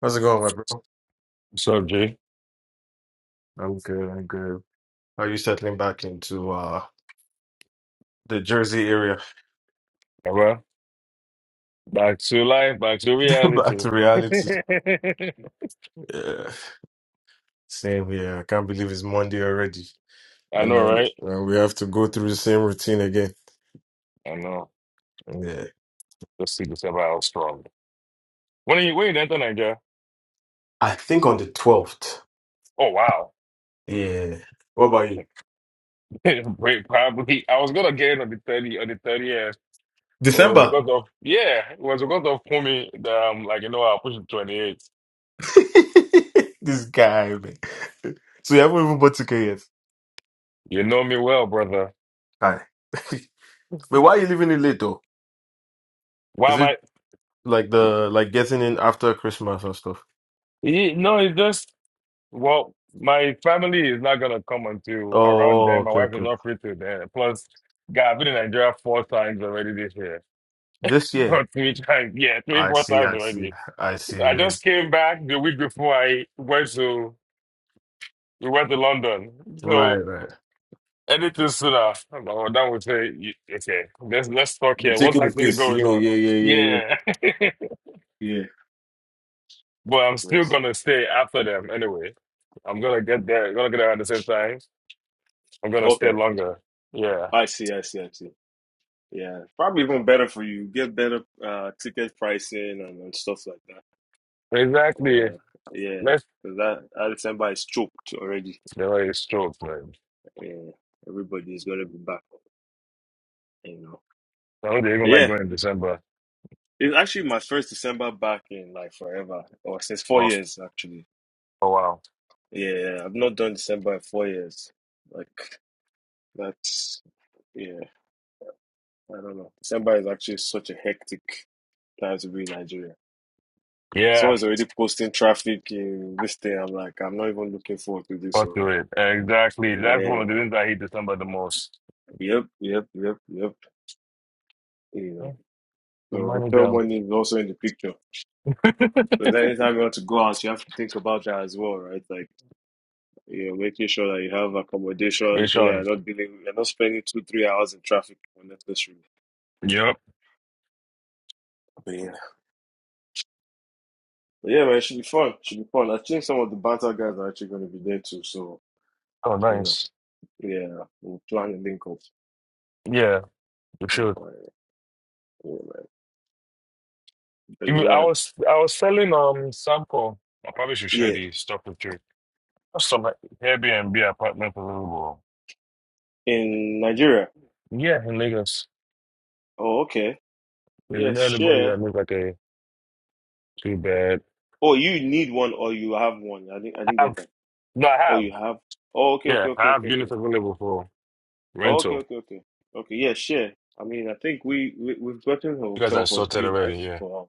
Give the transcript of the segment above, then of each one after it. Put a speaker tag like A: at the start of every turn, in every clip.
A: How's it going, my bro?
B: What's up, G?
A: I'm good. I'm good. How are you settling back into uh the Jersey area?
B: Yeah, well, back to life, back to
A: Back
B: reality.
A: to reality. Yeah. Same here. I can't believe it's Monday already.
B: I
A: And
B: know, right?
A: uh, uh, we have to go through the same routine again.
B: I know.
A: Yeah.
B: Let's see this ever out strong. When you when you enter Nigeria?
A: I think on the 12th.
B: Oh wow.
A: Yeah. What about you?
B: Wait, probably I was gonna get in on the thirty on the thirtieth. But It was
A: December.
B: because of yeah, it was because of Kumi that um like you know I'll push it twenty eight.
A: This guy, man. So you haven't even bought 2K yet?
B: You know me well, brother.
A: Hi. But why are you leaving it late though?
B: Why
A: Is
B: am
A: it
B: I
A: like the like getting in after Christmas and stuff?
B: you, no, it's just Well, my family is not gonna come until around
A: Oh,
B: then. My
A: okay,
B: wife is
A: okay.
B: not free till then. Plus, God, I've been in Nigeria four times already this year.
A: This year.
B: Or three times, yeah, three,
A: I
B: four
A: see,
B: times
A: I see,
B: already.
A: I see.
B: I just
A: Yes.
B: came back the week before I went to we went to London.
A: Right,
B: So
A: right.
B: anything sooner, my dad would say, "Y- okay, let's let's talk
A: You
B: here.
A: take
B: What's
A: it with
B: actually
A: this.
B: going
A: Yeah,
B: on?
A: yeah, yeah, yeah, yeah.
B: Yeah.
A: Yeah.
B: But I'm still
A: Yes.
B: gonna stay after them anyway. I'm gonna get there, gonna get there at the same time. I'm gonna stay
A: Okay.
B: longer. Yeah.
A: I see, I see, I see. Yeah. Probably even better for you. Get better uh ticket pricing and, and stuff like that.
B: Exactly.
A: Yeah. Yeah.
B: Let's
A: Because that I December is choked already.
B: delay it's short, man.
A: Yeah. Everybody is gonna be back, you know.
B: I don't even
A: But
B: like
A: yeah,
B: going in December
A: it's actually my first December back in like forever. Or since four
B: Oh,
A: years actually.
B: oh wow.
A: Yeah, I've not done December in four years. Like. That's yeah, I don't know. December is actually such a hectic time to be in Nigeria.
B: Yeah,
A: Someone's already posting traffic in this thing. I'm like, I'm not even looking forward to this
B: fuck to
A: already.
B: it. Exactly. That's one
A: Yeah,
B: of the things I hate December the most.
A: yep, yep, yep, yep. You know,
B: Yeah, The
A: so
B: money
A: hotel
B: down.
A: money is also in the picture. So then anytime you want to go out, you have to think about that as well, right? Like, you are making sure that you have
B: Wait,
A: accommodation so that you're
B: Sean.
A: not dealing, you're not spending two, three hours in traffic unnecessarily.
B: Yep.
A: But yeah, man, it should be fun. It Should be fun. I think some of the banter guys are actually going to be there too. So
B: Oh,
A: you know,
B: nice.
A: yeah, we'll plan a link up.
B: Yeah, you
A: and
B: should.
A: plan it. Yeah, man. But
B: You- I
A: yeah,
B: was I was selling um sample. I probably should share
A: yeah,
B: the stuff with you. That's Some like, Airbnb apartment for Liverpool.
A: in Nigeria.
B: Yeah, in Lagos.
A: Oh, okay.
B: Is
A: Yeah,
B: there anybody
A: share.
B: that looks like a two bed?
A: Oh, you need one or you have one. I didn't. I
B: I
A: didn't get
B: have.
A: that.
B: No, I
A: Oh,
B: have.
A: you have. Oh, okay, okay,
B: Yeah,
A: okay,
B: I have
A: okay, okay.
B: units available for
A: Oh, okay,
B: rental.
A: okay, okay, okay. Yeah, share. I mean, I think we, we we've gotten a
B: You guys
A: hotel
B: are
A: for a
B: sorted
A: few nights,
B: already, yeah.
A: but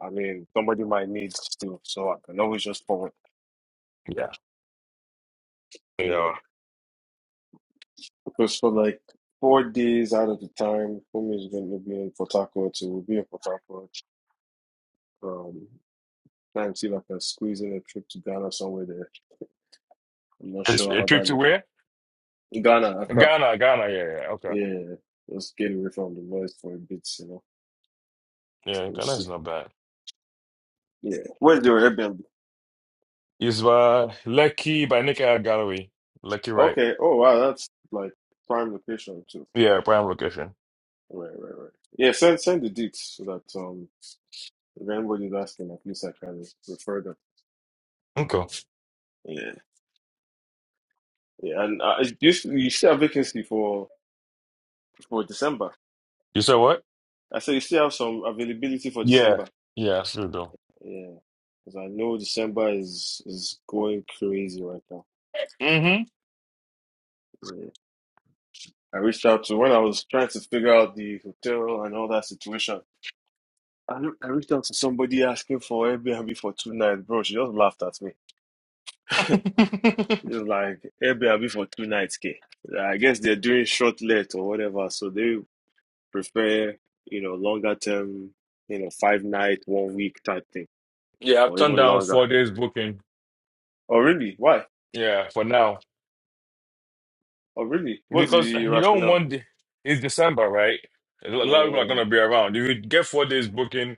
A: I mean, somebody might need to, so I can always just forward.
B: Yeah.
A: Yeah.
B: Yeah.
A: Because for like four days out of the time, Fumi is going to be in Port Harcourt, so we'll be in Port Harcourt. Um, try and see if I can squeeze in a trip to Ghana somewhere there. I'm not
B: It's
A: sure
B: a
A: how
B: trip
A: that
B: to
A: like
B: where?
A: Ghana, Accra.
B: Ghana, Ghana, yeah, yeah. Okay.
A: Yeah, let's get away from the noise for a bit, you know.
B: Yeah,
A: We'll
B: Ghana
A: see.
B: is not bad.
A: Yeah, where's your Airbnb?
B: It's by Lucky by Nick Gallery. Lucky right.
A: Okay. Oh wow, that's like prime location too.
B: Yeah, prime location.
A: Right, right, right. Yeah, send send the deets so that um if anybody's asking, at least I can refer them.
B: Okay.
A: Yeah, yeah, and uh, you you still have vacancy for. for December.
B: You said what?
A: I said you still have some availability for
B: Yeah.
A: December.
B: Yeah, I still do.
A: Yeah, because I know December is is going crazy right now.
B: Mm-hmm.
A: Yeah. I reached out to when I was trying to figure out the hotel and all that situation. I, look, I reached out to somebody asking for Airbnb for two nights, bro. She just laughed at me. it's like Airbnb for two nights, K. Like, I guess they're doing short let or whatever, so they prefer you know longer term, you know five night, one week type thing,
B: yeah, I've
A: or
B: turned
A: even
B: down
A: longer.
B: four days booking.
A: Oh really? Why?
B: Yeah, for now.
A: Oh, really? What's
B: Because
A: the
B: you don't
A: rationale?
B: want the, it's December, right? A lot of people are
A: Mm.
B: gonna be around. If you get four days booking,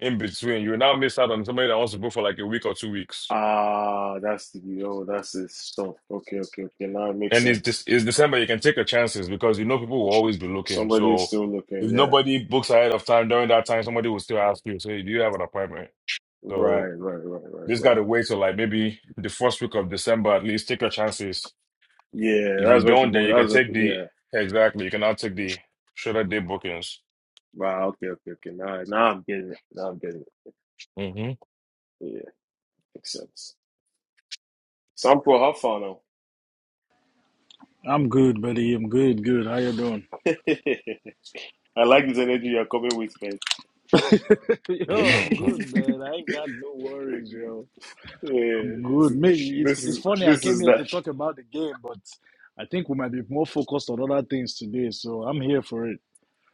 B: in between. You will now miss out on somebody that wants to go for like a week or two weeks.
A: Ah, that's the oh, that's the stuff. Okay, okay, okay. Now it makes
B: And it's
A: sense.
B: just it's December, you can take your chances because you know people will always be looking.
A: Somebody is
B: So
A: still
B: if
A: looking. Yeah.
B: nobody books ahead of time during that time, somebody will still ask you, say, do you have an appointment?
A: Right,
B: So
A: right, right, right,
B: this
A: right.
B: gotta wait till like maybe the first week of December at least. Take your chances.
A: Yeah,
B: If you
A: that's what
B: don't,
A: people.
B: then you can
A: That's what.
B: take the
A: Yeah.
B: exactly, you can now take the shorter day bookings.
A: Wow. Okay, okay, okay. Now, now I'm getting it. Now I'm getting it.
B: hmm
A: Yeah, makes sense. Sample, have fun now.
C: I'm good, buddy. I'm good, good. How you doing?
A: I like this energy you're coming with, man. yeah,
C: yo, I'm good, man. I ain't got no worries, yo.
A: this
C: I'm good. Me,
A: is
C: it's
A: this
C: it's
A: is
C: funny. I
A: this
C: came
A: is
C: here
A: that.
C: to talk about the game, but I think we might be more focused on other things today. So I'm here for it.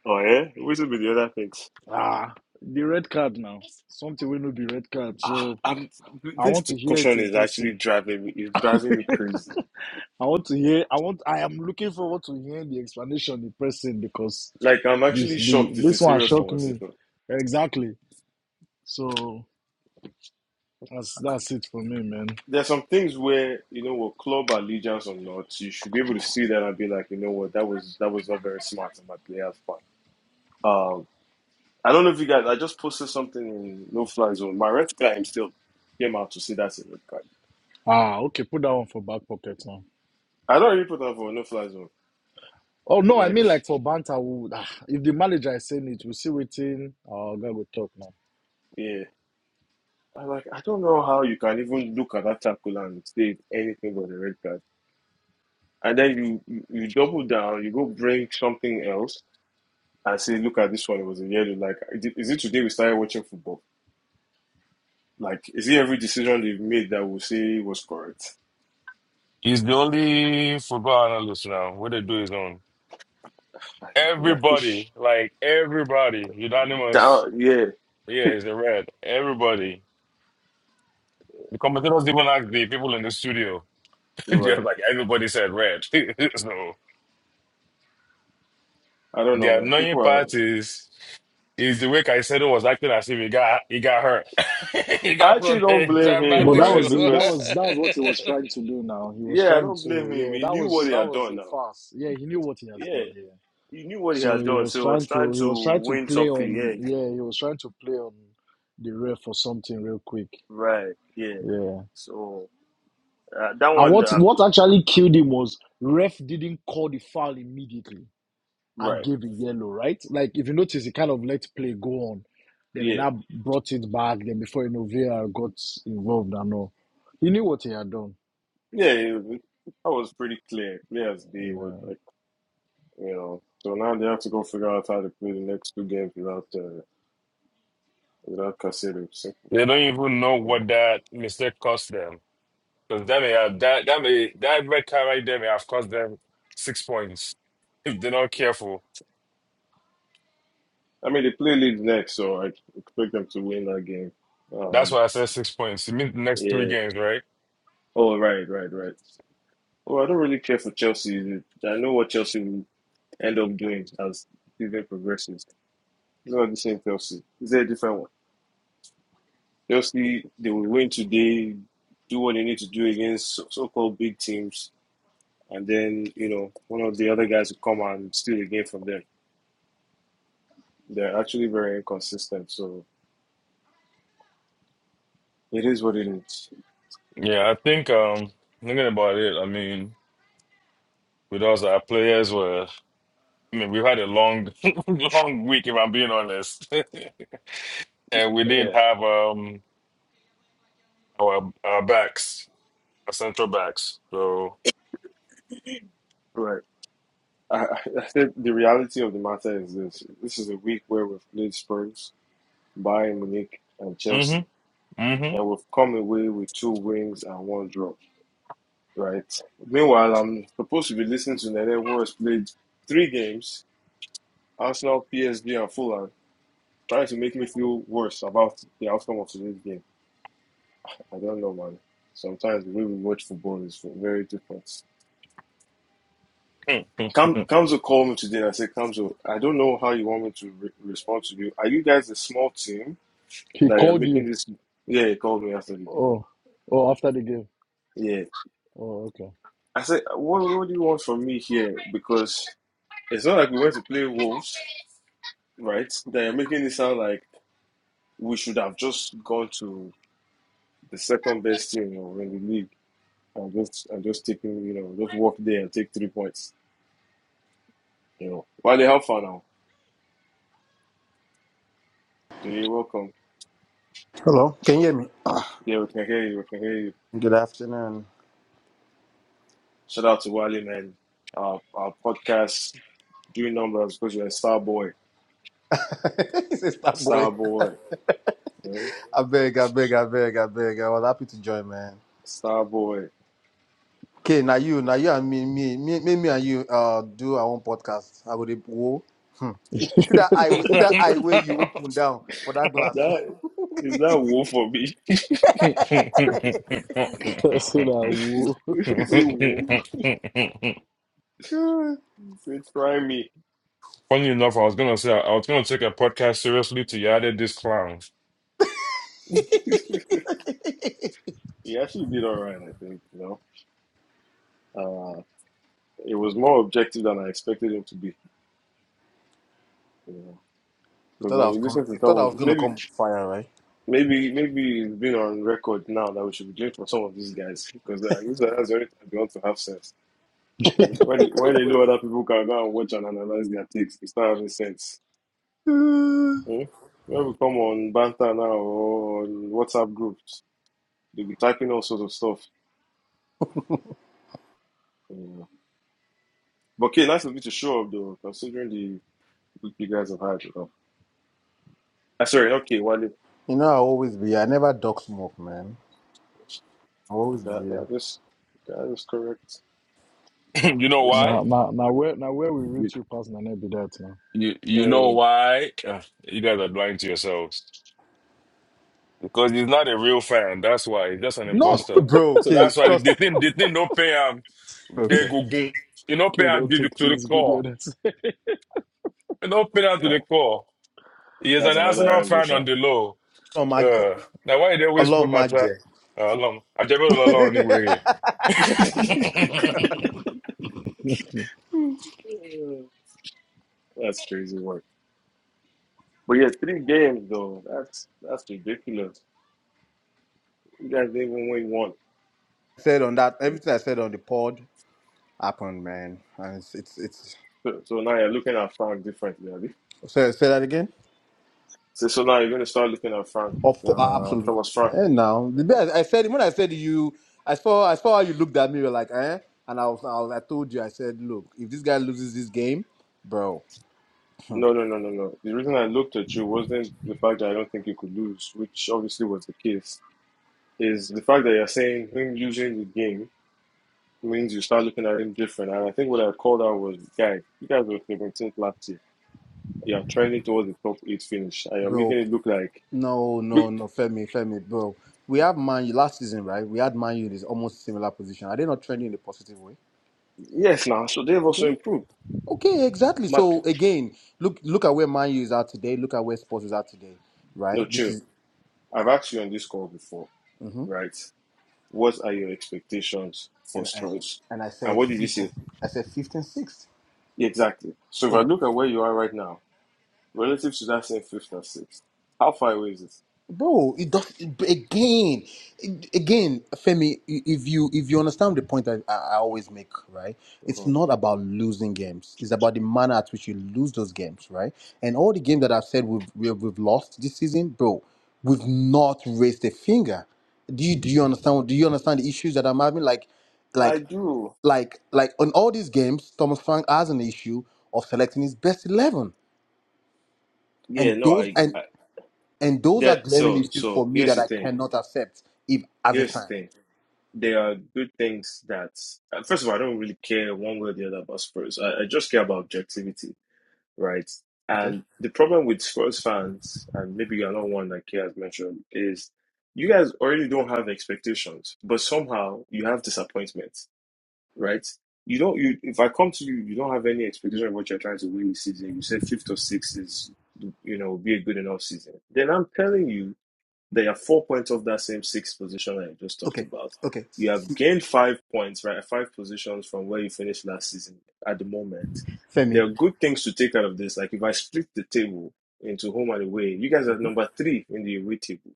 A: Oh yeah, which will be the other things?
C: Ah, the red card now. Something will not be red card.
A: Ah,
C: So
A: I'm,
C: I
A: this
C: want to hear it
A: discussion
C: in
A: is actually
C: person.
A: driving me, is driving me crazy.
C: I want to hear. I want. I am looking forward to hearing the explanation in person because
A: Like, I'm
C: this
A: actually shocked
C: the,
A: it's a
C: this one
A: serious
C: shocked me.
A: conversation.
C: Exactly. So that's that's it for me, man.
A: There are some things where, you know, what club allegiance or not, you should be able to see that and be like, you know what, that was that was not very smart on my player's part. Um, I don't know if you guys, I just posted something in No Fly Zone. My red guy still came out to say that's a red card.
C: Ah, okay, put that one for back pocket now.
A: I don't really put that for No Fly Zone.
C: Oh no, I
A: Like,
C: mean like for banter, we would, ah, if the manager is saying it, we'll see waiting. Our guy will talk now.
A: yeah. I like I don't know how you can even look at that tackle and say it's anything but a red card. and then you you you double down, you go bring something else and say, look at this one, it was a yellow. Like, is it is it today we started watching football? Like, is it every decision they've made that we say was correct?
B: He's the only football analyst now. What they do is on.
A: I could
B: Everybody, like everybody, unanimous.
A: down, yeah,
B: Yeah, it's a red. Everybody. The commentators even asked the people in the studio. Just
A: right.
B: like everybody said red. so
A: I don't know,
B: the
A: man.
B: annoying
A: People are.
B: part is is the way Caicedo was acting as if he got he got hurt. he
A: I
B: got put
A: actually
B: on
A: don't
B: a
A: blame him,
C: But
B: dramatic
C: that
A: right?
B: show.
C: was it. That
A: Because
C: was that was what he was trying to do. Now he was
A: yeah, I
C: trying
A: don't blame
C: to
A: him.
C: yeah.
A: He
C: That
A: knew
C: was
A: what he
C: that
A: had
C: was
A: done.
C: a
A: Now,
C: farce. Yeah, he knew what he has
A: yeah,
C: done. Yeah.
A: he knew what he
C: So
A: had
C: he
A: done, so
C: was
A: he was
C: trying
A: trying
C: to he
A: to
C: was trying to
A: win
C: play
A: something.
C: on
A: Yeah,
C: yeah he was trying to play on the ref for something real quick.
A: right. Yeah.
C: Yeah.
A: So uh, that
C: And
A: one,
C: what
A: uh,
C: what actually killed him was ref didn't call the foul immediately. and
A: right.
C: gave a yellow, right? Like if you notice, he kind of let play go on. Then he
A: Yeah.
C: now brought it back. Then before you know, VAR got involved and all. He knew what he had done.
A: Yeah, it- I was pretty clear, clear as day with
C: Yeah.
A: like you know. So now they have to go figure out how to play the next two games without uh, without Casado. So,
B: they don't even know
A: you know,
B: what that mistake cost them. Because that may have that that may that red card right there may have cost them six points if they're not careful.
A: I mean they play Leeds next, so I expect them to win that game.
B: That's
A: Um,
B: why I said six points. It means the next three
A: yeah.
B: games, right?
A: Oh, right, right, right. Well, I don't really care for Chelsea. I know what Chelsea will end up doing as season progresses. It's not the same Chelsea. It's a different one. Chelsea, they will win today, do what they need to do against so- so-called big teams and then you know one of the other guys will come and steal the game from them. They're actually very inconsistent, so it is what it is.
B: Yeah, I think um thinking about it, I mean, with us our players were I mean, we've had a long long week if I'm being honest. and we
A: Yeah,
B: didn't have um our our backs, our central backs. So
A: right. I, I I think the reality of the matter is this: this is a week where we've played Spurs, Bayern Munich, and
B: mm-hmm.
A: Chelsea,
B: Mm-hmm.
A: and we've come away with two wins and one draw. Right. Meanwhile, I'm supposed to be listening to Nene, who has played three games: Arsenal, PSG, and Fulham, trying to make me feel worse about the outcome of today's game. I don't know, man. Sometimes the way we watch football is very different.
B: Funny
A: Cam, Kamzo called me today and I said, Kamzo, I don't know how you want me to re- respond to you. Are you guys a small team
C: He
A: that you're
C: called
A: making
C: you.
A: this? Yeah, he called me after the game.
C: Oh, oh, after the game.
A: Yeah.
C: Oh, okay.
A: I said, what, what do you want from me here? Because it's not like we went to play Wolves, right? That you're making it sound like we should have just gone to the second best team you know, in the league and just and just taking, you know, just walk there and take three points. You know, Wale, how far now? You're welcome.
D: Hello, can you hear me?
A: Yeah, we can hear you. We can hear you.
D: Good afternoon.
A: Shout out to Wally, man. Our, our podcast, do numbers because you're a star boy.
D: Sister boy.
A: Star boy. eh?
D: I beg, I beg, I beg, I beg. I was happy to join, man.
A: Star boy.
D: Okay, now you, now you and me, me, me, me, me and you uh do our own podcast. I would go. Hmm. See that eye see that eye where you open down for that glass.
A: That, is that woe for me?
C: so that
A: is
C: woo.
A: it woe? Is it try me?
B: enough, I was gonna say I was gonna take a podcast seriously till you added this clown.
D: you
A: he actually did all right, I think. You know, uh, it was more objective than I expected him to be. You know, because
D: thought I
A: when
D: was
A: you
D: com-
A: listen to
D: you thought I was
A: someone,
D: gonna
A: maybe.
D: come with fire, right?
A: Maybe maybe it's been on record now that we should be doing for some of these guys because uh, it looks like that's the only time they want to have sense. When they, when they know other people can go and watch and analyze their takes, they start having sense.
D: Hmm.
A: Hmm? When we come on banter now or on WhatsApp groups, they'll be typing all sorts of stuff. Yeah. But okay, nice of you to show up though, considering the week you guys have had. You know. Ah, sorry, okay, Wale,
D: you know I always be here. I never duck smoke, man. I always be
A: that
D: here.
A: that is that is correct.
B: You know
A: That is,
C: Now,
B: why?
C: now, now where, now where we
B: You,
C: reach you past Nana be that now.
B: You you know
A: mm,
B: why? Ugh, you guys are blind to yourselves because he's not a real fan. That's why he's just an
D: Not
B: imposter.
D: bro,
B: So
D: okay,
B: that's why
D: just
B: they think they think no pay him. They
D: Okay.
B: go go. You know pay
C: Okay,
B: him
C: don't
B: to the
C: take
B: to the
C: things good the
B: core.
C: other side.
B: You know pay him to
A: that-
B: the core. He is
A: that's
B: an
A: another
B: Arsenal
A: angle,
B: fan on
A: sha.
B: the low.
D: Ọlọ́run má jẹ́.
B: Uh, now why they always
D: Ọlọ́run
B: put
D: má
B: my trap
D: jẹ́.
B: uh, along? I'm just put it along anyway.
A: That's crazy work. But yeah, three games though. That's that's ridiculous. You guys didn't even win one.
D: said on that, everything I said on the pod happened, man. And it's, it's, it's
A: So, so now you're looking at Frank differently. Abi?
D: say, say that again?
A: So, so now you're gonna start looking at Frank.
D: Of course,
A: Uh,
D: absolutely.
A: Thomas Frank.
D: And now, the best, I said, when I said you, I saw, I saw how you looked at me, you were like, eh? And I was, I was, I told you, I said, look, if this guy loses this game, bro,
A: No, no, no, no, no. The reason I looked at you wasn't the fact that I don't think you could lose, which obviously was the case. Is the fact that you're saying him losing the game means you start looking at him different. And I think what I called out was, guys, you guys were 17th last year. You're trending towards the top eight finish, and you're making
D: bro,
A: it look like.
D: no, no, no, Femi, Femi, bro. We have Man U last season, right? We had Man U in this almost similar position. Are they not trending in a positive way?
A: Yes, now, so they've also improved.
D: Okay, exactly.
A: Mad
D: So
A: point.
D: again, look look at where Man U is at today. Look at where Sports is at today.
A: No,
D: Right. This
A: chill.
D: is.
A: I've asked you on this call before,
D: hmm
A: right? What are your expectations for
D: And I
A: Spurs?
D: and I
A: And
D: said
A: what did you
D: fifth and-
A: say?
D: I said fifth and sixth.
A: Exactly. So if I look at where you are right now, relative to that same fifth or sixth, how far away is it?
D: bro it does again again femi if you if you understand the point I, I I always make right it's
A: Mhm.
D: not about losing games it's about the manner at which you lose those games right and all the games that i've said we've we've, we've lost this season bro we've not raised a finger do you do you understand do you understand the issues that i'm having like
A: I
D: like
A: do.
D: like like on all these games thomas frank has an issue of selecting his best 11
A: Yeah,
D: and
A: no,
D: those
A: I,
D: and
A: I
D: and those are
A: that
D: glaring
A: so
D: issues for
A: so
D: me
A: here's
D: that
A: the
D: I
A: thing.
D: cannot accept if as a
A: Here's the
D: fan.
A: thing. There are good things that uh, first of all, I don't really care one way or the other about Spurs. I, I just care about objectivity right?
D: Okay.
A: And the problem with Spurs fans, and maybe you're not one like he has mentioned, is you guys already don't have expectations, but somehow you have disappointment. right? You don't. You if I come to you, you don't have any expectation of what you're trying to win this season. You said fifth or sixth is, you know, be a good enough season. Then I'm telling you, there are four points off that same sixth position that I just talked
D: Okay.
A: about.
D: Okay.
A: You
D: S-
A: have gained five points, right? Five positions from where you finished last season at the moment. There
D: Femi.
A: are good things to take out of this. Like if I split the table into home and away, you guys are number three in the away table.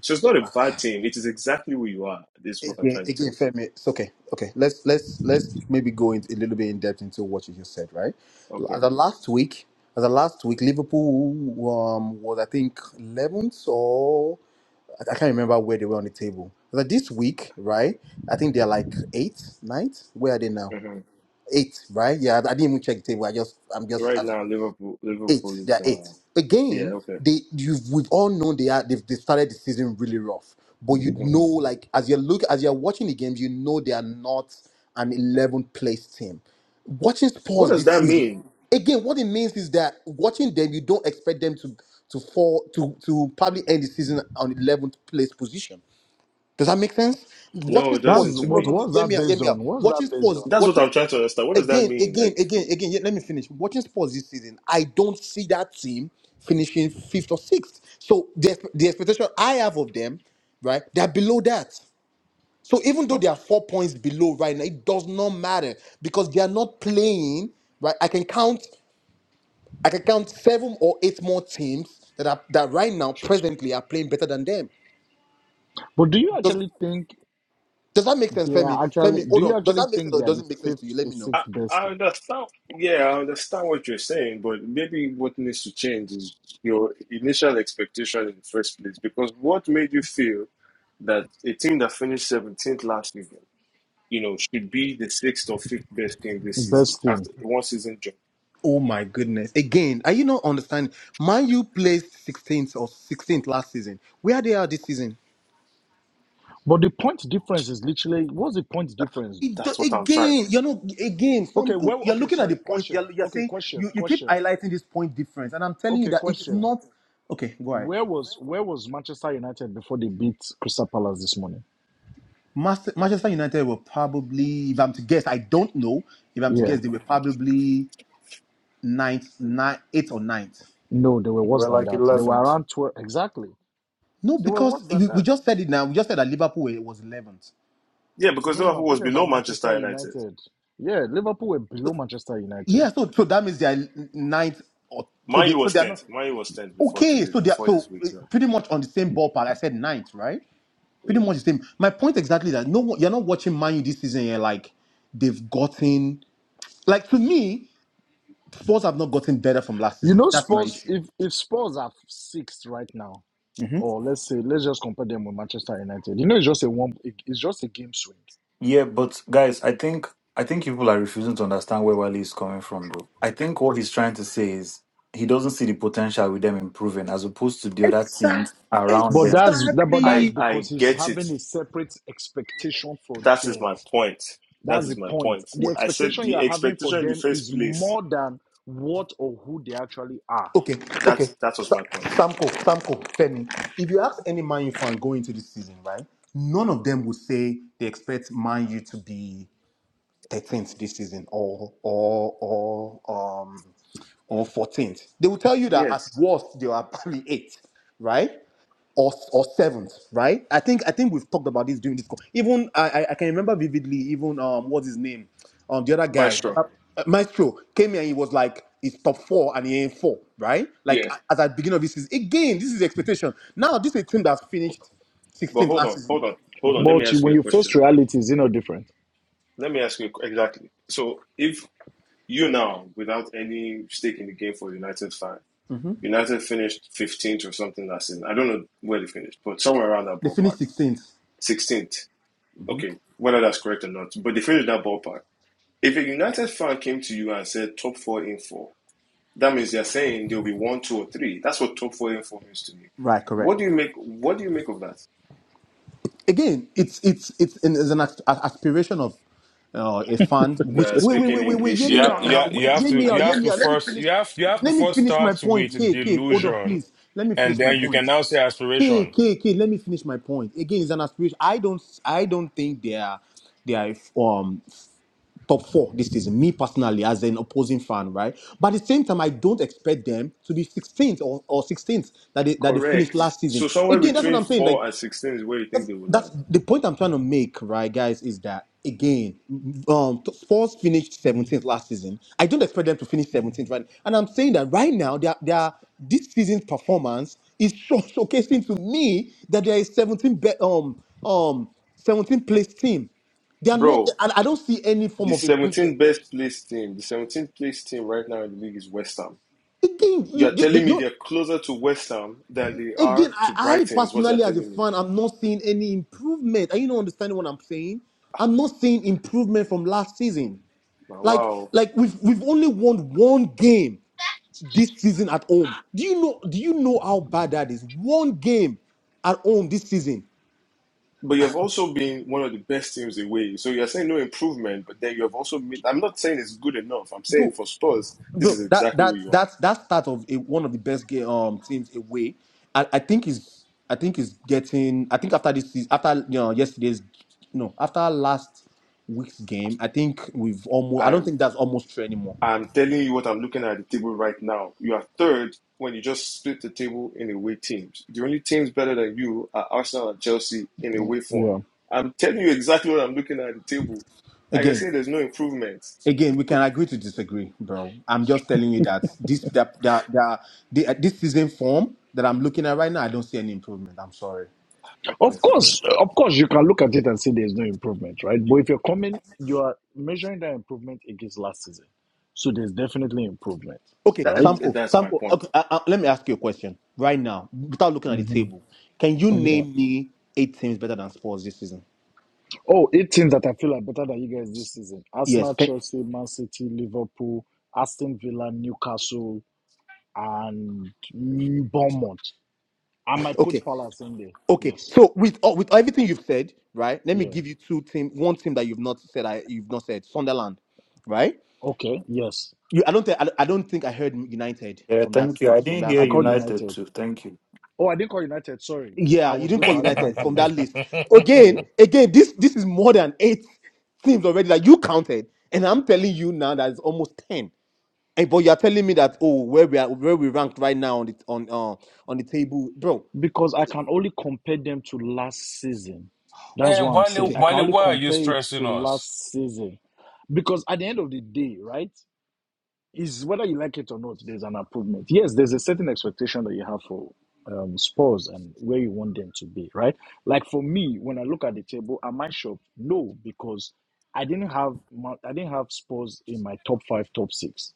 A: So it's not a bad team. It is exactly where you are. This is what I'm
D: Again,
A: trying to tell
D: again,
A: you.
D: Femi. It's okay. Okay. Let's let's let's maybe go in, a little bit in depth into what you just said, right?
A: Okay.
D: L- The last week, the last week, Liverpool um, was I think eleventh or I I can't remember where they were on the table. But this week, right? I think they're like eighth, ninth. Where are they now?
A: hmm
D: Eight, right? Yeah, I I didn't even check the table. I just, I'm
A: Right
D: just,
A: now, Liverpool Liverpool
D: eight. They
A: is
D: are eight.
A: uh yeah,
D: Again,
A: okay.
D: they you've we've all known they are they've they started the season really rough. But you
A: hmm
D: know, like as you look as you're watching the games, you know they are not an 11th place team. Watching
A: What
D: Spurs
A: does
D: this
A: that
D: season,
A: mean?
D: again, what it means is that watching them, you don't expect them to to fall to to probably end the season on 11th place position. Does that make sense?
A: No,
D: Watching
A: it
D: sports,
A: doesn't
C: That's
A: to
D: no,
C: what.
D: no,
A: me.
D: no.
C: What's
D: Hear
C: that
D: me out. Hear
C: based
D: me
C: on?
D: out.
C: What's that
D: Watching
C: based
D: sports,
C: on?
A: That's what
D: watching
A: I'm trying to understand. What does that
D: again,
A: mean?
D: again,
A: Like
D: again, again. yeah, Let me finish. Watching sports this season, I don't see that team finishing fifth or sixth. So the, expe- the expectation I have of them, right, they're below that. So even though
A: So
D: they are four points below right now, it does not matter because they are not playing. Right, I can count. I can count seven or eight more teams that are that right now presently are playing better than them.
C: But do you
D: Does
C: actually think
D: does that make sense,
C: they
D: Femi?
C: are actually?
D: Femi,
C: Do
D: hold
C: you
D: on. Does
C: actually
D: that make sense
C: think they
D: or
C: are
D: does
C: the
D: not make sense to you?
C: fifth
D: Let
C: to
D: me know.
A: I,
C: sixth best
A: I
C: team?
A: understand. Yeah, I understand what you're saying, but maybe what needs to change is your initial expectation in the first place. Because what made you feel that a team that finished 17th last season, you know, should be the sixth or fifth best team this season
C: Best team.
A: after one season jump?
D: Oh my goodness. Again, are you not understanding? Man, you placed 16th or 16th last season. Where they are this season?
C: But the point difference is literally what's the point difference
D: It
C: though?
D: do-
A: That's what I'm trying.
D: again, you know. not, again,
C: Okay,
D: Sam,
C: well
D: you're
C: okay,
D: looking at the
C: sorry,
D: points.
C: question.
D: You're, you're
C: Okay,
D: saying,
C: question,
D: you, you keep
C: question.
D: highlighting this point difference. And I'm telling you
C: Okay,
D: that it's
C: question.
D: not, okay, go ahead.
C: Where was where was Manchester United before they beat Crystal Palace this morning?
D: Master, Manchester United were probably, if I'm to guess, I don't know. If I'm to
C: Yeah.
D: guess, they were probably ninth, nine, eighth or ninth.
C: No, they were worse
E: We're
C: than
E: like
C: that. They were
E: eleventh.
C: around twelve exactly.
D: No,
C: They were worse
D: because
C: than
D: we, we
C: that.
D: just said it now. We just said that Liverpool were- was 11th.
A: Yeah, because
C: No no no,
A: Liverpool
C: I'm
A: was
C: talking
A: below
C: about
A: Manchester
C: Manchester
A: United.
C: United. Yeah, Liverpool were below Manchester United.
D: Yeah, so so that means they are ninth, or so
A: Man
D: they
A: U
D: so
A: was
D: they are
A: tenth.
D: not
A: Man U was tenth before
D: okay.
A: today,
D: So they are
A: before this
D: so eh,
A: week's run.
D: pretty much on the same ballpark. I said ninth, right? Pretty
A: Yeah,
D: much the same. My point exactly is that no, one- you're not watching Man U this season. You're like they've gotten like to me, Spurs have not gotten better from last
C: You
D: season.
C: know
D: That's my
C: Spurs
D: issue.
C: if if Spurs are sixth right now,
D: hmm
C: or let's say let's just compare them with Manchester United, you know it's just a one it- it's just a game swing.
E: Yeah, but guys, I think I think people are refusing to understand where Wally is coming from though. I think what he's trying to say is he doesn't see the potential with them improving as opposed to the other teams
D: Exactly.
E: around
C: But
E: them.
C: that's that, but
A: I
C: that's
D: Exactly.
A: I
C: because he's
A: get it.
C: having a separate expectation for
A: That is
C: them.
A: my point. That
C: That's the
A: is my
C: point.
A: point.
C: The
A: I
D: Wh-
A: said
C: expectation you
A: the
C: are having for
A: expectation in the
C: them
A: first
C: is
A: place.
C: more than what or who they actually are.
D: Okay.
A: That
D: Okay.
A: that was
D: Sa-
A: my point.
D: Samko, Samko, Femi. If you ask any Man U fan going into this season, right? None of them would say they expect Man U to be 13th this season or or or um or 14th they will tell you that at
A: Yes,
D: worst they are probably eighth right or or seventh right i think i think we've talked about this during this call even i i I can remember vividly even um what's his name um the other guy the
A: maestro.
D: other, uh, maestro came here and he was like he's top four and he ain't four right like
A: Yeah,
D: a- at the beginning of this season again this is expectation now this is a team that's finished
A: but
D: 16th
A: hold
D: last
A: on,
D: season
A: hold on, hold on. Let me
C: But you,
A: ask you
C: when
A: a
C: you face
A: question.
C: reality, it's you know different.
A: Let me ask you a qu- exactly. So if you now, without any stake in the game for United fan,
D: Mhm.
A: United finished fifteenth or something last season. I don't know where they finished, but somewhere around that
D: they
A: ballpark,
D: finished 16th
A: sixteenth. Okay, whether that's correct or not, but they finished that ballpark. If a United fan came to you and said top four in four. That means they're saying there'll be one, two, or three. That's what top four info means to me.
D: right correct
A: What do you make? What do you make of that?
D: again, it's it's it's an, it's an as- aspiration of uh, a fan.
A: You
D: Which
A: are
D: wait wait
A: speaking
D: wait wait wait,
A: English
D: hear
B: You
D: me
A: here
B: have,
D: out
B: you
A: now.
B: have
D: now.
B: you
D: Wait,
B: have
D: hear
B: to
D: me
B: you
D: out. Hear
B: have
D: me
B: to
D: out. Let me
B: first
D: finish.
B: you have you have to
D: Let me
B: first
D: finish my
B: start with
D: point. K K, hold on,
B: delusion
D: please. Let me
B: and
D: finish my
B: then you can
D: point.
B: now say
D: K
B: aspiration.
D: K K, let me finish my point. Again, it's an aspiration. I don't I don't think they are they are um top four this season. Me personally, as an opposing fan, right? But at the same time, I don't expect them to be 16th or, or 16th that they that they finished
A: Correct.
D: last
A: So
D: season.
A: somewhere
D: Again, that's what
A: between
D: I'm saying. Like
A: four and sixteen is where you think
D: that's
A: they will land,
D: the point I'm trying to make, right, guys, is that again, um, Spurs finished 17th last season. I don't expect them to finish 17th, right? And I'm saying that right now, they are, they are this season's performance is show- showcasing to me that there is 17 be- um um 17th place team. They are not.
A: bro.
D: and I don't see any form
A: The
D: of improvement.
A: 17th best placed team, the 17th placed team right now in the league is West Ham.
D: Again,
A: You
D: you,
A: are
D: you,
A: telling me
D: you,
A: they're closer to West Ham than they are
D: Again, I,
A: to
D: I
A: Brighton, is what you're
D: personally, as a
A: telling me.
D: fan, I'm not seeing any improvement. Are you not understanding what I'm saying? I'm not seeing improvement from last season.
A: Now,
D: Like,
A: Wow.
D: like we've we've only won one game this season at home. Do you know? Do you know how bad that is? One game at home this season.
A: But you have also been one of the best teams away. So you're saying no improvement, but then you have also made. I'm not saying it's good enough. I'm saying
D: bro.
A: for Spurs, this
D: Well,
A: is
D: that
A: exactly
D: that
A: where you
D: that's that's part of a, one of the best game, um teams away. I, I think is I think is getting. I think after this season, after you know yesterday's no after last week's game, I think we've almost.
A: are.
D: I don't
A: I'm
D: think that's almost true anymore.
A: I'm telling you what I'm looking at the table right now. You are third when you just split the table in away teams. The only teams better than you are Arsenal and Chelsea in away form.
C: Yeah.
A: I'm telling you exactly what I'm looking at the table, and you're
D: Again,
A: saying there's no improvement.
D: again, we can agree to disagree, bro. I'm just telling you that this that that, that the, uh, this season form that I'm looking at right now, I don't see any improvement. I'm sorry. I'm
C: Of
A: Okay,
D: sorry.
C: course, of course, you can look at it and say there's no improvement, right? But if you're coming, you are measuring that improvement against last season. So there's definitely improvement,
D: Okay,
A: that
C: right?
D: Samko,
A: that's my
D: Samko,
A: point.
D: okay, uh, uh, let me ask you a question right now without looking at the
C: hmm
D: table. Can you
C: Yeah.
D: name me eight teams better than Spurs this season?
C: Oh, eight teams that I feel are better than you guys this season.
D: Yes.
C: Arsenal,
D: Can,
C: Chelsea, Man City, Liverpool, Aston Villa, Newcastle, and mm, Bournemouth. I might
D: okay.
C: put Palace in there.
D: Okay.
C: Yes.
D: So with all with everything you've said, right? Let me
C: Yeah.
D: give you two team, one team that you've not said. I you've not said Sunderland, right?
C: Okay. Yes.
D: You, I don't think I, I don't think I heard United
E: Yeah,
D: from that
E: thank you.
D: state
E: I
D: from
E: didn't
D: that
C: I
E: hear
D: from the
C: called
D: list.
E: United
C: United.
E: too. Thank you.
C: Oh, I didn't call United. Sorry. I
D: Yeah, you
C: was
D: didn't
C: going
D: call
B: and
C: to add
D: United from
C: United
D: that
C: there.
D: list. Again,
C: Yeah.
D: again, this this is more than eight teams already that you counted, and I'm telling you now that it's almost ten Hey, but you're telling me that oh, where we are, where we ranked right now on the on uh on the table, bro.
C: Because I can only compare them to last season.
D: Oh my
C: That's what
D: god.
C: I'm
B: Wale,
C: saying.
D: Okay,
C: I can
B: Wale,
C: only
B: why are you
C: compare it to
B: stressing us?
C: last season. Because at the end of the day, right? is whether you like it or not, there's an improvement. Yes, there's a certain expectation that you have for um, Spurs and where you want them to be, right? Like for me, when I look at the table, am I shocked? No, because I didn't have Ma- I didn't have Spurs in my top five, top six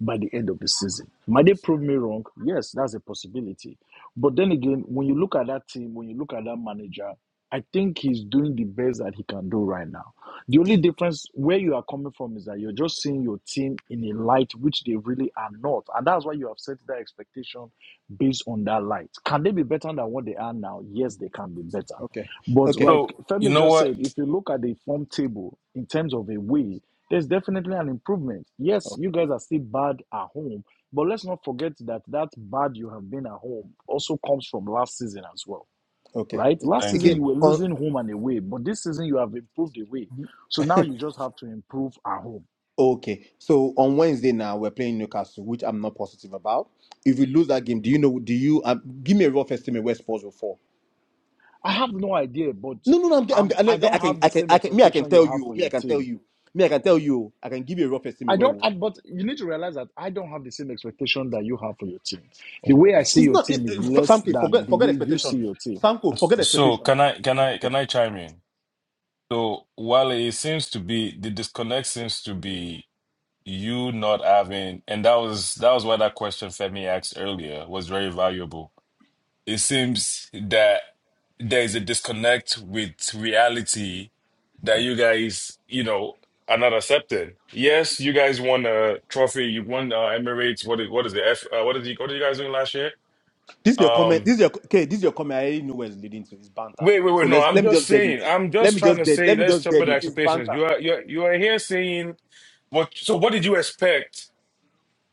C: by the end of the season. Might they prove me wrong? Yes, that's a possibility. But then again, when you look at that team, when you look at that manager, I think he's doing the best that he can do right now. The only difference where you are coming from is that you're just seeing your team in a light which they really are not. And that's why you have set that expectation based on that light. Can they be better than what they are now? Yes, they can be better.
D: okay,
C: But
D: okay,
C: like
B: So you
C: Femi
B: know
C: just said,
B: what?
C: if you look at the form table in terms of a way. There's definitely an improvement. Yes,
D: oh,
C: you guys are still bad at home, but let's not forget that that bad you have been at home also comes from last season as well,
D: okay.
C: right? Last
B: Thank
C: season
B: you.
C: you
D: Again,
C: were
D: on
C: losing home and away, but this season you have improved away. So now you just have to improve at home.
D: okay. So on Wednesday now we're playing Newcastle, which I'm not positive about. If we lose that game, do you know? Do you um, give me a rough estimate where Spurs will fall?
C: I have no idea, but
D: No, no, no. I'm,
C: um,
D: I'm,
C: I
D: I, I
C: don't
D: can,
C: have the
D: I can,
C: same
D: I can. Me, I can
C: expectation you
D: tell
C: have
D: you.
C: for
D: Me, I
C: your
D: can tell
C: team.
D: you. Me, I can tell you. I can give you a rough
C: I
D: estimate where
C: don't,
D: we'll.
C: I,
D: fall.
C: but you need to realize that I don't have the same expectation that you have for your team. The
D: Oh my
C: way I
D: god.
C: see
D: It's
C: your
D: not. It,
C: team is
D: it,
C: less
D: Samke,
C: than
D: forget,
C: the
D: forget
C: way you
D: expectation.
C: see your team.
D: Samko, forget
B: So
D: expectation.
B: can I can I can I chime in? So Wale, it seems to be the disconnect seems to be you not having, and that was that was why that question Femi asked earlier was very valuable. It seems that there is a disconnect with reality that you guys, you know, are not accepting. Yes, you guys won a trophy. You won uh, Emirates. What is what is the F? Uh, what is the, what are you guys doing last year?
D: This is your comment.
B: Um,
D: This is your okay. This is your comment. I already know where it's leading to. It's banter.
B: wait, wait,
D: So
B: wait. No,
D: let's
B: I'm
D: let me
B: just
D: just dead it.
B: saying. I'm
D: Let
B: just
D: me
B: trying
D: just
B: to
D: dead. Let
B: say.
D: me
B: Let's
D: just dead
B: temper the
D: it. It's
B: expectations.
D: banter.
B: You are you are, you are here saying what? So what did you expect?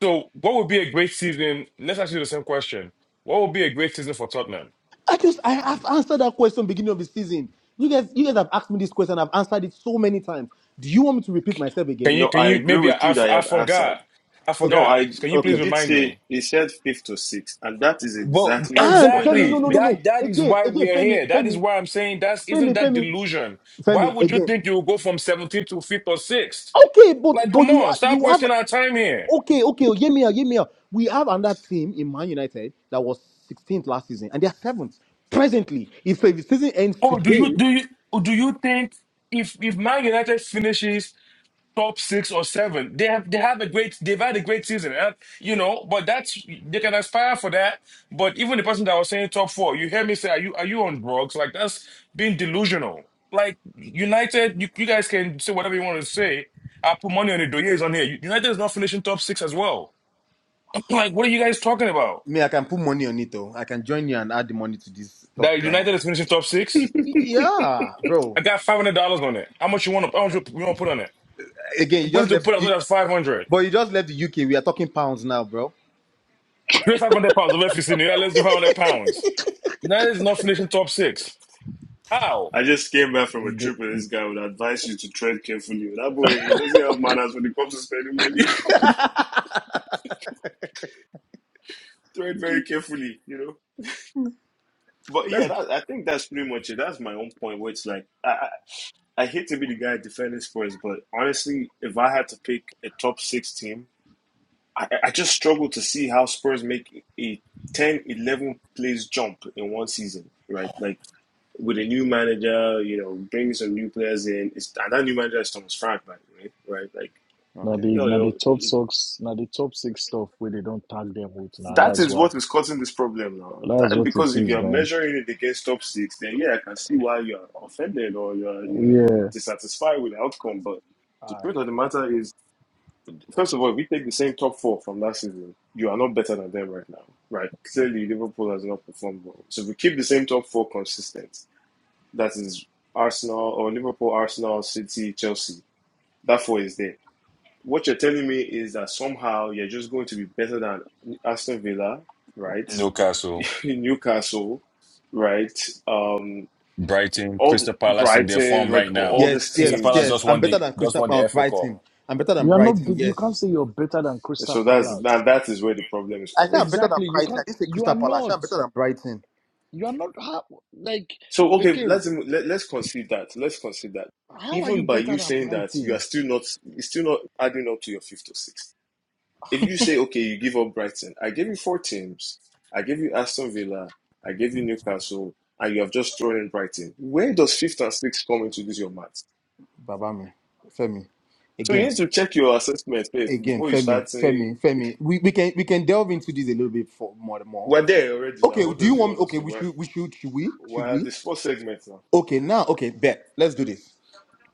B: So what would be a great season? Let's ask you the same question. What would be a great season for Tottenham?
D: I just I have answered that question beginning of the season. You guys, you guys have asked me this question. I've answered it so many times. Do you want me to repeat myself
B: Can
D: again?
B: you
A: No,
B: can
A: I
B: you
A: agree
B: maybe I,
A: with
B: I
A: you
B: f-
A: that you
B: I
A: have answered.
B: forgot. I
A: No,
D: Okay,
B: forgot.
A: I
B: Can you
A: he
D: okay.
B: please
A: did
B: remind
A: say
B: me?
A: he said fifth to sixth, and that is
B: Well,
A: exactly my
D: And
A: point that
D: Femi,
A: I
D: no,
A: was
B: exactly.
D: no, no, no.
A: making.
B: That that is
D: Again,
B: why
D: again,
B: we are
D: Femi,
B: here. That is
D: Femi,
B: why I'm saying that's isn't
D: Femi,
B: that
D: Femi,
B: delusion. Why
D: Femi,
B: would you
D: again.
B: think you'll go from 17th to 5th or 6th?
D: Okay, but
B: Like,
D: but
B: come
D: you are
B: on, stop
D: you have.
B: wasting our time here.
D: Okay, okay, hear me out, hear me out. We have another team in Man United that was 16th last season, and they are seventh presently. If the season ends
B: Oh, do you
D: today,
B: do you do you think if if Man United finishes top six or seven. They have they have a great they've had a great season, and, you know. But that's they can aspire for that. But even the person that was saying top four, you hear me say, are you are you on drugs? Like that's being delusional. Like United, you, you guys can say whatever you want to say. I put money on it. Doye is on here. United is not finishing top six as well. like, what are you guys talking about?
D: Me, I can put money on it though. I can join you and add the money to this top
B: That
D: drama.
B: United is finishing top six?
D: yeah, Bro,
B: I got five hundred dollars on it. How much you want to? How much you want to put on it?
D: again,
B: I'm
D: you
B: going
D: just
B: to
D: left
B: put as
D: you-
B: much as five hundred.
D: but you just left the UK. We are talking pounds now, bro.
B: Pay five hundred pounds. Let's do five hundred pounds. United is not finishing top six. How?
A: I just came back from a
C: The-
A: trip with this guy would advise you to tread carefully. That boy he doesn't have manners when it comes to spending money. tread very carefully, you know. But yeah,
D: Let's
A: that, I think that's pretty much it. That's my own point, where it's like I, I I hate to be the guy defending Spurs, but honestly, if I had to pick a top six team, I, I just struggle to see how Spurs make a ten eleven 11 plays jump in one season, right? Like with a new manager, you know, bringing some new players in. It's, and that new manager is Thomas Frank, by the way, right? Like,
C: Now
D: okay.
C: the
A: yo,
C: now the
A: yo,
C: top
A: it,
C: socks now the top six stuff where they don't tag them with now
A: that
C: that's
A: is
C: why
A: what is causing this problem now.
C: that's
A: That,
C: what it
A: because if
C: is
A: you're
C: man
A: measuring it against top six, then yeah, I can see why you're offended or you're, you're
C: yeah
A: dissatisfied with the outcome. But the
D: all right.
A: truth of the matter is, first of all, if we take the same top four from last season, you are not better than them right now, right? Clearly, Liverpool has not performed well. So if we keep the same top four consistent, that is Arsenal or Liverpool, Arsenal, City, Chelsea. that four is there. What you're telling me is that somehow you're just going to be better than Aston Villa, right?
B: Newcastle,
A: Newcastle, right? Um,
B: Brighton,
A: all the,
B: Crystal Palace in their
A: Brighton,
B: form right
A: like all all
B: now.
A: these
D: Yes,
B: Crystal
D: yes,
B: Palace
A: teams.
D: yes.
B: just
D: I'm
B: won
D: better
B: the
D: than
B: just
D: Crystal
B: won
D: uh,
B: the FA Cup
D: Brighton. I'm better than
C: you are not
D: Brighton,
C: big- you can't
D: yes.
C: say you're better than Crystal
A: So that's
C: Palace
A: that, that is where the problem is
D: I say
A: coming
D: I'm
A: from.
D: better than
C: exactly you
D: Brighton. I
C: can't
D: didn't say
C: you
D: Crystal
C: are
D: Palace. I say I'm
C: not
D: better than Brighton.
C: you are not how, like
A: So okay,
C: again
A: let's let, let's concede that. Let's concede that.
C: how are you
A: Even by
C: better
A: you
C: than
A: saying that, you are
C: Brighton
A: still not it's still not adding up to your fifth or sixth. if you say, okay, you give up Brighton, I gave you four teams. I gave you Aston Villa. I gave you Newcastle. And you have just thrown in Brighton. Where does fifth and sixth come into this, your maths?
D: Baba me, Femi.
A: So you
D: Again,
A: need to check your assessment first
D: again,
A: before you
D: Femi,
A: start saying,
D: Femi, Femi. We, we can we can delve into this a little bit for more more.
A: we're there already now.
D: Okay,
A: What
D: do you
A: does you
D: want?
A: want us
D: Okay,
A: to
D: we
A: wear? We're
D: should we should should we should
A: we're at
D: we?
A: this fourth segment now.
D: Okay, now okay, bet. Let's do this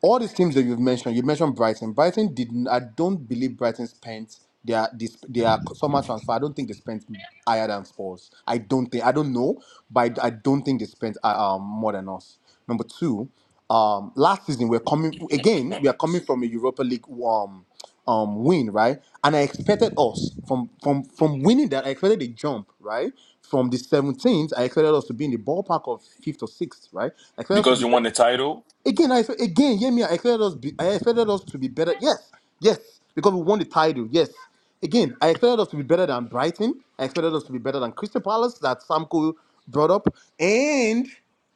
D: all these teams that you've mentioned, you mentioned Brighton. Brighton did. I I don't believe Brighton spent their this their summer transfer. I don't think they spent higher than Spurs. I don't think. I don't know, but I, I don't think they spent uh, um more than us. Number two, um, last season we're coming again. We are coming from a Europa League um um win, right? And I expected us from from from winning that. I expected a jump, right? From the 17th, I expected us to be in the ballpark of fifth or sixth, right? I expected us to
B: because
D: be
B: you
D: better.
B: won the title.
D: Again, I expect- again, hear me. I expected us. Be, I expected us to be better. Yes, yes, because we won the title. Yes. Again, I expected us to be better than Brighton. I expected us to be better than Crystal Palace that Samko brought up, and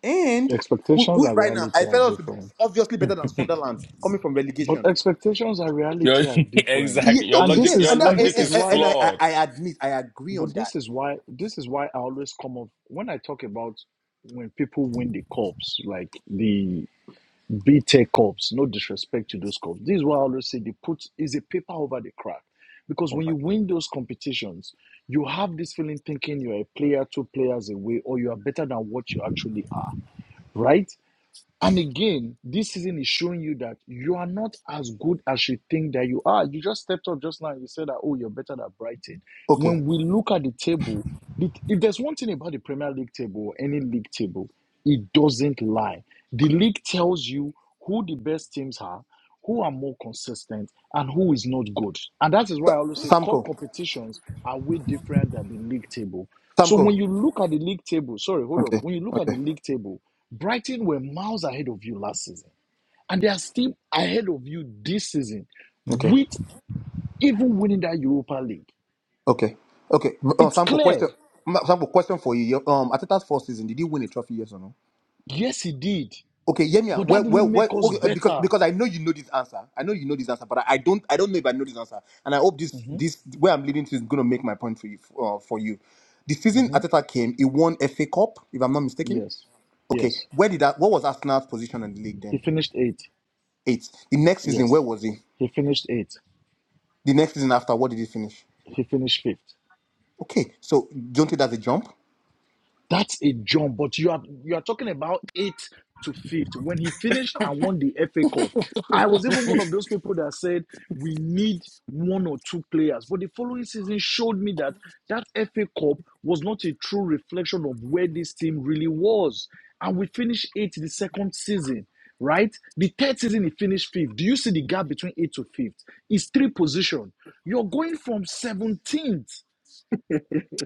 D: and who,
C: expectations
D: who is
C: and
D: right now? I
C: reality are
D: expected us to be
C: different
D: obviously better than Sunderland coming from
C: but
D: relegation.
C: expectations and
B: Your
C: reality are different
D: Ye-
B: exactly your
D: okay,
C: and this
B: logic
D: yes,
B: your
C: is
D: and that,
C: and this
B: logic
D: and,
C: is
B: is
D: and,
C: why
D: and I, I
B: flawed.
D: I admit I agree
C: But
D: on that.
C: this is why this is why I always come up when I talk about when people win the cups, like the BTEC cups, no disrespect to those cups. This is why I always say they put is a paper over the crack. Because
D: Oh
C: when
D: my.
C: you win those competitions, you have this feeling thinking you're a player, two players away, or you are better than what you actually are, right? And again, this season is showing you that you are not as good as you think that you are. You just stepped up just now and you said that, oh, you're better than Brighton.
D: Okay,
C: When we look at the table, the, if there's one thing about the Premier League table or any league table, it doesn't lie. The league tells you who the best teams are, who are more consistent, and who is not good. And that is why I always say cup
D: Samko,
C: competitions are way different than the league table. So when
D: Samko.
C: you look at the league table, sorry, hold on.
D: Okay,
C: When you look at the
D: okay,
C: league table, Brighton were miles ahead of you last season, and they are still ahead of you this season,
D: okay.
C: with even winning that Europa League.
D: Okay. Okay. M- Uh,
C: It's
D: Samko,
C: clear.
D: question. M- Samko, question for you. Your, Um, Ateta's first season, did he win a trophy? Yes or no?
C: Yes, he did.
D: Okay, Yemia.
C: But that
D: Well,
C: didn't
D: well,
C: make
D: well.
C: us
D: Okay, uh, because
C: better.
D: because I know you know this answer. I know you know this answer, but I, I don't. I don't know if I know this answer. And I hope this
C: hmm
D: this where I'm leading to is going to make my point for you. Uh, for you, the season
C: hmm
D: Ateta came, he won FA Cup, if I'm not mistaken.
C: Yes.
D: Okay,
C: Yes.
D: where did that? What was Arsenal's position in the league
C: He
D: then?
C: finished eighth.
D: Eighth. The next season,
C: Yes.
D: where was he?
C: He finished eighth.
D: The next season after, what did he finish?
C: He finished fifth.
D: Okay, so don't you think that's a jump?
C: That's a jump, but you are you are talking about eighth to fifth. When he finished and won the FA Cup, I was even one of those people that said we need one or two players. But the following season showed me that that FA Cup was not a true reflection of where this team really was. And we finished eighth the second season, right? The third season he finished fifth. Do you see the gap between eighth to fifth? It's three position. You're going from 17th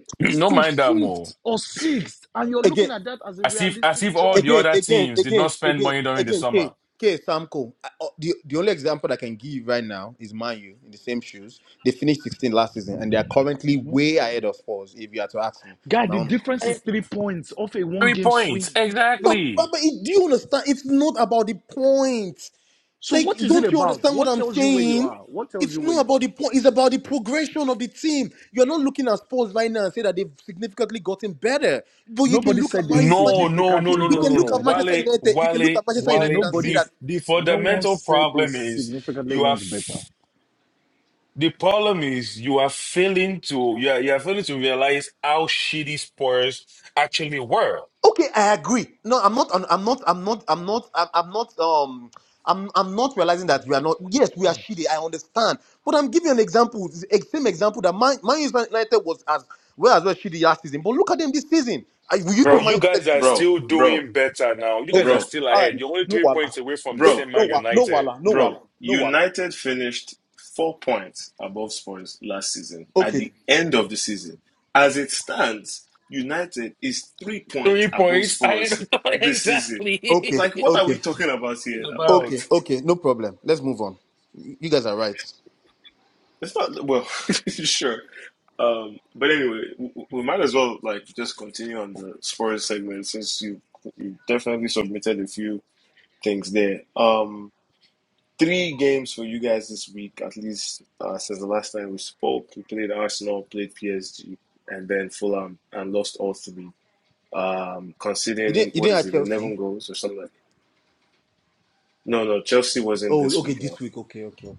B: no
C: to
B: mind that
C: fifth
B: more.
C: or sixth, and you're
D: Again,
C: looking at that as a
B: As if as
C: realistic
B: if all
C: jump.
B: the
D: again,
B: other
D: again,
B: teams did not
D: again,
B: spend
D: again,
B: money during the
D: again, K,
B: summer.
D: K, Samko. I- uh, The, the only example I can give right now is Manu in the same shoes. They finished 16 last season and they are currently
C: hmm
D: way ahead of us, if you are to ask me.
C: Guy,
D: in My
C: the
D: own.
C: difference
B: Eh,
C: is three points off a one
B: Three
C: game
B: points
C: swing.
D: But, but,
B: exactly.
D: but it- do you understand? It's not about the point.
C: So,
D: Like,
C: what is it
D: don't you
C: about?
D: understand what
C: What
D: I'm
C: tells you where you
D: saying?
C: are? What tells
D: It's
C: you where
D: not
C: you
D: about
C: are?
D: the point. It's about the progression of the team. You're not looking at Spurs right now and say that they've significantly gotten better. But you can
C: Nobody
D: look at
C: said they've
D: Man, Manchester.
B: No no no
C: significantly
B: no
D: You
B: no no
D: can
B: no
C: gotten
D: look
B: no.
D: at
C: better,
D: Manchester
B: Wale
D: United. You can look
B: Wale
D: at Manchester
C: but
D: United
B: Wale.
D: and see
B: The
C: nobody's,
D: that
B: the
C: no one
B: fundamental
C: said they
B: problem is
C: significantly
B: you are.
C: went better.
B: The problem is you are failing to you are, you are failing to realize how shitty Spurs actually were.
D: Okay, I agree. No, I'm not. I'm not. I'm not. I'm not. I'm, I'm not. Um, I'm. I'm not realizing that we are not. Yes, we are shitty. I understand, but I'm giving an example. the ex- Same example that Man Man United was as well as well shitty last season. But look at them this season. I, will you say
B: But
A: Bro,
D: Man
B: you
D: United?
B: guys are
A: bro,
B: still
A: bro,
B: doing better now. You guys
D: Okay.
B: are
A: bro,
B: still
D: All right.
B: ahead. You're only
D: No
B: three
D: wala.
B: points away from the
A: bro.
D: Okay,
B: same
D: no
B: man
D: wala. No
B: United.
D: wala. No wala.
A: Bro,
D: No wala.
A: United finished four points above Spurs last season at
D: Okay.
A: the end of the season. As it stands, United is three points
B: Three
A: above
B: points. I
A: Spurs
B: don't know exactly
A: this season. It's
D: Okay.
A: like,
B: what
A: what are
D: Okay.
A: we
B: it's
A: talking about here now?
B: about.
A: Like,
D: Okay. Okay. No problem. Let's move on. You you guys are right.
A: it's not, well, sure. Um, but anyway, we, we might as well, like, just continue on the Spurs segment since you, you definitely submitted a few things there. Um, Three games for you guys this week, at least uh, since the last time we spoke. We played Arsenal, played PSG, and then Fulham, and lost all three. Um,
D: You
A: conceding
D: didn't. You
A: what
D: didn't
A: is
D: at
A: it, eleven
D: Chelsea.
A: goals or something? like that? No, no, Chelsea wasn't
D: Oh,
A: this
D: okay.
A: week.
D: This
A: No,
D: week. Okay. Okay. Okay.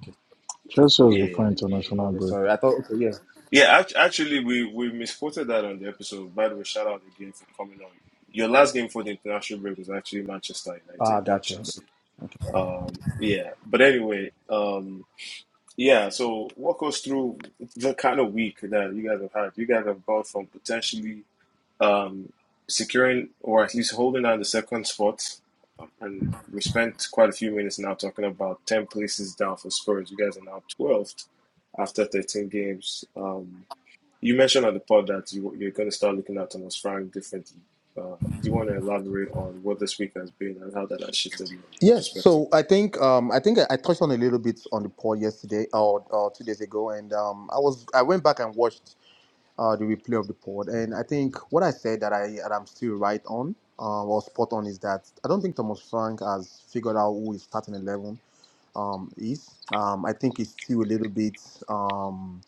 A: yeah, yeah. yeah.
C: Not
D: Okay,
C: good.
D: sorry. I thought, okay, yeah.
A: Yeah, Act- actually, we we misquoted that on the episode. By the way, shout out again for coming on. Your last game for the international break was actually Manchester
D: Ah,
A: United, not
D: gotcha.
A: Chelsea. Um, yeah, but anyway, um, Yeah, so walk us through the kind of week that you guys have had. You guys have gone from potentially um, securing or at least holding on the second spot, um, and we spent quite a few minutes now talking about 10 places down for Spurs. You guys are now 12th after 13 games. Um, you mentioned on the pod that you, you're going to start looking at Thomas Frank differently. Uh, do you want to elaborate on what this week has been and how that has shifted your
D: Yes,
A: perspective?
D: so I think um, I think I, I touched on a little bit on the poll yesterday or, or two days ago, and um, I was I went back and watched uh, the replay of the pod, and I think what I said that I that I'm still right on uh, or spot on is that I don't think Thomas Frank has figured out who is starting eleven um, is. Um, I think he's still a little bit um,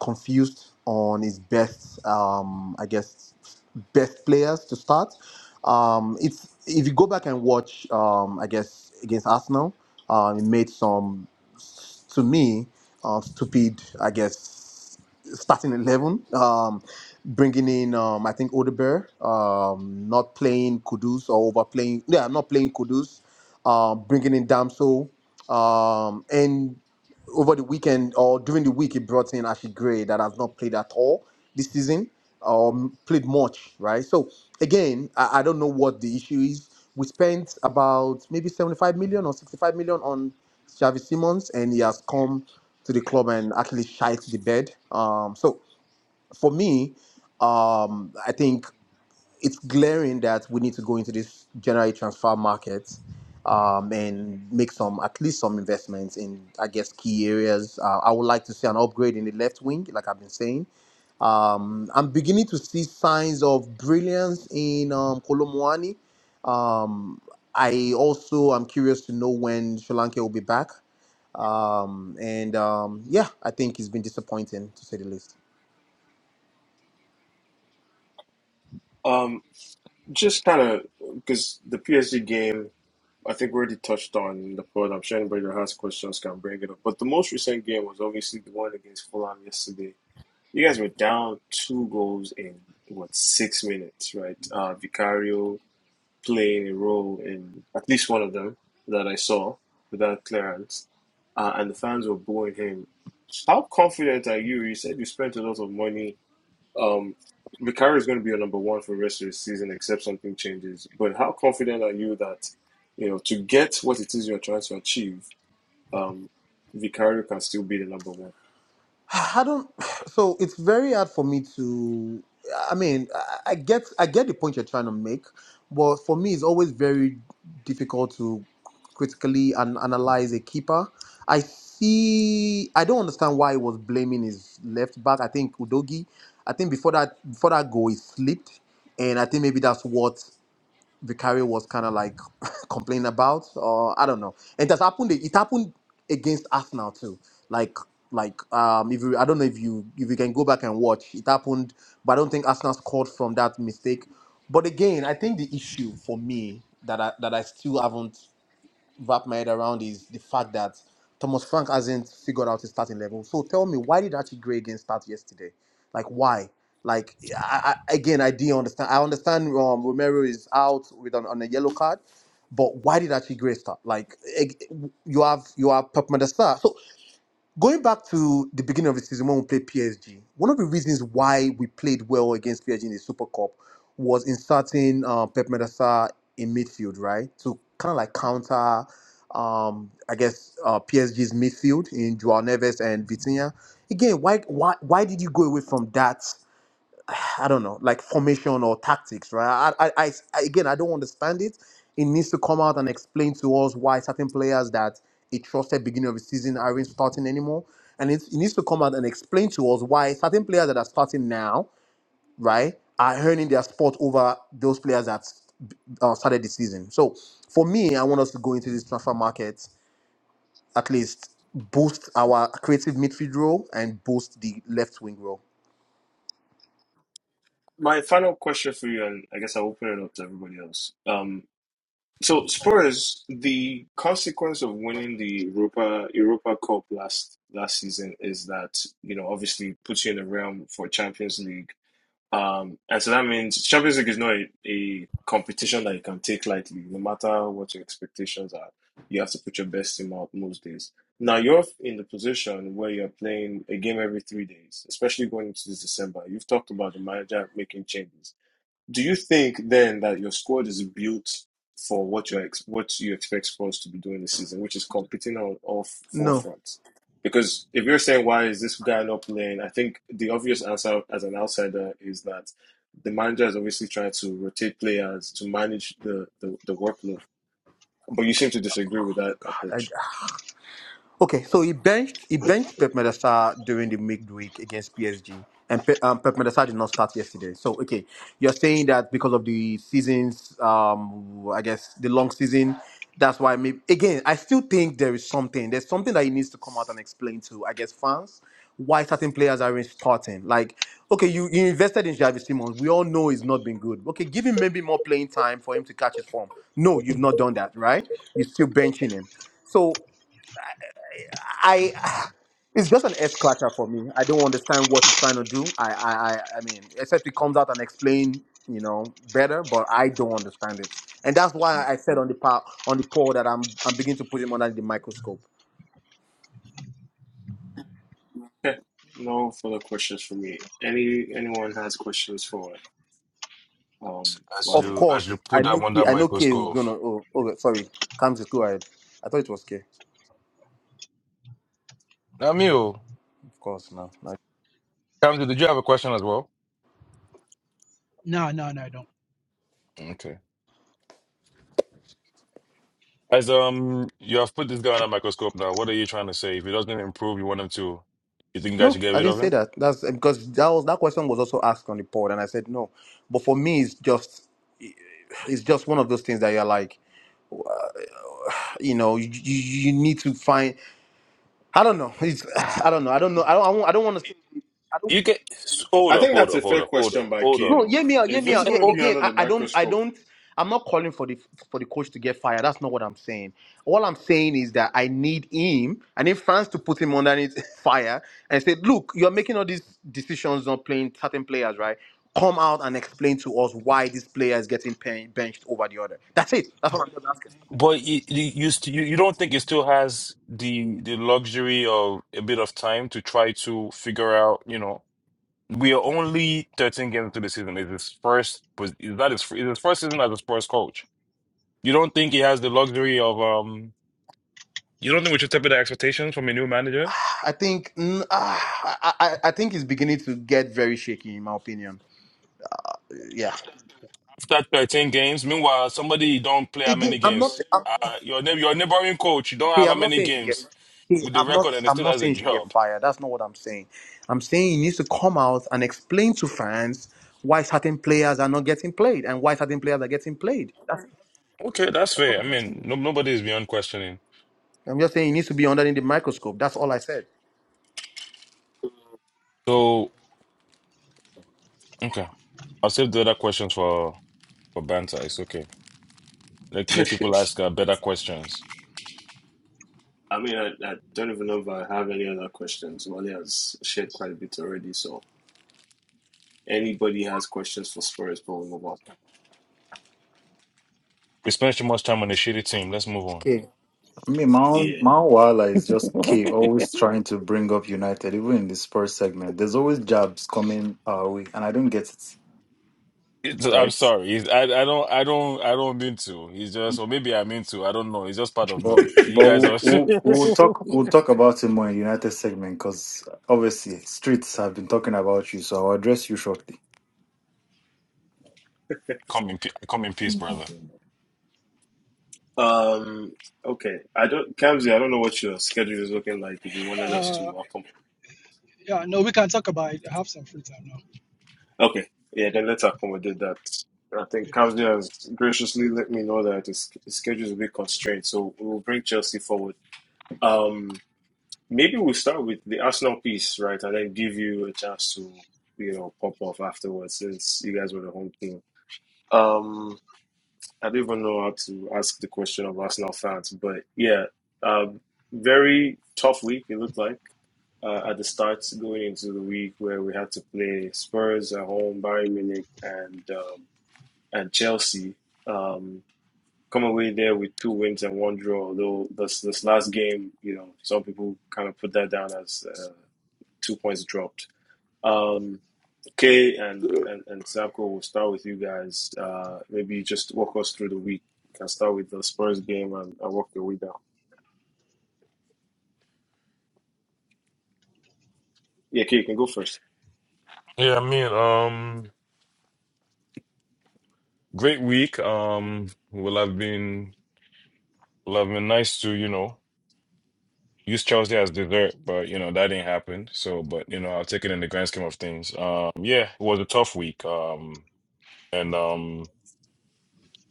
D: confused on his best, um, I guess, best players to start. Um, it's if you go back and watch, um, I guess, against Arsenal, um, he made some, s- to me, uh, stupid, I guess, starting eleven. Um, bringing in, um, I think, Odebear, um, not playing Kudus or overplaying. Yeah, not playing Kudus. Um, bringing in Damso um, and over the weekend or during the week, he brought in Ashley Gray that has not played at all this season um, played much, right? So again, I, I don't know what the issue is. We spent about maybe 75 million or 65 million on Xavi Simons, and he has come to the club and actually shite the bed. Um, so for me, um, I think it's glaring that we need to go into this generally transfer market um, and make some at least some investments in I guess key areas. Uh, I would like to see an upgrade in the left wing, like I've been saying. Um, I'm beginning to see signs of brilliance in um, Kolomwani. Um, I also am curious to know when Sri Lanka will be back. Um, and um, yeah, I think it's been disappointing to say the least.
A: Just kind of because the PSG game, I think we already touched on the pod. I'm sure anybody that has questions can bring it up. But the most recent game was obviously the one against Fulham yesterday. You guys were down two goals in what six minutes, right? Uh, Vicario playing a role in at least one of them that I saw without clearance, uh, and the fans were booing him. How confident are you? You said you spent a lot of money um, Vicario is going to be a number one for the rest of the season, except something changes. But how confident are you that, you know, to get what it is you're trying to achieve, um, Vicario can still be the number one?
D: I don't. So it's very hard for me to. I mean, I I get I get the point you're trying to make, but for me, it's always very difficult to critically and analyze a keeper. I see. I don't understand why he was blaming his left back. I think Udogi. I think before that before that goal, he slipped, and I think maybe that's what Vicario was kind of like complaining about, or I don't know. It has happened. It happened against Arsenal too. Like, like um, if you, I don't know if you if you can go back and watch, it happened. But I don't think Arsenal scored from that mistake. But again, I think the issue for me that I that I still haven't wrap my head around is the fact that Thomas Frank hasn't figured out his starting level. So tell me, why did Archie Gray again start yesterday? Like why? Like I, I, again, I do understand. I understand um, Romero is out with an, on a yellow card, but why did Archie Gray start? Like you have you have Pep Medesta. So Going back to the beginning of the season when we played PSG, one of the reasons why we played well against PSG in the Super Cup was inserting uh, Pep Medasa in midfield, right? To kind of like counter, um, I guess, uh, PSG's midfield in Joao Neves and Vitinha. Again, why, why, why did you go away from that I don't know, like formation or tactics, right? I, I, I again, I don't understand it. It needs to come out and explain to us why certain players that he trusted beginning of the season aren't starting anymore, and it, he needs to come out and explain to us why certain players that are starting now, right, are earning their spot over those players that uh, started the season. So for me, I want us to go into this transfer market at least boost our creative midfield role and boost the left wing role.
A: My final question for you, and I guess I'll open it up to everybody else. Um, so Spurs, the consequence of winning the Europa Europa Cup last last season is that, you know, obviously puts you in the realm for Champions League Um, and so that means Champions League is not a, a competition that you can take lightly, no matter what your expectations are. You have to put your best team out most days. Now you're in the position where you're playing a game every three days, especially going into this December. You've talked about the manager making changes do you think then that your squad is built for what you ex- what you expect Spurs to be doing this season, which is competing on all f- four
D: No.
A: fronts? Because if you're saying why is this guy not playing, I think the obvious answer as an outsider is that the manager is obviously trying to rotate players to manage the the, the workload. But you seem to disagree with that approach.
D: Okay, so he benched he benched Pep Medesta during the midweek against PSG, and Pe- um, Pep Medesta did not start yesterday. So okay, you're saying that because of the seasons, um, I guess the long season, that's why. Maybe again, I still think there is something. There's something that he needs to come out and explain to, I guess, fans why certain players aren't starting. Like, okay, you, you invested in Javi Simons. We all know he's not been good. Okay, give him maybe more playing time for him to catch his form. No, you've not done that, right? You're still benching him. So I it's just an S scratcher for me. I don't understand what it's trying to do. I I I, I mean, except it comes out and explain, you know, better. But I don't understand it, and that's why I said on the power on the poll that I'm I'm beginning to put him under the microscope.
A: Okay, no further questions for me. Any anyone has questions for um
B: As
A: Wale?
D: Of
B: you as you
D: course, I
B: put
D: know
B: them
D: K,
B: under
D: I know K will
B: microscope.
D: gonna. Oh, oh sorry, Comes is go ahead. I thought it was K. Of
B: Now me oh.
D: course, no, no,
B: Kamzi, did you have a question as well?
F: No, no, no, I don't.
B: Okay. As um, you have put this guy on a microscope now. What are you trying to say? If he doesn't improve, you want him to. You think you guys
D: no.
B: should get
D: I
B: rid
D: didn't
B: of
D: say
B: him?
D: that. That's because that was that question was also asked on the poll, and I said no. But for me, it's just it's just one of those things that you're like. you know you, you you need to find i don't know it's, i don't know i don't know i don't i, won't- I don't want to i don't
B: You get hold
A: I
B: up,
A: think
B: hold
A: that's
B: up,
A: a
B: hold
A: fair
B: up, hold up,
A: question by
B: hold up.
D: no
A: Kato.
D: hear me out hear
A: If
D: me
A: it's
D: out
B: Eh,
D: yeah,
A: going to
B: Oh,
A: be
D: again
A: under
D: I,
A: the
D: I don't i
A: microscope,
D: don't i'm not calling for the for the coach to get fired that's not what i'm saying all i'm saying is that i need him i need france to put him underneath fire and say look you're making all these decisions on playing certain players right come out and explain to us why this player is getting pen- benched over the other that's it that's what i'm just asking
B: but you you you, st- you you don't think he still has the the luxury of a bit of time to try to figure out, you know? We are only 13 games into the season. It's his first. pos- Is that his, it's his first season as a Spurs coach? You don't think he has the luxury of um? You don't think we should temper the expectations from a new manager
D: I think mm, ah, I, I I think it's beginning to get very shaky, in my opinion. Yeah.
B: after 13 games? Meanwhile, somebody you don't play how
D: Again,
B: many
D: I'm not.
B: games?
D: I'm not
B: Uh, your neigh- your neighboring coach, you don't
D: okay,
B: have how
D: I'm not
B: many
D: saying you should get.
B: games
D: Okay,
B: with the
D: I'm not.
B: record, and he
D: I'm
B: still
D: not
B: has a
D: saying you should get
B: job.
D: fired. That's not what I'm saying. I'm saying he needs to come out and explain to fans why certain players are not getting played and why certain players are getting played. That's
B: Okay, that's
D: that's what
B: fair. I
D: I'm just
B: mean,
D: saying.
B: no, nobody is beyond questioning.
D: I'm just saying he needs to be under the microscope. That's all I said.
B: So okay, I'll save the other questions for for banter. It's okay. Let let people
A: I
B: ask uh, better questions.
A: mean, I, I don't even know if I have any other questions. Wally has shared quite a bit already, so anybody has questions for Spurs, but we'll move on.
B: We spent too much time on a shitty team. Let's move on.
D: Okay.
E: I mean, Mount
A: Yeah.
E: Mount Wala is just key, always trying to bring up United, even in the Spurs segment. There's always jabs coming our way, and I don't get it,
B: It's- I'm
E: right?
B: sorry. It's- I I don't I don't I don't mean to. He's just
E: Um,
B: or maybe I mean to. I don't know. It's just part of
E: But
B: me. You
E: but
B: guys
E: we'll,
B: are
E: we'll we'll talk we'll talk about it more in United segment because obviously streets have been talking about you, so I'll address you shortly.
B: come in pe- come in peace, brother.
A: Um. Okay. I don't, Kamzi. I don't know what your schedule is looking like. If you wanted us to
F: Uh,
A: accommodate,
F: yeah, no, we can talk about it. I have some free time now.
A: okay. Yeah. Then let's accommodate that. I think
F: Yeah,
A: Kamzi has graciously let me know that his his schedule is a bit constrained, so we will bring Chelsea forward. Um. Maybe we'll start with the Arsenal piece, right, and then give you a chance to, you know, pop off afterwards since you guys were the home team. Um, I don't even know how to ask the question of Arsenal fans, but yeah, um, very tough week it looked like uh, at the start going into the week where we had to play Spurs at home, Bayern Munich, and um, and Chelsea. Um, come away there with two wins and one draw. Although this this last game, you know, some people kind of put that down as. uh, two points dropped. Um, Kay and, and, and Samko, we'll start with you guys. Uh, maybe just walk us through the week. You can start with the Spurs game and, and walk your way down. Yeah, Kay, you can go first.
B: Yeah, I mean, um, great week. Um, will have been will have been nice to you know use Chelsea as dessert, but you know that didn't happen. So, but you know I'll take it in the grand scheme of things. Um, yeah, it was a tough week. Um, and um,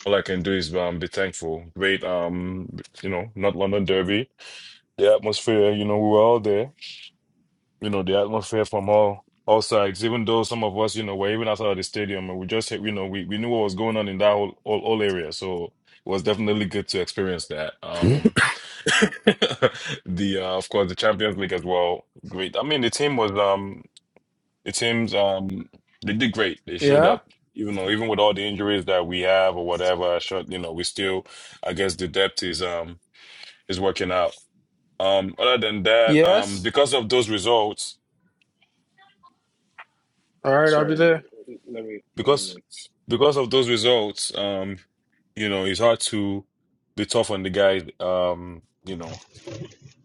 B: all I can do is um be thankful. Great. Um, you know, not London Derby. the atmosphere, you know, we were all there. You know, the atmosphere from all all sides, even though some of us, you know, were even outside of the stadium and we just you know, we, we knew what was going on in that whole, whole, whole area. So it was definitely good to experience that. Um the uh, of course the Champions League as well. Great. I mean the team was um the teams um they did great. They showed
G: Yeah.
B: up. You know, even with all the injuries that we have or whatever, shut you know, we still I guess the depth is um is working out. Um, other than that, um,
G: Yes.
B: because of those results,
G: All right, I'll be
A: Sorry,
G: there.
A: let me, let me
B: because
A: wait.
B: because of those results, um, you know, it's hard to be tough on the guy, um, you know,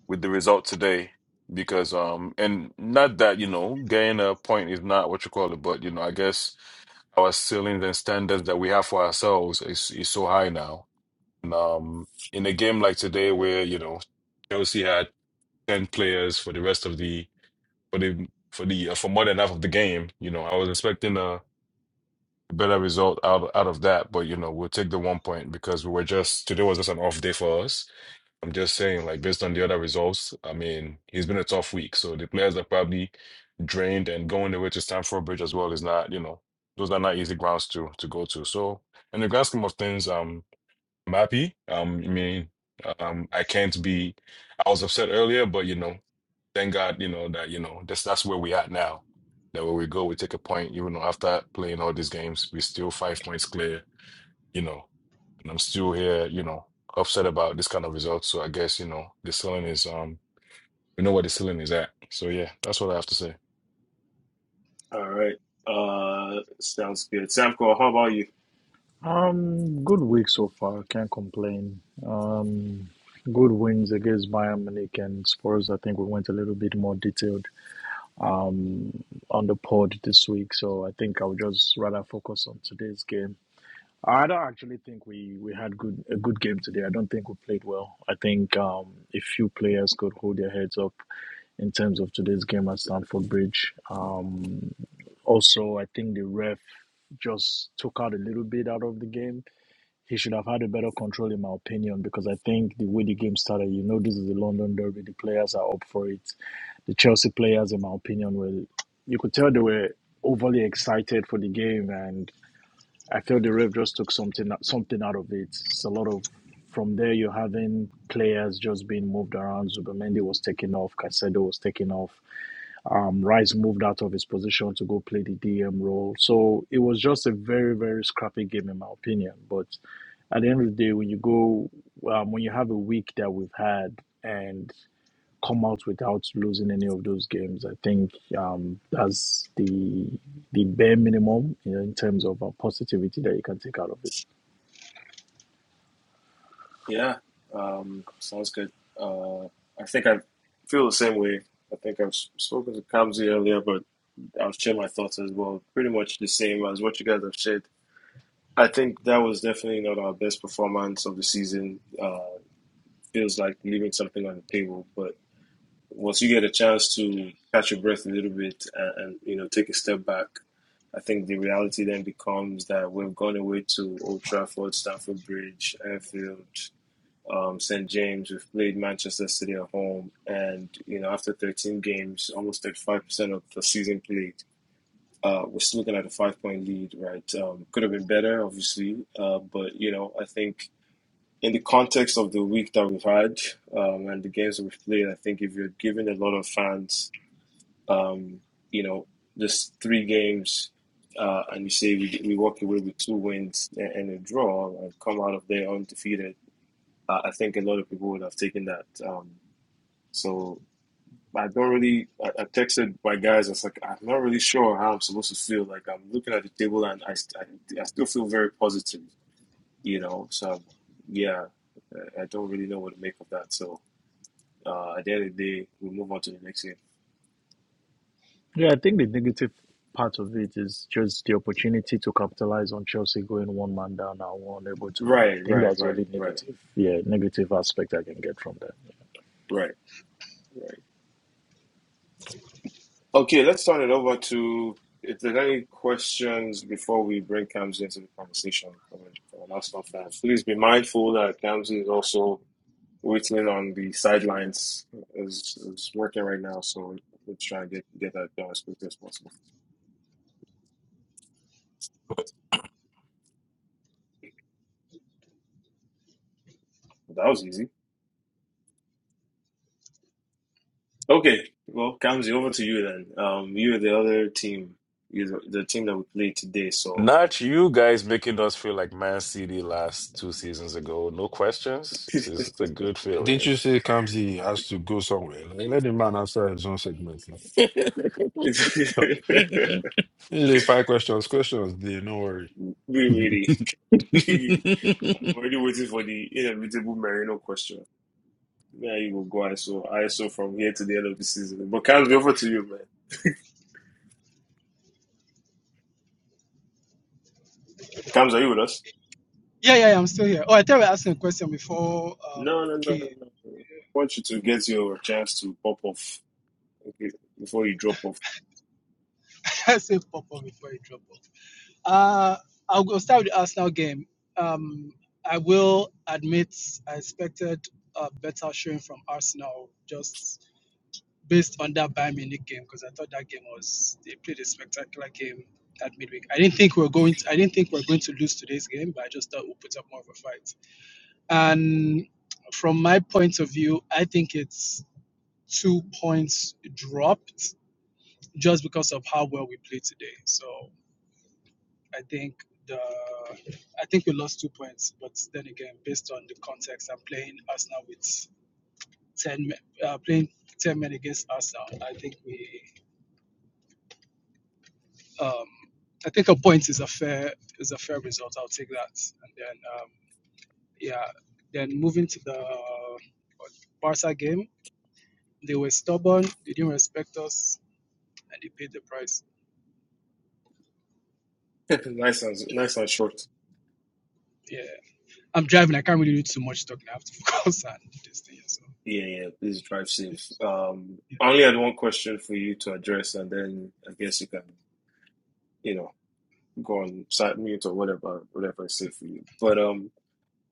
B: with the result today. Because um, and not that, you know, getting a point is not what you call it, but you know, I guess our ceilings and standards that we have for ourselves is is so high now. And um, in a game like today where, you know, Chelsea had 10 players for the rest of the for the for the uh, for more than half of the game. You know, I was expecting a better result out out of that, but you know, we'll take the one point because we were just today was just an off day for us. I'm just saying, like based on the other results, I mean, it's been a tough week, so the players are probably drained, and going away to Stamford Bridge as well is not, you know, those are not easy grounds to to go to. So, in the grand scheme of things, um, I'm happy. Um, I mean, um, I can't be. I was upset earlier, but you know thank God, you know, that, you know, that's that's where we at now. That where we go, we take a point, even though after playing all these games, we're still five points clear, you know, and I'm still here, you know, upset about this kind of result. So I guess, you know, the ceiling is um we know where the ceiling is at. So yeah, that's what I have to say.
A: All right. Uh, sounds good. Samko, how about you?
C: Um, good week so far. Can't complain. Um, good wins against Bayern Munich and Spurs. I think we went a little bit more detailed. um, on the pod this week. So I think i would just rather focus on today's game. I don't actually think we, we had good a good game today. I don't think we played well. I think um, a few players could hold their heads up in terms of today's game at Stamford Bridge. Um, also, I think the ref just took out a little bit out of the game. He should have had a better control, in my opinion, because I think the way the game started, you know, this is the London Derby. The players are up for it the Chelsea players, in my opinion, were you could tell they were overly excited for the game, and I feel the ref just took something something out of it. It's a lot of from there you're having players just being moved around. Zubimendi was taken off, Caicedo was taken off. Um, Rice moved out of his position to go play the DM role. So it was just a very very scrappy game, in my opinion. But at the end of the day, when you go um, when you have a week that we've had. And come out without losing any of those games. I think um, that's the the bare minimum you know, in terms of uh, positivity that you can take out of it.
A: Yeah, um, sounds good. Uh, I think I feel the same way. I think I've spoken to Kamzi earlier, but I'll share my thoughts as well. Pretty much the same as what you guys have said. I think that was definitely not our best performance of the season. Uh, feels like leaving something on the table, but once you get a chance to catch your breath a little bit and, and you know take a step back, I think the reality then becomes that we've gone away to Old Trafford, Stamford Bridge, Anfield, um, St James. We've played Manchester City at home, and you know after 13 games, almost 35% of the season played uh, we're still looking at a five point lead, right? Um, could have been better, obviously. Uh, but, you know, I think in the context of the week that we've had um, and the games that we've played, I think if you're giving a lot of fans, um, you know, just three games uh, and you say we, we walk away with two wins and, and a draw and come out of there undefeated, uh, I think a lot of people would have taken that. Um, so I don't really. I, I texted my guys. I was like, I'm not really sure how I'm supposed to feel. Like I'm looking at the table, and I, st- I, I still feel very positive. You know, so yeah, I, I don't really know what to make of that. So uh, at the end of the day, we move on to the next game.
C: Yeah, I think the negative part of it is just the opportunity to capitalize on Chelsea going one man down and we're unable to do that. I
A: Right,
C: think
A: right,
C: that's the
A: right,
C: only
A: right,
C: negative, yeah, negative aspect I can get from that. Yeah.
A: right, right. Okay, let's turn it over to. If there's any questions before we bring Kamsi into the conversation from an from an Arsenal fan, please be mindful that Kamsi is also waiting on the sidelines is is working right now, so we're trying to get get that done as quickly as possible. that was easy. Okay, well, Kamzi, over to you then. Um, you are the other team, you're the, the team that we played today, so.
B: Not you guys making us feel like Man City last two seasons ago. No questions. This is a good
G: Didn't
B: feeling.
G: you say Kamsi has to go somewhere? Like, let the man answer his own segment.
A: It's-
G: now. they five questions, questions, they no worry.
A: we really. I'm already waiting for the inevitable Marino question. Yeah, you will go, ISO. ISO from here to the end of the season. But Kamzi, over to you, man. Kamzi, are you with us?
F: yeah, yeah, yeah, I'm still here. Oh, I thought we were asking a question before um
A: No, no, no, no.
F: okay,
A: no. I want you to get your chance to pop off okay, before you drop off.
F: I say pop up before you drop off. Uh, I'll go start with the Arsenal game. Um, I will admit I expected a better showing from Arsenal just based on that Bayern Munich game because I thought that game was they played a spectacular game that midweek. I didn't think we were going. To, I didn't think we were going to lose today's game, but I just thought we'll put up more of a fight. And from my point of view, I think it's two points dropped just because of how well we played today. So I think the I think we lost two points, but then again, based on the context and playing Arsenal with ten men- uh, playing ten men against Arsenal, I think we um, I think a point is a fair is a fair result. I'll take that. And then um, yeah, then moving to the Barca game. They were stubborn, they didn't respect us, and they paid the price.
A: nice and nice and short.
F: Yeah. I'm driving, I can't really do too much talking. I have to focus on this thing. So
A: Yeah, yeah. Please drive
F: yeah.
A: safe. Um,
F: yeah.
A: I only had one question for you to address, and then I guess you can, you know, go on side mute or whatever, whatever I say for you. But um,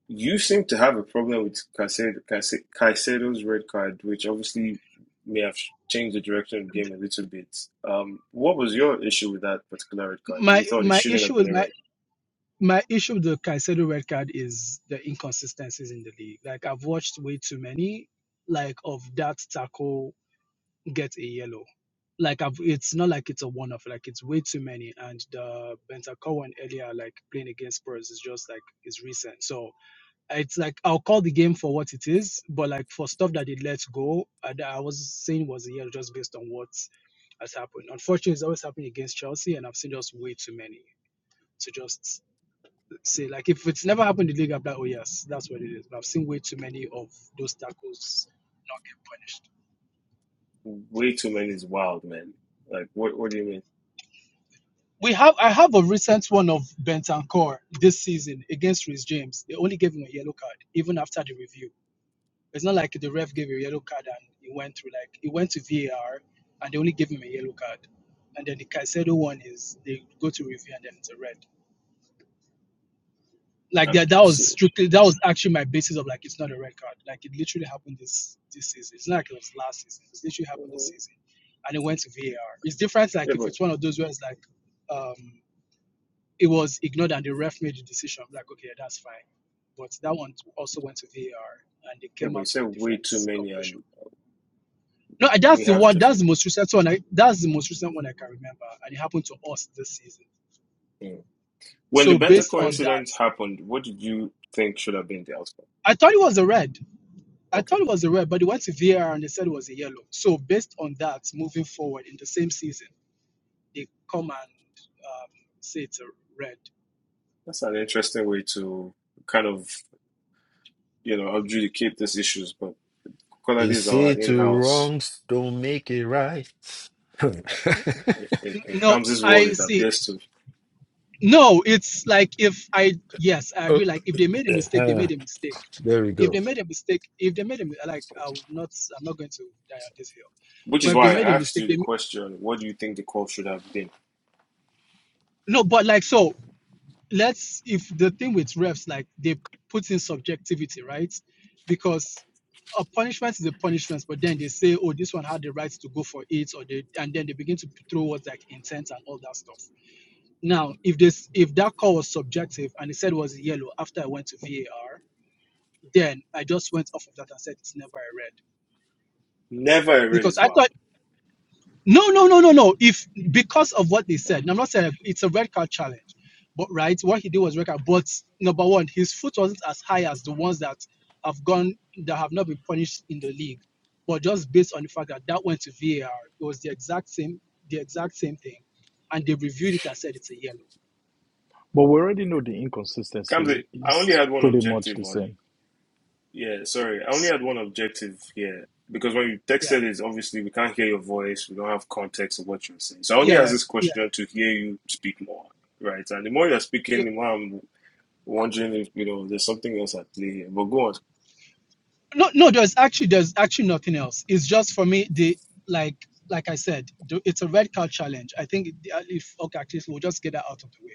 A: you seem to have a problem with Caicedo, Caice- Caicedo's red card, which obviously may have changed the direction of the game a little bit. Um, what was your issue with that particular red card? You
F: My
A: thought it
F: my
A: shouldn't
F: issue
A: have been
F: with
A: a
F: my
A: red.
F: my issue with the Caicedo red card is the inconsistencies in the league. Like I've watched way too many like of that tackle get a yellow. Like I've it's not like it's a one off, like it's way too many. And the Bentancur one earlier, like playing against Spurs is just like is recent. So it's like I'll call the game for what it is, but like for stuff that they let go, uh, I was saying was a year just based on what has happened. Unfortunately, it's always happening against Chelsea, and I've seen just way too many to just say like if it's never happened in the league, I'm like, oh yes, that's what it is. But I've seen way too many of those tackles punished.
A: way too many is wild, man. Like, what what do you mean?
F: We have I have a recent one of Bentancur this season against Rhys James. They only gave him a yellow card even after the review It's not like the ref gave a yellow card and he went through. Like he went to VAR and they only gave him a yellow card, and then the Caicedo one is they go to review and then it's a red. Like
A: Um,
F: that, that
A: s-
F: was strictly that was actually my basis of like it's not a red card. Like it literally happened this this season. It's not like it was last season. It's literally happened this season, and it went to VAR. It's different.
A: yeah,
F: Like if
A: but
F: it's one of those where it's like um it was ignored and the ref made the decision. I'm like okay, that's fine. But that one also went to VAR and they
A: yeah,
F: came
A: but you
F: out
A: said
F: with a
A: way
F: different
A: too many,
F: conclusion.
A: and
F: No,
A: we
F: that's the
A: have
F: one.
A: just
F: That's the most recent one. I, that's the most recent one I can remember, and it happened to us this season.
A: mm. when the
F: So based
A: Bentacore
F: on
A: incident
F: that,
A: happened. What did you think should have been the outcome?
F: I thought it was a red. I
A: Okay,
F: thought it was a red, but they went to VAR and they said it was a yellow. So based on that, moving forward in the same season, they come and um, say it's a red.
A: that's an interesting way to kind of you know adjudicate these issues. But
G: They
A: Colady is
G: say
A: our
G: two
A: in-house
G: wrongs don't make it right.
A: in in
F: N-
A: in
F: No,
A: Kamsi's world.
F: I
A: It
F: see.
A: appears to,
F: No, it's like if I yes, I
G: oh,
F: agree. Like if they made a mistake, they
G: eh,
F: made a mistake.
G: there we
F: If
G: go.
F: they made a mistake, if they made a mi- like, I'm not, I'm not going to die on this hill.
A: which is
F: But if they
A: why
F: made
A: I
F: a
A: asked
F: mistake,
A: you the
F: they
A: question: What do you think the call should have been?
F: No, but like so, let's if the thing with refs, like they put in subjectivity, right? Because a punishment is a punishment, but then they say, oh, this one had the right to go for it, or they and then they begin to throw words like intent and all that stuff. Now, if this if that call was subjective and it said it was yellow after I went to VAR, then I just went off of that and said it's never a red.
A: Never a red
F: Because
A: is
F: I thought
A: wild.
F: No, no, no, no, no. If because of what they said, now I'm not saying like, it's a red card challenge, but right, what he did was red card. But number one, his foot wasn't as high as the ones that have gone that have not been punished in the league. But just based on the fact that that went to VAR, it was the exact same, the exact same thing, and they reviewed it and said it's a yellow.
C: But we already know the
A: Kamsi,
C: inconsistency
A: I only
C: is
A: had one
C: pretty much
A: objective
C: the
A: on
C: same.
A: Yeah, sorry. I only
F: S-
A: had one objective here because when you
F: Yeah,
A: texted it, obviously we can't hear your voice. We don't have context of what you're saying. So I only
F: yeah,
A: asked
F: yeah,
A: this
F: yeah.
A: question to hear you speak more, right? And the more you're
F: yeah.
A: speaking, the more I'm wondering if, you know, there's something else at play here. But go on.
F: no no there's actually there's actually nothing else it's just for me the like like i said the, it's a red card challenge i think the- uh, if okay at least we'll just get that out of the way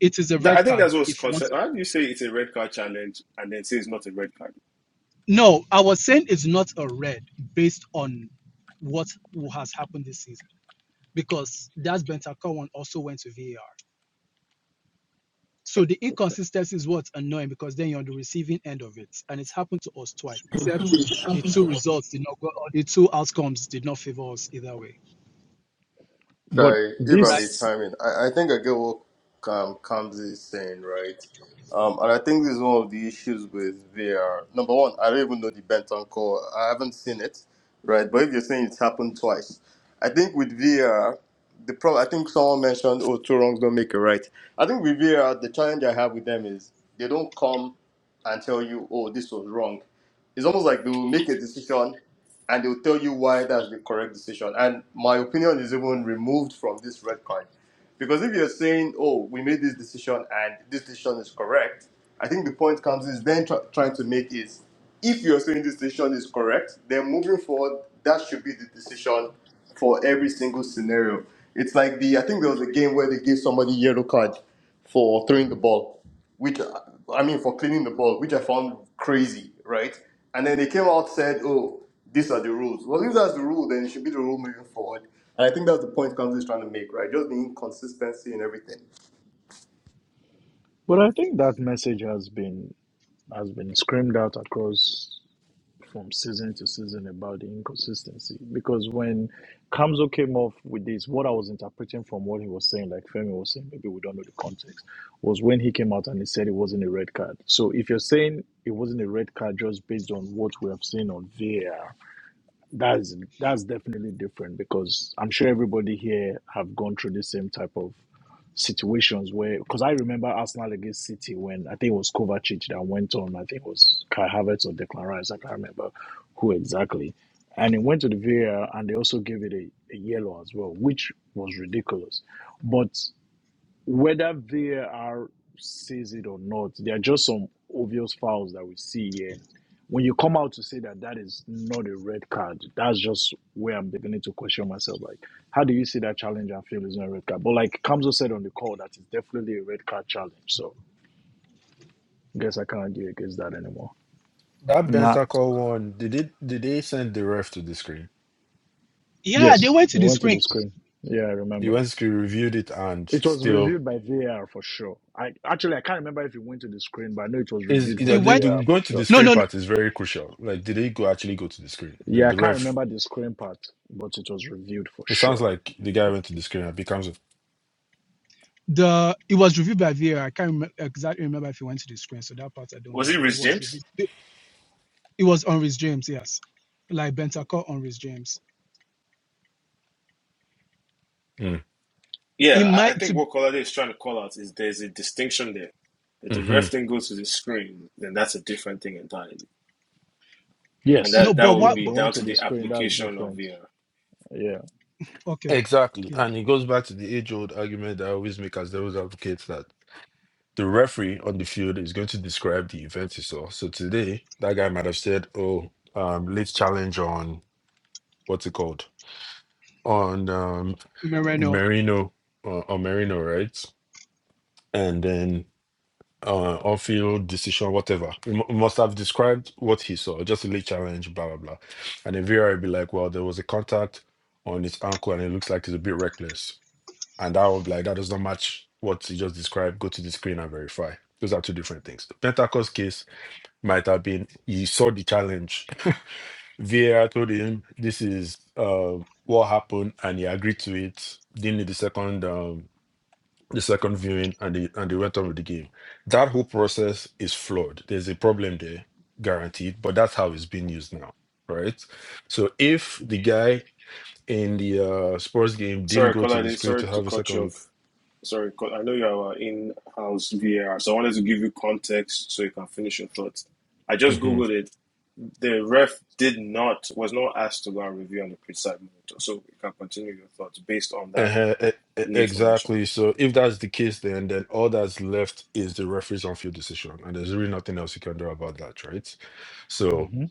F: it is a
A: That, I
F: red
A: think
F: card
A: that's what's
F: if you want
A: concept.
F: to
A: How do you say it's a red card challenge and then say it's not a red card?
F: no i was saying it's not a red based on what has happened this season because that's bentancur one also went to var so the
A: Okay.
F: inconsistency is what's annoying because then you're on the receiving end of it and it's happened to us twice except the two results did not go or the two outcomes did not favor us either way
C: But
H: I, if I
F: right?
H: may
C: this,
H: chime in, I, I think I get what um, Kamzi is saying, right? Um, and I think this is one of the issues with VR. Number one, I don't even know the Benton call. I haven't seen it, right? But if you're saying it's happened twice, I think with VR, the problem. I think someone mentioned, oh, two wrongs don't make a right." I think with VR, the challenge I have with them is they don't come and tell you, "Oh, this was wrong." It's almost like they will make a decision and they'll tell you why that's the correct decision. And my opinion is even removed from this red card. Because if you're saying, oh, we made this decision and this decision is correct, I think the point Council is then try trying to make is if you're saying this decision is correct, then moving forward, that should be the decision for every single scenario. It's like the, I think there was a game where they gave somebody yellow card for throwing the ball which uh, I mean for cleaning the ball, which I found crazy, right? And then they came out and said, "Oh, these are the rules." Well, if that's the rule, then it should be the rule moving forward. And I think that's the point Kamsi is trying to make, right? Just the inconsistency and everything.
C: but I think that message has been has been screamed out across from season to season about the inconsistency because when Kamzo came off with this, what I was interpreting from what he was saying, like Femi was saying, maybe we don't know the context, was when he came out and he said it wasn't a red card. So if you're saying it wasn't a red card just based on what we have seen on VAR, that's that's definitely different because I'm sure everybody here have gone through the same type of situations where because I remember Arsenal against City when I think it was Kovacic that went on. I think it was Kai Havertz or Declan Rice. I can't remember who exactly. And it went to the VAR and they also gave it a, a yellow as well, which was ridiculous. But whether VAR sees it or not, there are just some obvious fouls that we see. And when you come out to say that that is not a red card, that's just where I'm beginning to question myself. Like, how do you see that challenge and feel it's not a red card? But like Kamzo said on the call, that is definitely a red card challenge. So I guess I can't argue against that anymore.
G: That
E: Nah.
G: Bentacle one, did it did they send the ref to the screen?
F: Yeah, they
C: Yes,
F: went
C: he
F: to the
C: went to
F: screen.
C: the screen. Yeah, I
G: He
C: remember.
G: went to screen, reviewed it and
C: It was
G: still
C: reviewed by VAR for sure. I actually I can't remember if it went to the screen, but I know it was
G: is
C: reviewed
G: you
F: It
G: know,
C: by
G: the,
F: went.
G: the
C: VAR for
G: going to the
C: sure.
F: No,
G: screen
F: no,
G: part
F: no.
G: is very crucial. Like did they go actually go to the screen? The
C: Yeah, I
G: the
C: can't
G: ref
C: remember the scoring part, but it was reviewed for
G: It sounds
C: sure.
G: like the guy went to the screen and becomes a.
F: The it was reviewed by VAR. I can't remember, exactly remember if it went to the screen. So that part I don't know.
A: Was it
F: But it
A: Rich
F: was
A: James?
F: reviewed. It, it was on Rhys James. Yes, like Bentancur on Rhys James.
G: Mm.
F: It
A: Yeah, I, I
F: might
A: think
F: to
A: what Colade is trying to call out is there's a distinction there. If the
G: hmm
A: ref thing goes to the screen, then that's a different thing entirely. and
C: Yes.
F: no,
A: that that
F: but
A: will
C: Yeah,
F: what?
C: if
A: be
C: you
A: down
C: went to
A: to
C: the
A: the
C: screen, that's
A: application of
C: different.
A: VAR.
C: Yeah.
F: Okay,
G: Exactly.
F: yeah,
G: And it goes back to the age old argument that I always make as those advocates that the referee on the field is going to describe the event he saw. So today, that guy might have said, oh, um, let's challenge on what's it called? On um,
F: Moreno.
G: Merino, uh, on Merino, right? And then uh, on-field decision, whatever. He mu- must have described what he saw, just a late challenge, blah blah blah. And the VAR would be like, well, there was a contact on his ankle, and it looks like it's a bit reckless. And I would be like that does not match what he just described. Go to the screen and verify. Those are two different things. The Pentacost case might have been he saw the challenge. VAR told him this is uh, what happened, and he agreed to it. Didn't need the second. Um, the second viewing and they, and they went on with the game. That whole process is flawed. There's a problem there, guaranteed, but that's how it's being used now, right? So if the guy in the uh, sports game didn't
A: Sorry,
G: go to the
A: Colin,
G: screen
A: sorry
G: to
A: to
G: have a
A: cut you
G: second look,
A: off. Sorry, I know you are in-house VAR, so I wanted to give you context so you can finish your thoughts. I just
G: Mhm.
A: googled it. The ref did not was not asked to go and review on the pre-side monitor, so you can continue your thoughts based on that
G: Uh-huh, e- e-
A: new information.
G: exactly. So if that's the case, then then all that's left is the referee's on-field decision, and there's really nothing else you can do about that, right? So
C: hmm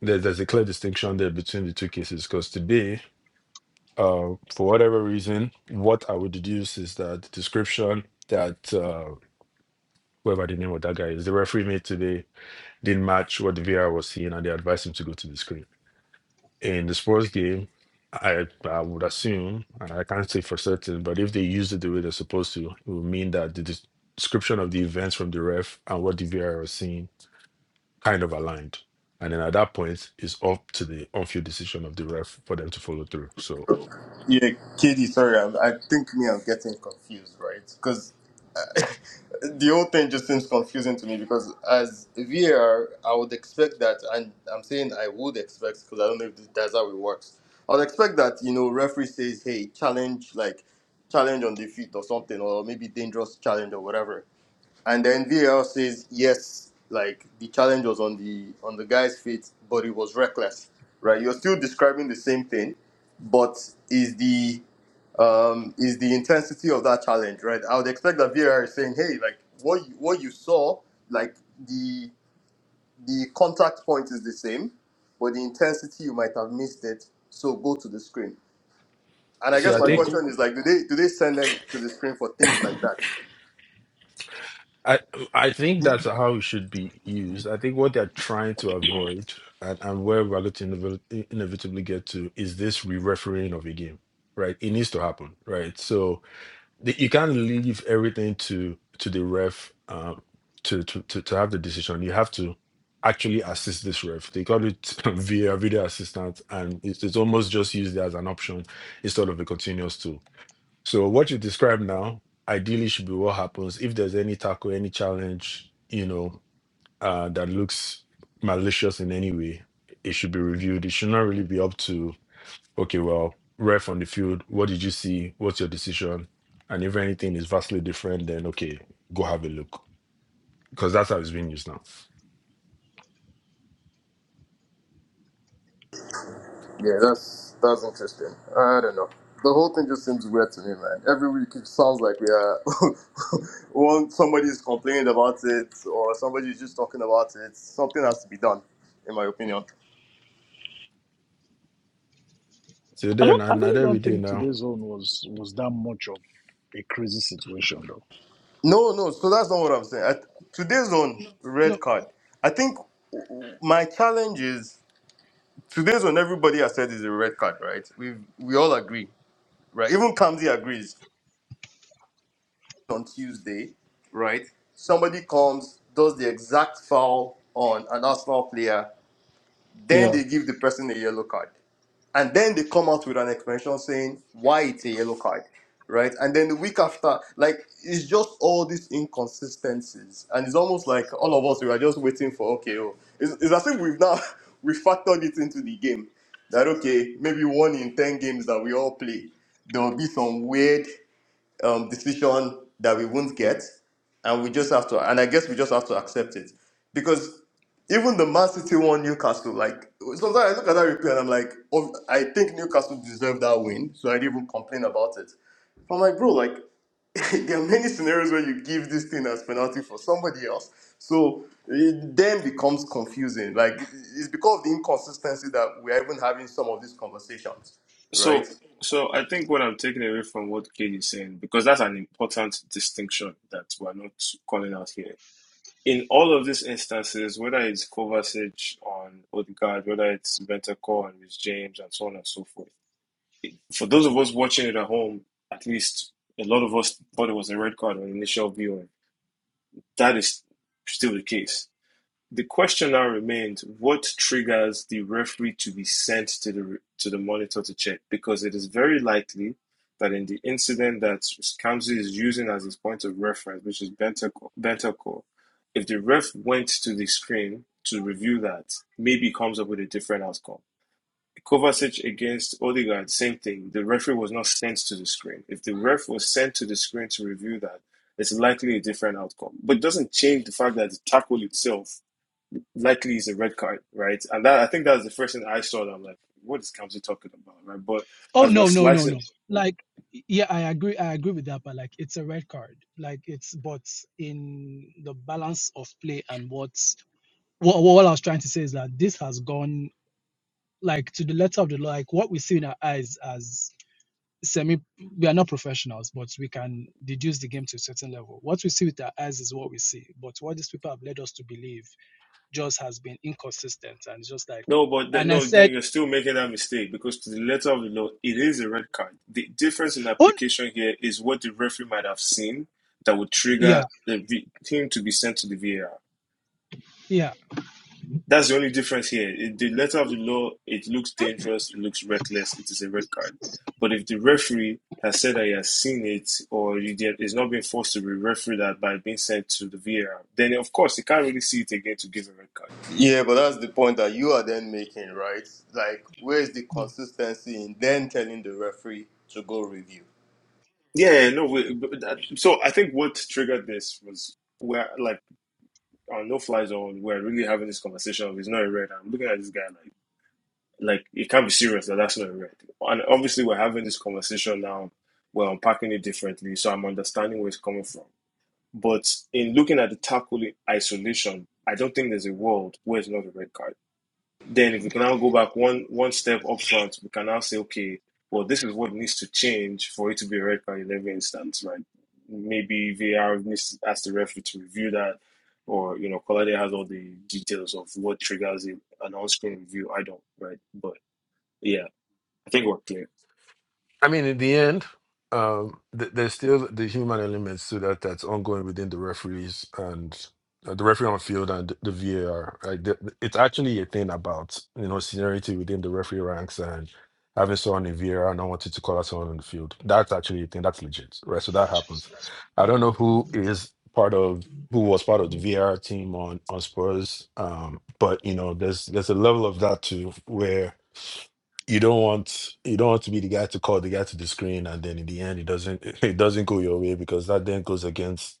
G: there, there's a clear distinction there between the two cases because today uh, for whatever reason, what I would deduce is that the description that uh, whoever the name of that guy is, the referee made today, didn't match what the VR was seeing, and they advised him to go to the screen. In the sports game, I, I would assume, and I can't say for certain, but if they used it the way they're supposed to, it would mean that the des- description of the events from the ref and what the VR was seeing kind of aligned. And then at that point, it's up to the on-field decision of the ref for them to follow through. So,
H: Yeah, KD, sorry, I, I think me, I'm getting confused, right? Because uh, the whole thing just seems confusing to me because as a VAR, I would expect that, and I'm saying I would expect because I don't know if that's how it works. I would expect that, you know, referee says, hey, challenge, like, challenge on defeat or something, or maybe dangerous challenge or whatever. And then VAR says yes, like the challenge was on the on the guy's feet, but it was reckless, right? You're still describing the same thing, but is the um, is the intensity of that challenge, right? I would expect that VAR is saying, hey, like what you, what you saw, like the the contact point is the same, but the intensity you might have missed it, so go to the screen. And I
G: see,
H: guess
G: I
H: my Yeah,
G: think
H: question is like, do they do they send them to the screen for things like that?
G: I I think that's how it should be used. I think what they're trying to avoid and, and where we're going to inevi- inevitably get to is this re-refereeing of a game, right? It needs to happen, right? So the, you can't leave everything to to the ref um, to, to to to have the decision. You have to actually assist this ref. They call it VAR, video assistant, and it's, it's almost just used as an option instead of a continuous tool so what you describe now ideally should be what happens if there's any tackle, any challenge, you know, uh, that looks malicious in any way, it should be reviewed. It should not really be up to, okay, well, ref on the field, what did you see? What's your decision? And if anything is vastly different, then okay, go have a look. Because that's how it's being used now.
H: Yeah, that's that's interesting. I don't know. The whole thing just seems weird to me, man. Every week it sounds like we are one somebody is complaining about it or somebody is just talking about it. Something has to be done, in my opinion.
G: So
C: I
G: then
C: don't I
G: and at
C: really
G: every
C: don't
G: day
C: think
G: now.
C: today's zone was was that much of a crazy situation though.
H: No, no. So that's not what I'm saying. I, today's on
F: No,
H: red card. I think my challenge is today's on. Everybody has said is a red card, right? We we all agree, right? Even Kamzi agrees. on Tuesday, right? Somebody comes, does the exact foul on an Arsenal player, then Mm.
C: Yeah.
H: they give the person a yellow card. And then they come out with an explanation saying why it's a yellow card, right? And then the week after, like, it's just all these inconsistencies. And it's almost like all of us, we are just waiting for, okay, oh. It's, it's as if we've now, we factored it into the game that, okay, maybe one in 10 games that we all play, there'll be some weird um, decision that we won't get, and we just have to. And I guess we just have to accept it, because even the Man City won Newcastle. Like sometimes I look at that replay and I'm like, oh, I think Newcastle deserved that win, so I didn't even complain about it. But I'm like, bro, like there are many scenarios where you give this thing as penalty for somebody else. So it then becomes confusing. Like it's because of the inconsistency that we're even having some of these conversations,
A: So,
H: right?
A: so I think what I'm taking away from what Kate is saying because that's an important distinction that we're not calling out here in all of these instances, whether it's Kovacic on Odegaard, whether it's Bentacore and Rich James, and so on and so forth, for those of us watching it at home, at least a lot of us thought it was a red card on initial viewing. That is still the case. The question now remains: What triggers the referee to be sent to the to the monitor to check? Because it is very likely that in the incident that Kamsi is using as his point of reference, which is Bentacore, if the ref went to the screen to review that, maybe comes up with a different outcome. Kovacic against Odegaard, same thing. The referee was not sent to the screen. If the ref was sent to the screen to review that, it's likely a different outcome. But it doesn't change the fact that the tackle itself likely is a red card, right? And that I think that's the first thing I saw. That I'm like, what is Kamsi talking about, right? But
F: oh
A: as we're
F: no, no, no,
A: slicing,
F: no. Like yeah, I agree. I agree with that. But like, it's a red card. Like it's but in the balance of play and what's what, what I was trying to say is that this has gone like to the letter of the law, like what we see in our eyes as semi we are not professionals, but we can deduce the game to a certain level. What we see with our eyes is what we see. But what these people have led us to believe just has been inconsistent and just like
A: no, but then,
F: and I
A: no, then
F: said,
A: you're still making that mistake because to the letter of the law, it is a red card. The difference in
F: Oh
A: application here is what the referee might have seen that would
F: yeah,
A: trigger the v- him to be sent to the VAR.
F: yeah.
A: That's the only difference here. In the letter of the law, it looks dangerous, it looks reckless, it is a red card. But if the referee has said that he has seen it or he did, is not being forced to be referee that by being sent to the VAR, then of course he can't really see it again to give a red card.
H: Yeah, but that's the point that you are then making, right? Like, where is the
F: mm.
H: consistency in then telling the referee to go review?
A: Yeah, no. we- that- So I think what triggered this was where, like, on no fly zone, we're really having this conversation of it's not a red. I'm looking at this guy like. like it can't be serious that that's not a red. And obviously, we're having this conversation now. We're unpacking it differently, so I'm understanding where it's coming from. But in looking at the tackle in isolation, I don't think there's a world where it's not a red card. Then, if we can now go back one one step up front, we can now say, okay, well, this is what needs to change for it to be a red card in every instance, right? Maybe VAR needs to ask the referee to review that, or you know, Colade has all the details of what triggers a, an on-screen review. I don't, right? But yeah. I think we're clear.
G: I mean, in the end, um, th- there's still the human elements to that that's ongoing within the referees and uh, the referee on field and the VAR. Right? The- It's actually a thing about you know seniority within the referee ranks and having someone in VAR and not wanting to call out someone on the field. That's actually a thing. That's legit, right? So that happens. I don't know who is part of who was part of the VAR team on on Spurs, um, but you know, there's there's a level of that too where you don't want you don't want to be the guy to call the guy to the screen and then in the end it doesn't it doesn't go your way because that then goes against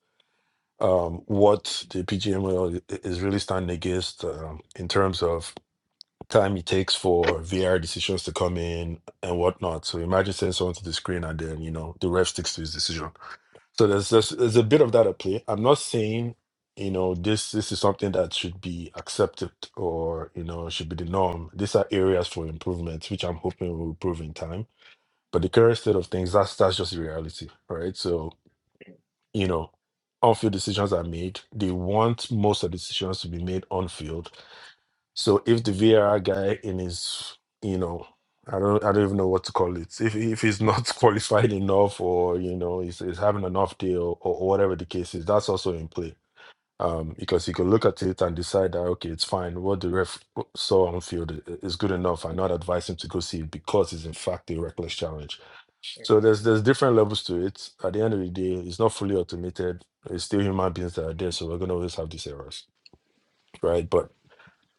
G: um what the PGMOL is really standing against um, in terms of time it takes for VR decisions to come in and whatnot. So imagine sending someone to the screen and then you know the ref sticks to his decision. So there's, there's there's a bit of that at play. I'm not saying you know this this is something that should be accepted or you know should be the norm. These are areas for improvement, which I'm hoping will improve in time. But the current state of things, that's that's just the reality, right? So you know, on field decisions are made. They want most of the decisions to be made on field so if the VAR guy in his, you know, I don't, I don't even know what to call it. If if he's not qualified enough, or you know, he's, he's having an off day, or, or whatever the case is, that's also in play. Um, because he could look at it and decide that okay, it's fine. What the ref saw on field i- is good enough. I not advise him to go see it because it's in fact a reckless challenge.
A: you
G: So there's there's different levels to it. At the end of the day, it's not fully automated. It's still human beings that are there, so we're gonna always have these errors, right? But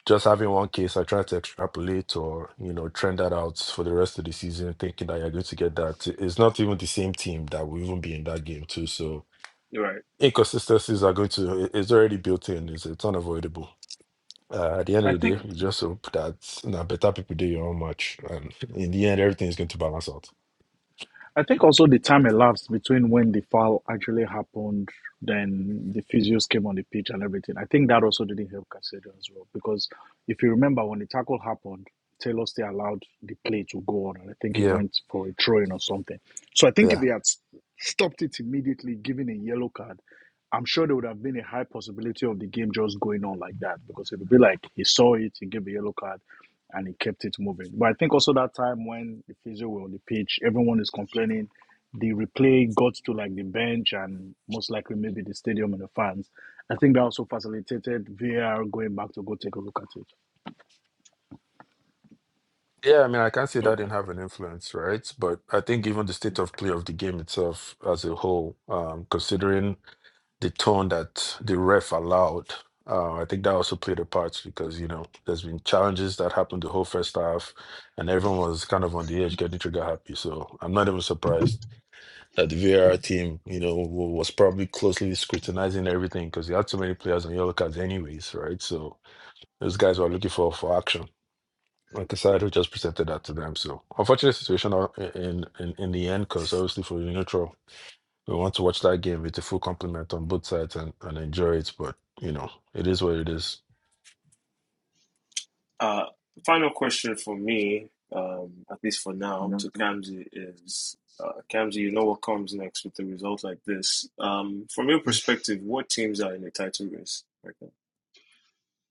G: just having one case, I try to extrapolate or you know trend that out for the rest of the season, thinking that you're going to get that. It's not even the same team that will even be in that game too. So
A: You're right.
G: inconsistencies are going to it's already built in. It's it's unavoidable. Uh, at the end of
C: I
G: the
C: think
G: day, you just hope that you know, better people do your own match, and in the end, everything is going to balance out.
C: I think also the time elapsed between when the foul actually happened, then the physios came on the pitch and everything. I think that also didn't help Casado as well. Because if you remember when the tackle happened, Taylor still allowed the play to go on and I think he
G: Yeah,
C: went for a throw in or something. So I think if
G: yeah,
C: they had stopped it immediately, giving a yellow card, I'm sure there would have been a high possibility of the game just going on like that because it would be like he saw it, he gave a yellow card, and he kept it moving. But I think also that time when the physio were on the pitch, everyone is complaining. The replay got to like the bench and most likely maybe the stadium and the fans. I think that also facilitated VAR going back to go take a look at
G: yeah. I mean, I can't say that
A: Okay.
G: didn't have an influence, right? But I think even the state of play of the game itself as a whole, um, considering the tone that the ref allowed. Uh, I think that also played a part because you know there's been challenges that happened the whole first half, and everyone was kind of on the edge, getting trigger happy. So I'm not even surprised that the VAR team, you know, wa- was probably closely scrutinizing everything because you had so many players on yellow cards, anyways, right? So those guys were looking for for action. Like I said, who just presented that to them. So unfortunate situation uh, in in, in the end because obviously for the neutral we want to watch that game with a full complement on both sides and, and enjoy it. But you know, it is what it is.
A: Uh, final question for me, um, at least for now, to Kamzi is, uh, Kamzi, you know what comes next with the result like this. Um, from your perspective, what teams are in the title race right now?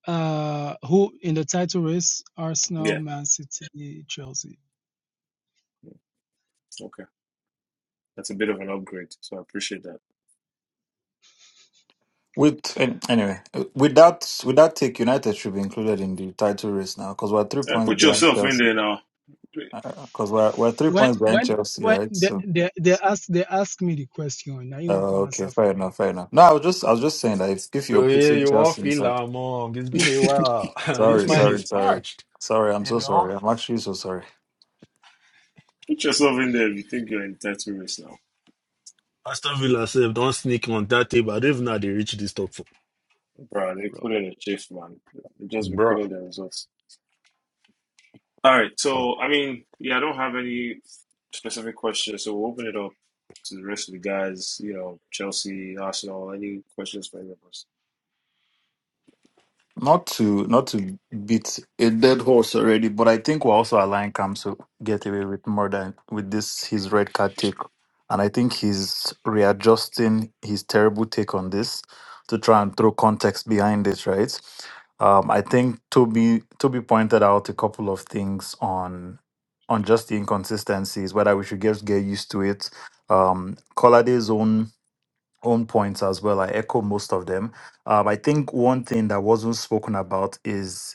F: Uh who in the title race, Arsenal,
A: Yeah.
F: Man City, Chelsea.
A: Yeah. Okay. That's a bit of an upgrade, so I appreciate that.
E: With an- anyway, uh, with that with that take, United should be included in the title race now because we're three
A: And
E: points
A: put
E: behind
A: yourself in
E: Chelsea.
A: there now.
E: Because we're we're three
F: When
E: points behind
F: when
E: Chelsea,
F: when
E: right?
F: they
E: So.
F: they, they ask they ask me the question, now you won't
E: Oh,
F: come
E: okay,
F: answer
E: fair enough,
F: for
E: fair enough. No, I was just I was just saying that if, if you're
G: Oh, yeah,
E: putting
G: you won't
E: Chelsea
G: feel
E: inside,
G: among. It's been a
A: put
G: while. this
E: sorry,
F: me.
G: man
E: sorry,
G: is
E: sorry,
G: parched,
E: sorry, I'm
G: you
E: so
G: know.
E: sorry. I'm actually so sorry.
A: yourself in there if you think you're in the title race now,
G: Aston Villa said, don't sneak on that table. I don't even know how they reach this top four.
A: bro. They
F: Bro,
A: put in a shift, man. They just been
G: Bruh.
A: putting the results. All right. So, I mean, yeah, I don't have any specific questions, so we'll open it up to the rest of the guys, you know, Chelsea, Arsenal, any questions for any of us?
E: Not to not to beat a dead horse already, but I think we're also allowing Cam to get away with more than with this his red card take, and I think he's readjusting his terrible take on this to try and throw context behind it. Right? Um, I think Toby Toby pointed out a couple of things on on just the inconsistencies, whether we should just get used to it. Um, Colade's own own points as well. I echo most of them. Um, I think one thing that wasn't spoken about is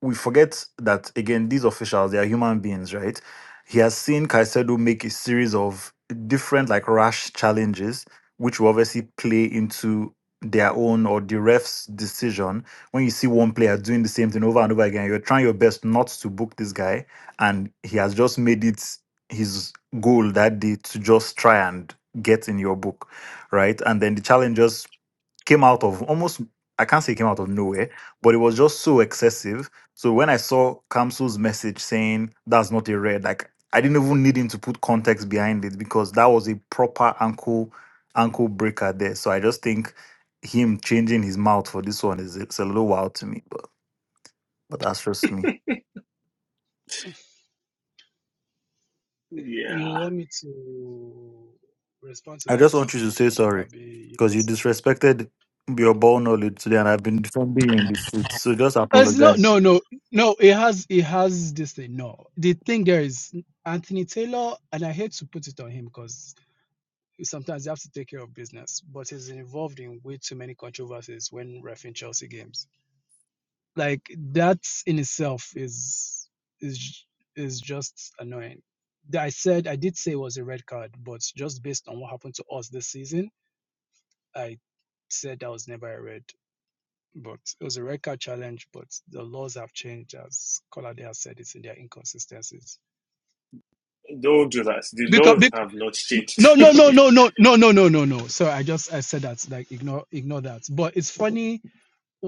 E: we forget that again, these officials, they are human beings, right? He has seen Caicedo make a series of different like rash challenges, which will obviously play into their own or the ref's decision. When you see one player doing the same thing over and over again, you're trying your best not to book this guy, and he has just made it his goal that day to just try and get in your book, right? And then the challengers came out of almost I can't say it came out of nowhere, but it was just so excessive. So when I saw Kamsu's message saying that's not a red, like I didn't even need him to put context behind it because that was a proper ankle ankle breaker there. So I just think him changing his mouth for this one is it's a little wild to me, but but that's just me.
F: You
A: Yeah,
F: want me to respond to
E: I
F: that?
E: just want you to say
F: I'll
E: sorry
F: be
E: because you
F: yes.
E: disrespected your ball knowledge today, and I've been defending you in this seat. So just
F: It's not,
E: apologize.
F: no, no, no. It has, it has this thing. No, the thing there is Anthony Taylor, and I hate to put it on him because sometimes you have to take care of business, but he's involved in way too many controversies when refing Chelsea games. Like that in itself is is is just annoying. I said I did say it was a red card, but just based on what happened to us this season, I said I was never a red, but it was a red card challenge. But the laws have changed, as Colade has said, it's in their inconsistencies.
A: don't do that. The
F: Because,
A: laws
F: bec
A: have not
F: no,
A: changed.
F: no, no, no, no, no, no, no, no, no. So I just I said that like ignore ignore that. But it's funny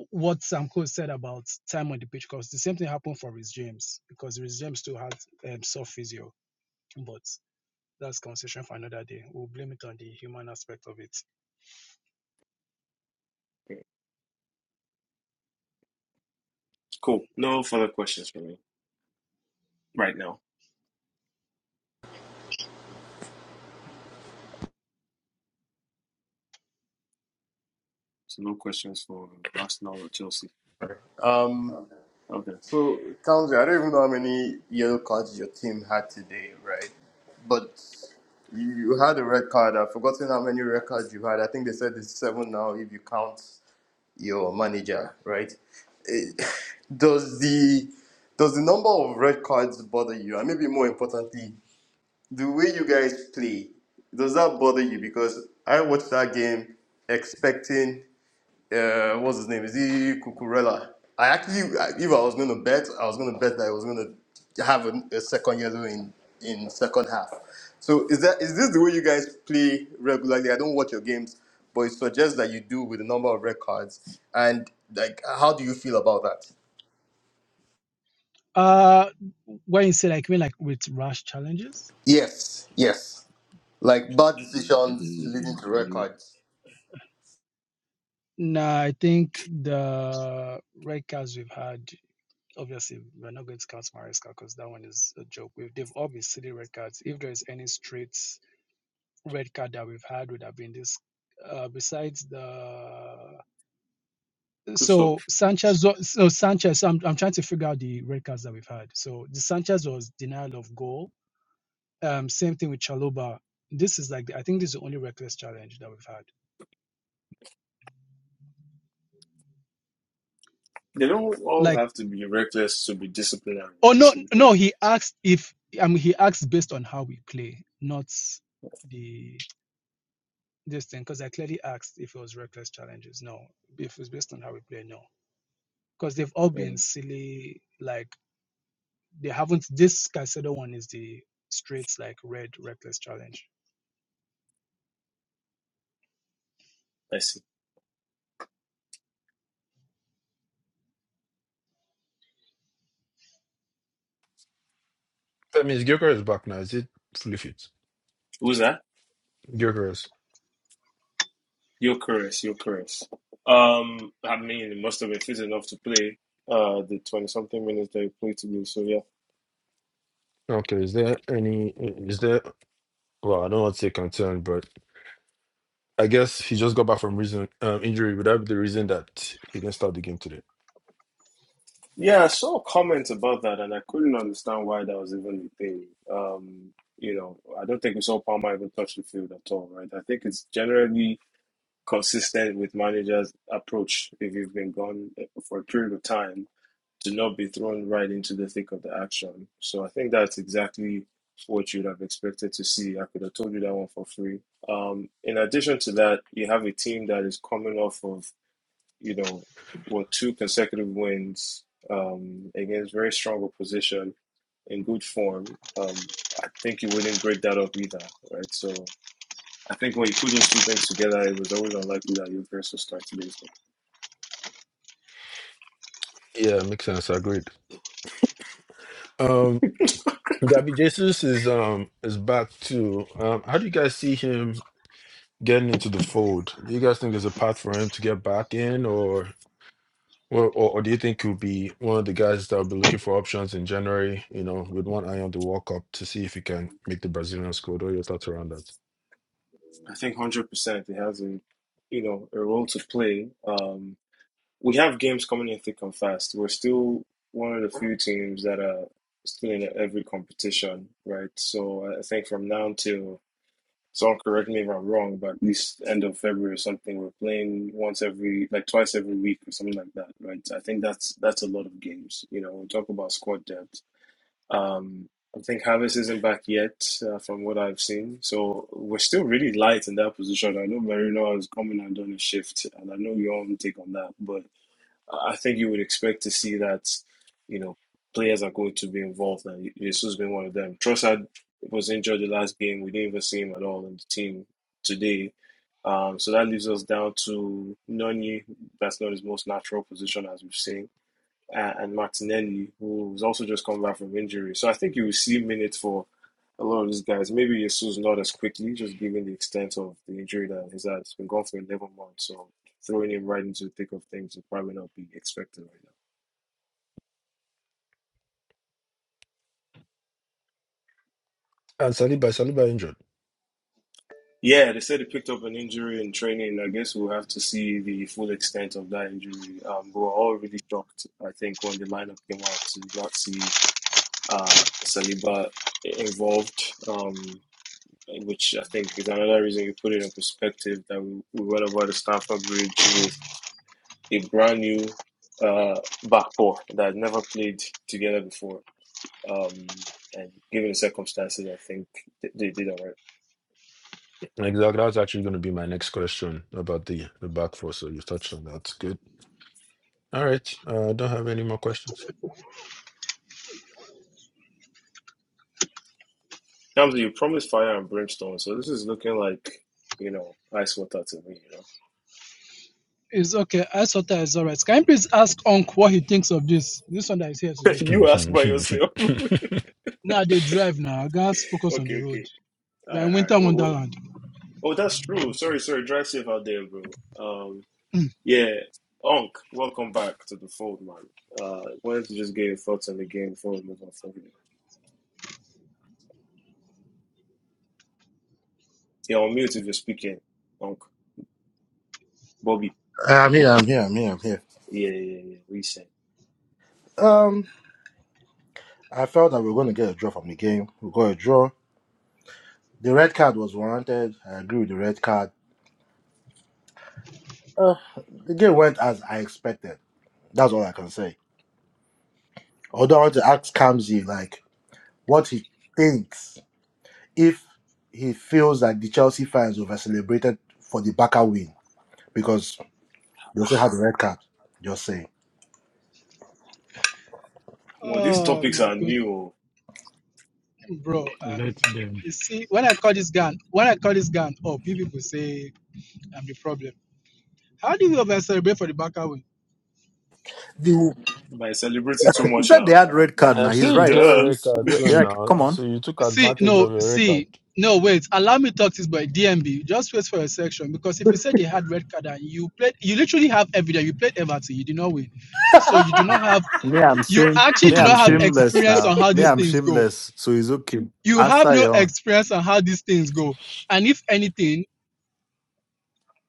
F: what Samko said about time on the pitch because the same thing happened for Rhys James because Rhys James too had um, soft physio, but that's conversation for another day. We'll blame it on the human aspect of it.
A: Cool. No further questions for me right now. So, no questions for Arsenal or Chelsea.
H: Um,
A: Okay.
H: so, Townsley, I don't even know how many yellow cards your team had today, right? But you you had a red card. I've forgotten how many red cards you had. I think they said it's seven now if you count your manager, right? Eh, does the does the number of red cards bother you? And maybe more importantly, the way you guys play, does that bother you? Because I watched that game expecting, uh, what's his name? Is he Cucurella? I actually, if I was going to bet, I was going to bet that I was going to have a, a second yellow in in second half. So is that is this the way you guys play regularly? I don't watch your games, but it suggests that you do with a number of red cards. And like, how do you feel about that?
F: Uh, when you say like me like with rash challenges
H: Yes, yes. Like bad decisions
F: N-
H: leading to red
F: n-
H: cards.
F: Nah, I think the red cards we've had, obviously, we're not going to count Maresca because that one is a joke. We've, they've all been silly red cards. If there is any straight red card that we've had, would have been this. Uh, besides the
A: Good stuff.
F: so Sanchez, wa- so Sanchez, I'm, I'm trying to figure out the red cards that we've had. So the Sanchez was denial of goal. Um, same thing with Chaloba. This is like the- I think this is the only reckless challenge that we've had.
A: They don't
F: Like.
A: all have to be reckless to be disciplinary,
F: Oh
A: right?
F: no,
A: So,
F: no.
A: Okay.
F: He asked if I mean he asked based on how we play, not the this thing. Because I clearly asked if it was reckless challenges. No, if it's based on how we play, no. Because they've all been
A: Mm,
F: silly. Like they haven't. This Caicedo one is the straight like red reckless challenge.
A: I see.
G: That means Gyökeres is back now. Is it fully fit?
A: Who's that?
G: Gyökeres.
A: You're correct. you Um, I mean, it must have been fit enough to play uh the twenty something minutes that he played today. So yeah,
G: Okay, is there any? Is there? Well, I don't want to say concern, but I guess he just got back from reason um, injury. Would that be the reason that he didn't start the game today?
A: yeah, I saw comments about that, and I couldn't understand why that was even a thing. Um, you know, I don't think we saw Palmer even touch the field at all, right? I think it's generally consistent with managers' approach if you've been gone eh, for a period of time to not be thrown right into the thick of the action. So I think that's exactly what you'd have expected to see. I could have told you that one for free. Um, in addition to that, you have a team that is coming off of, you know, what two consecutive wins um, against very strong opposition in good form. Um, I think you wouldn't break that up either, right? So I think when you put those two things together, it was always unlikely that your curse will start today's game.
G: Yeah, makes sense. I Agreed. Um. Gabby Jesus is um is back too. Um, how do you guys see him getting into the fold? Do you guys think there's a path for him to get back in, or or, or, or do you think he'll be one of the guys that will be looking for options in January? You know, with one eye on the World Cup to see if he can make the Brazilian squad. What are your thoughts around that?
A: I think one hundred percent it has a you know a role to play. Um, we have games coming in thick and fast. We're still one of the few teams that are still in every competition, right? So I think from now until someone correct me if I'm wrong, but at least end of February or something, we're playing once every like twice every week or something like that, right? I think that's that's a lot of games. You know, we talk about squad depth um, I think Havertz isn't back yet, uh, from what I've seen. So we're still really light in that position. I know Marino has come in and done a shift, and I know your own take on that. But I I think you would expect to see that, you know, players are going to be involved, and Jesus has been one of them. Trossard was injured the last game. We didn't even see him at all in the team today. Um, so that leaves us down to Nani. That's not his most natural position, as we've seen uh, and Martinelli, who's also just come back from injury. So I think you will see minutes for a lot of these guys. Maybe Jesus not as quickly, just given the extent of the injury that he's had. it has been gone for 11 months, so throwing him right into the thick of things would probably not be expected right now.
G: And Saliba, Saliba injured.
A: Yeah, they said he picked up an injury in training. I guess we'll have to see the full extent of that injury. Um, we were all really shocked, I think, when the lineup came out to not see uh, Saliba involved. Um, which I think is another reason you put it in perspective that we, we went over the Stamford Bridge with a brand new uh, back four that had never played together before. Um, and given the circumstances, I think they, they did all right.
G: Exactly. That's actually going to be my next question about the the back four. So you touched on that. Good. All right. Uh, I don't have any more questions.
A: Now, you promised fire and brimstone, so this is looking like, you know, ice water to me, you know.
F: It's okay. I thought that is alright. Can you please ask Onk what he thinks of this? This one that is here today.
A: you ask by yourself. okay,
F: Now they drive now. Guys, focus on the road.
A: okay. All
F: We're in
A: right, all
F: winter
A: right. What, what?
F: wonderland.
A: Oh, that's true. Sorry, sorry. Drive safe out there, bro. Um, Yeah, Onk, welcome back to the fold, man. Uh, wanted to just get your thoughts on the game before we move on from here. You're on mute if you're speaking, Onk. Bobby,
I: Hey, I'm here, I'm here, I'm here, I'm here.
A: yeah, yeah, yeah, yeah, reset.
I: Um, I felt that we are going to get a draw from the game. We got a draw. The red card was warranted. I agree with the red card. Uh, the game went as I expected. That's all I can say. Although I want to ask Kamzi, like, what he thinks if he feels that the Chelsea fans over celebrated for the Barca win because they also had the red card. Just saying.
A: Well, these
F: Oh
A: topics
F: my
A: are
F: goodness.
A: new. oh.
F: bro.
C: it.
F: Um,
C: Let them.
F: you see, when I call this gun, when I call this gun, oh, pe- people say I'm the problem. How do you ever celebrate for the backer win?
I: The...
A: By celebrating too
E: In
A: much
E: fact, they
A: now,
E: had red card
G: I'm
E: now.
A: D-
E: He's
G: saying you get
E: right.
A: duh.
G: red
E: He's,
G: card
E: you
G: too
E: yeah,
G: now,
E: come on.
G: so you took
F: See,
G: advantage
F: no,
G: of your record.
F: see, no, wait. Allow me to talk this boy DMB. Just wait for a section because if you said they had red card and you played, you literally have evidence. You played Everton, you did not win, so you do not have.
E: Me, I'm
F: You
E: shame.
F: actually
E: Me,
F: do
E: I'm
F: not have
E: shameless
F: experience on
E: now.
F: how
E: Me,
F: these
E: I'm
F: things go.
E: shameless. So it's okay.
F: You have
E: Answer
F: no
E: your own.
F: experience on how these things go. And if anything,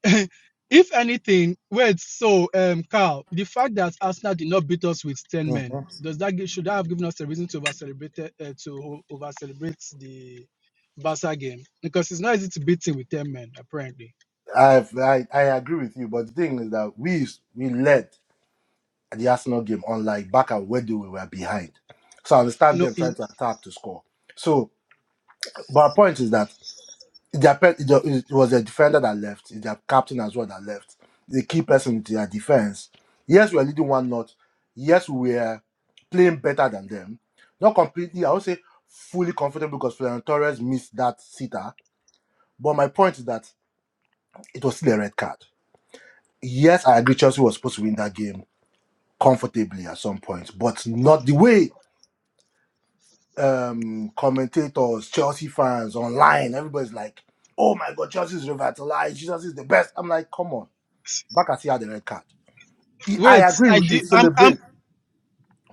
F: if anything, wait. So, um, Carl, the fact that Arsenal did not beat us with ten men
I: Mhm.
F: does that give, should that have given us a reason to over celebrate uh, to over celebrate the Barca game? Because it's not easy to beat him with ten men, apparently.
I: I've- I, I agree with you, but the thing is that we we led. the Arsenal game, unlike back at where they were behind. So I understand
F: No,
I: them trying
F: in,
I: to attack to score. So, but my point is that their pe- it was their defender that left, it's their captain as well that left, the key person in their defense. Yes, we are leading one not. Yes, we are playing better than them. Not completely, I would say fully comfortable because Florentino Torres missed that sitter. But my point is that it was still a red card. Yes, I agree Chelsea was supposed to win that game comfortably at some point, but not the way um, commentators, Chelsea fans online. Everybody's like, "Oh my God, Chelsea's revitalized. Jesus is the best." I'm like, "Come on, back at had the red card." I I
F: wait.
I: agree,
F: I
I: we
F: did.
I: should
F: I'm. I'm.
I: celebrate,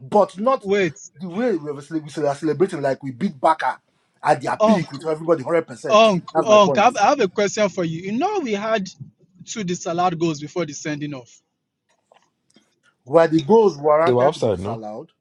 I: but not
F: Wait.
I: the way we were cele- we are celebrating. Like we beat Baka at their peak
F: Onk.
I: with everybody one hundred percent.
F: Onk.
I: That's my
F: Onk. I
I: point.
F: have, I have a question for you. You know we had two disallowed goals before the sending off.
I: Where the goals
G: they were
I: warranted to be
G: offside, no?
I: disallowed,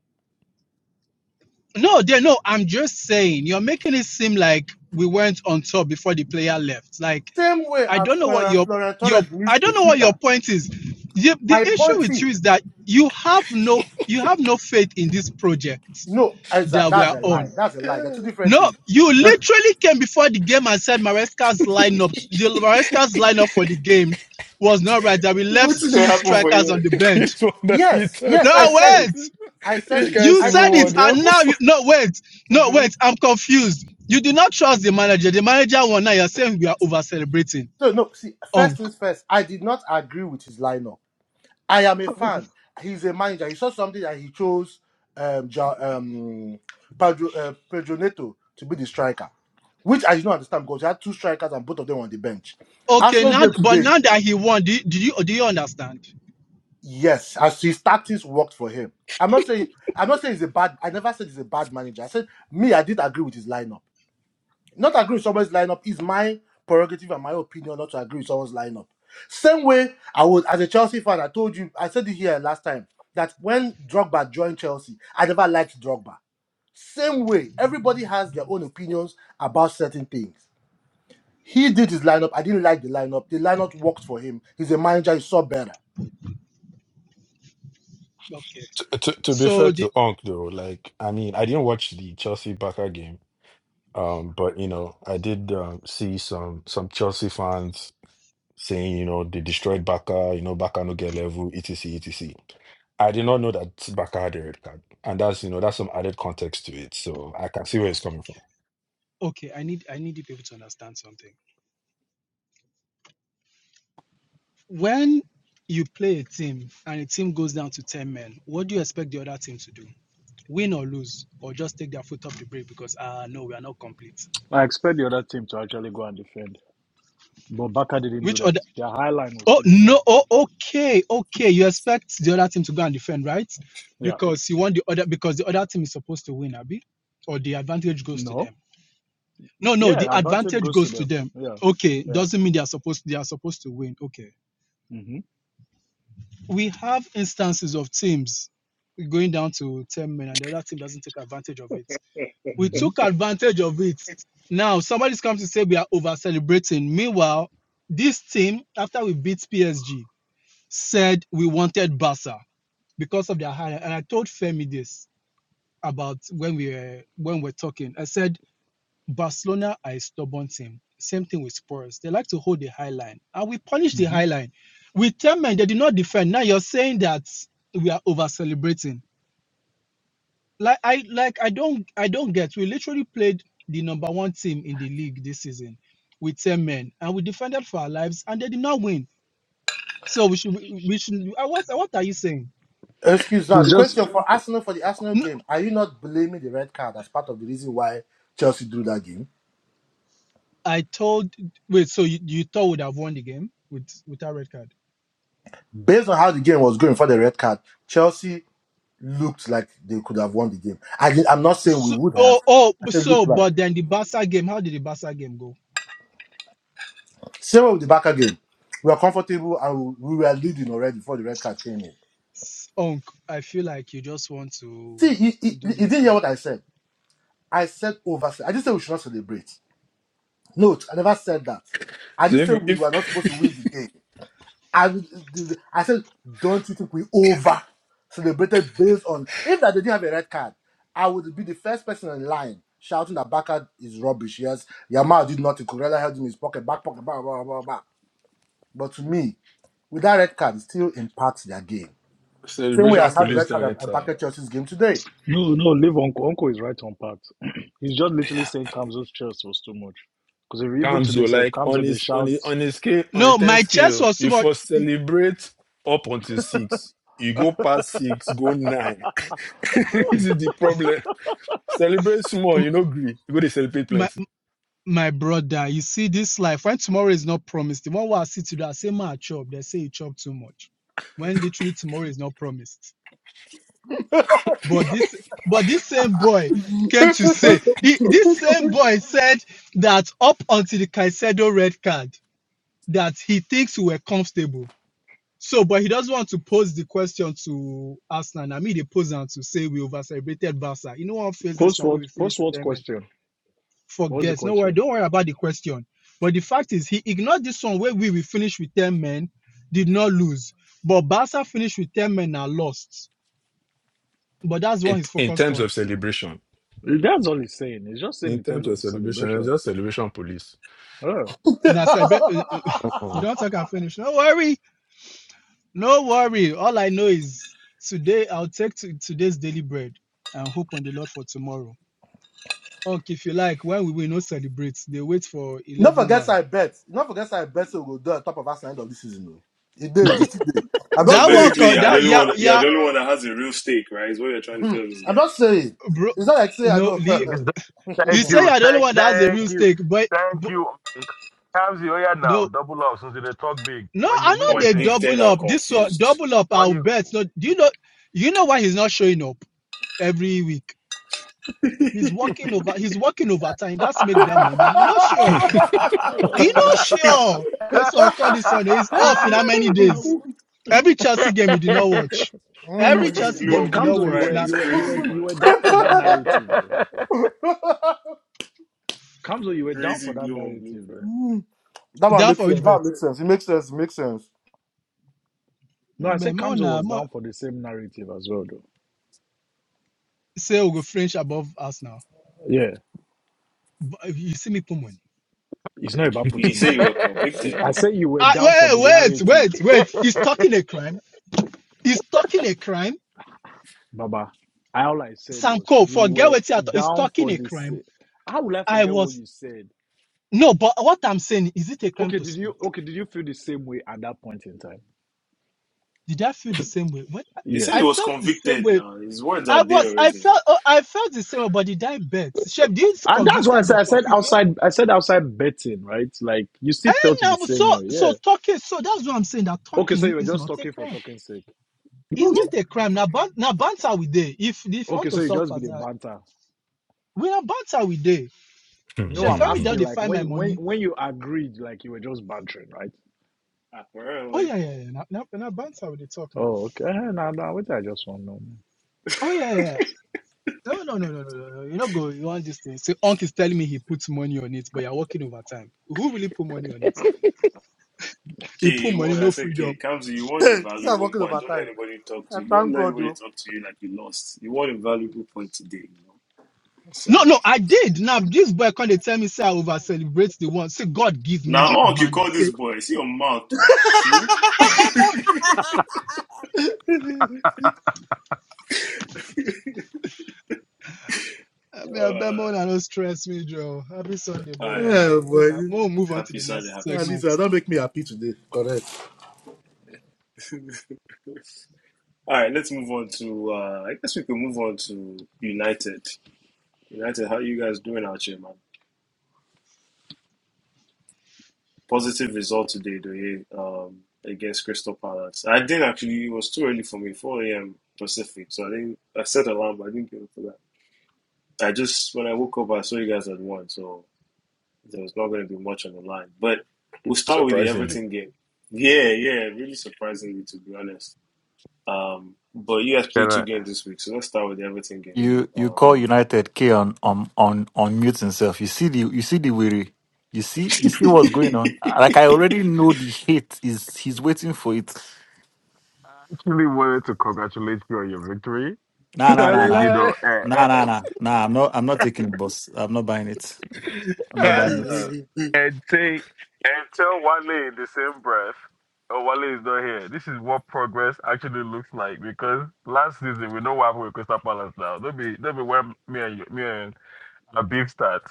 F: No, there. No, I'm just saying. You're making it seem like we went on top before the player left. Like
I: same way
F: I
I: as
F: don't know what
I: Fer-
F: your
I: Florent
F: your
I: Torres
F: I
I: missed
F: don't
I: a
F: know what your
I: sitter.
F: point is. The,
I: My
F: the issue
I: point
F: with
I: is,
F: you is that you have no you have no faith in this project
I: no, is that
F: that we
I: that's
F: are
I: a lie.
F: on.
I: That's a lie. They're
G: Yeah.
I: two different
F: No,
I: things.
F: you literally came before the game and said Maresca's lineup, the Maresca's lineup for the game was not right. That we
A: what
F: left
A: gonna
F: two
A: happen for
F: strikers
A: you?
F: on the bench.
G: It's one that you
I: Yes,
G: thought
F: No,
I: yes, I
G: of
I: said it.
G: fighting.
F: wait.
I: I said
G: This
I: it.
G: kind of
F: You
I: I
G: civil
F: said
I: said
G: war,
F: it,
I: see.
G: they
F: and
G: happen
F: now you no wait, no
I: hmm
F: wait. I'm confused. You do not trust the manager. The manager won. Now you're saying we are over celebrating.
I: So no, see, first things first, I did not agree with his lineup. I am a fan. He's a manager. He saw something that he chose um, ja, um Pedro, uh, Pedro Neto to be the striker, which I do not understand because he had two strikers and both of them were on the bench.
F: Okay,
I: Arsenal
F: now
I: game
F: but
I: today,
F: now that he won, do, you- do you do you understand?
I: yes, as his tactics worked for him. I'm not saying I'm not saying he's a bad. I never said he's a bad manager. I said me, I did agree with his lineup. Not agree with someone's lineup is my prerogative and my opinion not to agree with someone's lineup. Same way I was as a Chelsea fan, I told you, I said it here last time that when Drogba joined Chelsea, I never liked Drogba. Same way, everybody has their own opinions about certain things. He did his lineup. I didn't like the lineup. The lineup worked for him. He's a manager. He saw better.
F: Okay.
G: to, to, to be fair
F: So the
G: to Onk though, like I mean, I didn't watch the Chelsea Barca game, um, but you know, I did um, see some some Chelsea fans saying, you know, they destroyed Baka, you know, Baka no get level, etc. etc. I did not know that Baka had a red card. And that's, you know, that's some added context to it. So I can see where it's coming from.
F: okay, I need I need the people to understand something. When you play a team and a team goes down to 10 men, what do you expect the other team to do? Win or lose, or just take their foot off the brake because ah no, we are not complete.
C: I expect the other team to actually go and defend. But Barca didn't do
F: Which
C: that.
F: other
C: Their high line was
F: oh
C: still the same.
F: no, oh okay, okay. You expect the other team to go and defend, right?
C: Yeah.
F: Because you want the other because the other team is supposed to win, Abby, or the advantage goes to
C: No.
F: them. No, no, the
C: Yeah, advantage
F: advantage
C: goes to
F: goes to
C: them.
F: them.
C: Yeah.
F: Okay,
C: Yeah.
F: doesn't mean they are supposed they are supposed to win. Okay.
C: hmm
F: We have instances of teams going down to 10 men and the other team doesn't take advantage of it.
A: Hmm.
F: We
C: hmm
F: took advantage of it. Now somebody's come to say we are over celebrating. Meanwhile, this team, after we beat PSG, said we wanted Barca because of their hire. And I told Femi this about when we were when we're talking. I said Barcelona are a stubborn team. Same thing with Spurs. They like to hold the high line. And we punish the
C: hmm
F: high line. With 10 men, they did not defend. Now you're saying that we are over celebrating. Like I like I don't I don't get. We literally played the number one team in the league this season with 10 men. And we defended for our lives and they did not win. So we should we we should uh, what what are you saying?
I: Excuse now.
C: He's
I: The
C: just
I: question for Arsenal for the Arsenal
F: No,
I: game: Are you not blaming the red card as part of the reason why Chelsea drew that game?
F: I told wait, so you, you thought we'd have won the game with with our red card?
I: Based on how the game was going for the red card, Chelsea looked like they could have won the game. I did, I'm not saying we
F: So,
I: would have.
F: oh, oh,
I: I
F: but
I: said
F: so,
I: looked like.
F: but then the Barca game, how did the Barca game go?
I: Same with the back game. We were comfortable and we were leading already before the red card came in.
F: Unk, I feel like you just want
I: See,
F: to
I: he you, you
F: do this
I: didn't hear
F: thing.
I: what I said. I said over. I just said we should not celebrate. No, I never said that. I
G: So
I: just
G: if you,
I: said we
G: if
I: were not supposed to win the game. I, I said, don't you think we over celebrated based on if that they didn't have a red card, I would be the first person in line shouting that Baka is rubbish. Yes, Yamal did nothing. Corella held him in his pocket, back pocket, blah blah blah blah. But to me, with that red card, it still impacts their game. Same way
G: celebration
I: as how the
G: police
I: red
G: don't
I: card
G: enter,
I: impacted Chelsea's game today.
C: no, no. Leave Uncle. Uncle is right on part. He's just literally
G: yeah.
C: saying Kamzo's chest was too much. Because if even to
G: Kamzo,
C: this, if
G: like on
C: Kamzo they
G: his on
C: shout
G: his on his scale on a
F: No,
G: 10
F: my chest
G: scale,
F: was too
G: you
F: much.
G: first celebrate up until six. You go past six, go nine. this is the problem. Celebrate small,
F: M-
G: you know, gree. You go to celebrate
F: My,
G: plenty.
F: my brother, you see this life, when tomorrow is not promised, the one where I sit today, I say, man, I chop. They say you chop too much. When literally tomorrow is not promised. But this, but this same boy came to say, he- this same boy said that up until the Caicedo red card, that he thinks we were comfortable. So, but he doesn't want to pose the question to Arsenal. I mean, they pose and to say we over celebrated Barca. You know, I'll face this
C: post
F: one when
C: what
F: we finish
C: post
F: with
C: what
F: them and
C: question? What's the
F: forget. No worry,
C: question?
F: don't worry about the question. But the fact is, he ignored this one where we will finish with 10 men, did not lose. But Barca finished with 10 men and lost. But that's what
G: In,
F: he's
G: in
F: focused
G: terms
F: on.
G: of celebration,
C: That's all he's saying. He's just saying
G: in
C: in terms
G: terms
C: of
G: of celebration, it's
C: celebration.
G: just celebration police.
C: Yeah.
F: Now, celebra- you don't talk and finish. No worry, no worry. All I know is today, I'll take to today's daily bread and hope on the Lord for tomorrow. Okay, if you like, when we will not celebrate, they wait for
I: Not
F: 11
I: forget
F: man.
I: I bet. Not forget I bet so we'll do on top of us at the end of this season. though. It did, it still did. I'm not
A: So
F: That
I: saying
F: one
I: so
A: basically,
F: called
I: Show
A: you're the
I: that.
F: that,
A: only
F: yeah,
A: one. You're
F: yeah,
A: the only one that has a real stake, right? Is what you're trying to
I: Hmm.
A: tell this
I: I'm
A: guy.
I: just saying.
F: bro.
I: It's not like say I
F: No,
I: know.
F: Lee.
B: Exa-
F: You
B: Thank
F: say
B: you,
F: you're the only
B: thank,
F: one that has a real
B: thank you,
F: stake, but,
B: thank
F: but
B: you. Kamsi, oh yeah, now
F: no,
B: double up since they talk big.
F: no,
B: When
F: I
B: you win
F: know they
B: waiting,
A: Convicted
F: double
A: and
F: up. This one,
A: confused.
F: double up,
B: when
F: I'll
B: you.
F: bet. No, do you know, you know why he's not showing up every week? He's working over, he's working overtime.
B: and
F: That's make that money. You're not sure. You're
A: oh my!
F: not sure. It's on call this Sunday. He's off in how
G: Ah!
F: many
A: Oh
F: days?
A: my!
F: Every Chelsea game he did not watch.
A: Oh
I: Hmm.
F: Every
A: my! This
F: Chelsea game
A: blue
F: he
C: But
A: on
F: did not
A: blue
C: Kamzo, you
F: watch.
C: were
A: crime
F: Now,
A: is
C: you were you were
A: crazy,
C: you
A: man.
C: were down for that narrative though. Kamzo, you were down
A: Crazy
C: for that
A: blue on blue
C: narrative though.
A: crime.
I: Hmm. That one
F: That
I: makes
F: for
I: sense.
F: which
I: That
F: bet?
I: one makes sense. It makes sense. It makes sense.
C: No, I
F: But
C: said
F: more
C: Kamzo
F: now,
C: was
F: more
C: down for the same narrative as well, though.
F: say we go French above us now.
C: Yeah,
F: But you see me put money.
C: it's not about
A: But you
C: putting
A: say you
C: money.
A: were convicted
C: I
A: though.
C: said you were
F: Ah,
C: down for
F: wait,
C: the
F: wait,
C: narrative,
F: wait,
C: though,
F: wait. Is talking a crime? Is talking a crime?
C: Baba. I- All I said was
F: Sanko,
C: you
F: forget
C: were
F: what you are talking. Is
C: down
F: talking
C: for
F: a
C: this.
F: crime?
C: How will I
F: I
C: forget what
F: was
C: you said?
F: no, but what I'm saying is it a crime
C: Okay,
F: to
C: did you
F: speak?
C: okay? Did you feel the same way at that point in time?
F: Did I feel the same way? When I
A: You said he
C: Yes,
F: I
A: was
F: felt the same
A: convicted
F: way.
A: now. His words
F: I
A: are there
F: was, I
A: already
F: felt, oh, I felt the same way. But did I bet? Chef, this
C: and that's why I
F: convicted
C: said
F: but
C: I said
F: confused.
C: outside. I said outside betting, right? Like you still
F: And
C: felt the
F: now,
C: same
F: so,
C: way.
F: so
C: Yeah.
F: talking. So that's what I'm saying. That
C: Okay, so you
F: talking
C: were
F: is
C: just
F: not a
C: talking for
F: crime.
C: talking sake.
A: now.
F: It's not a crime. Now, ban- now banter we day. If if you want
C: Okay,
F: to
C: so you
F: talk
C: just be
F: fast,
C: the
F: now,
C: banter.
F: we are banter we day.
C: No,
F: She
C: I'm
F: find me
G: Hmm.
F: down,
C: asking
F: they
C: like
F: find my
C: when when
F: money.
C: when you agreed, like you were just bantering, right?
F: Oh
A: Apparently.
F: yeah, yeah, yeah. Now, now, now banter with the talk now.
C: Oh, okay. Eh, Nah, nah. What did I just want to know.
F: Oh yeah, yeah. yeah. No, no, no, no, no, no. no. You know, go. You want this thing? So, Unc is telling me he puts money on it, but you're working overtime. Who really put money on it?
A: K,
F: He put
A: you
F: money,
A: want I
F: no
A: said K,
F: freedom.
A: Kamzi, you want a
I: this is
A: valuable
I: working
A: point. Don't let
I: overtime.
A: anybody talk
I: I
A: to you. Don't
I: thank
A: let
I: God,
A: anybody
I: though.
A: talk to you like you lost. You want a valuable point today, you know.
F: No, no,
A: So
F: I did. Now this boy can't tell me say I over celebrate the one. Say God give me
A: now Onk, you
F: manner.
A: call
F: Say.
A: this boy. See your mouth too. Shoo. uh,
F: I mean, I
A: all
F: bet Mona don't stress me, Joe. Happy Sunday,
A: right.
F: brothers,
I: Yeah,
F: Joe. Mona,
I: boy.
F: we'll move on to
A: Happy
F: the
A: Sunday,
F: next
A: happy
I: At least
F: segment.
I: uh,
A: Sunday.
I: that make me happy today. Correct.
A: all right, let's move on to uh I guess we can move on to United. United, how you guys doing out here, man? Positive result today, do you? Um, against Crystal Palace. I didn't actually. It was too early for me, 4 a.m. Pacific. So I didn't. I set alarm, but I didn't get up for that. I just when I woke up, I saw you guys had won, so there was not going to be much on the line. But we'll start with the
G: Surprisingly,
A: Everton game. Yeah, yeah, really surprisingly, to be honest. Um, but you guys played two
B: I
A: games this week, so let's start with the Everton game.
E: You you
A: Um,
E: call United K on on on on mute himself. You see the you see the weary. You see you see what's going on. Like I already know the hate is he's waiting for it.
B: actually wanted to congratulate you on your victory,
E: Nah nah
G: I
E: nah
B: and
E: nah
B: you know,
G: lie.
E: nah nah nah nah. I'm not I'm not taking the bus. I'm not buying it. I'm not buying it.
G: Ah.
B: and say and tell Wale in the same breath, oh Wale is not here. This is what progress actually looks like because last season we know what happened with Crystal Palace now. Don't be don't be where me and you- me and a beef start.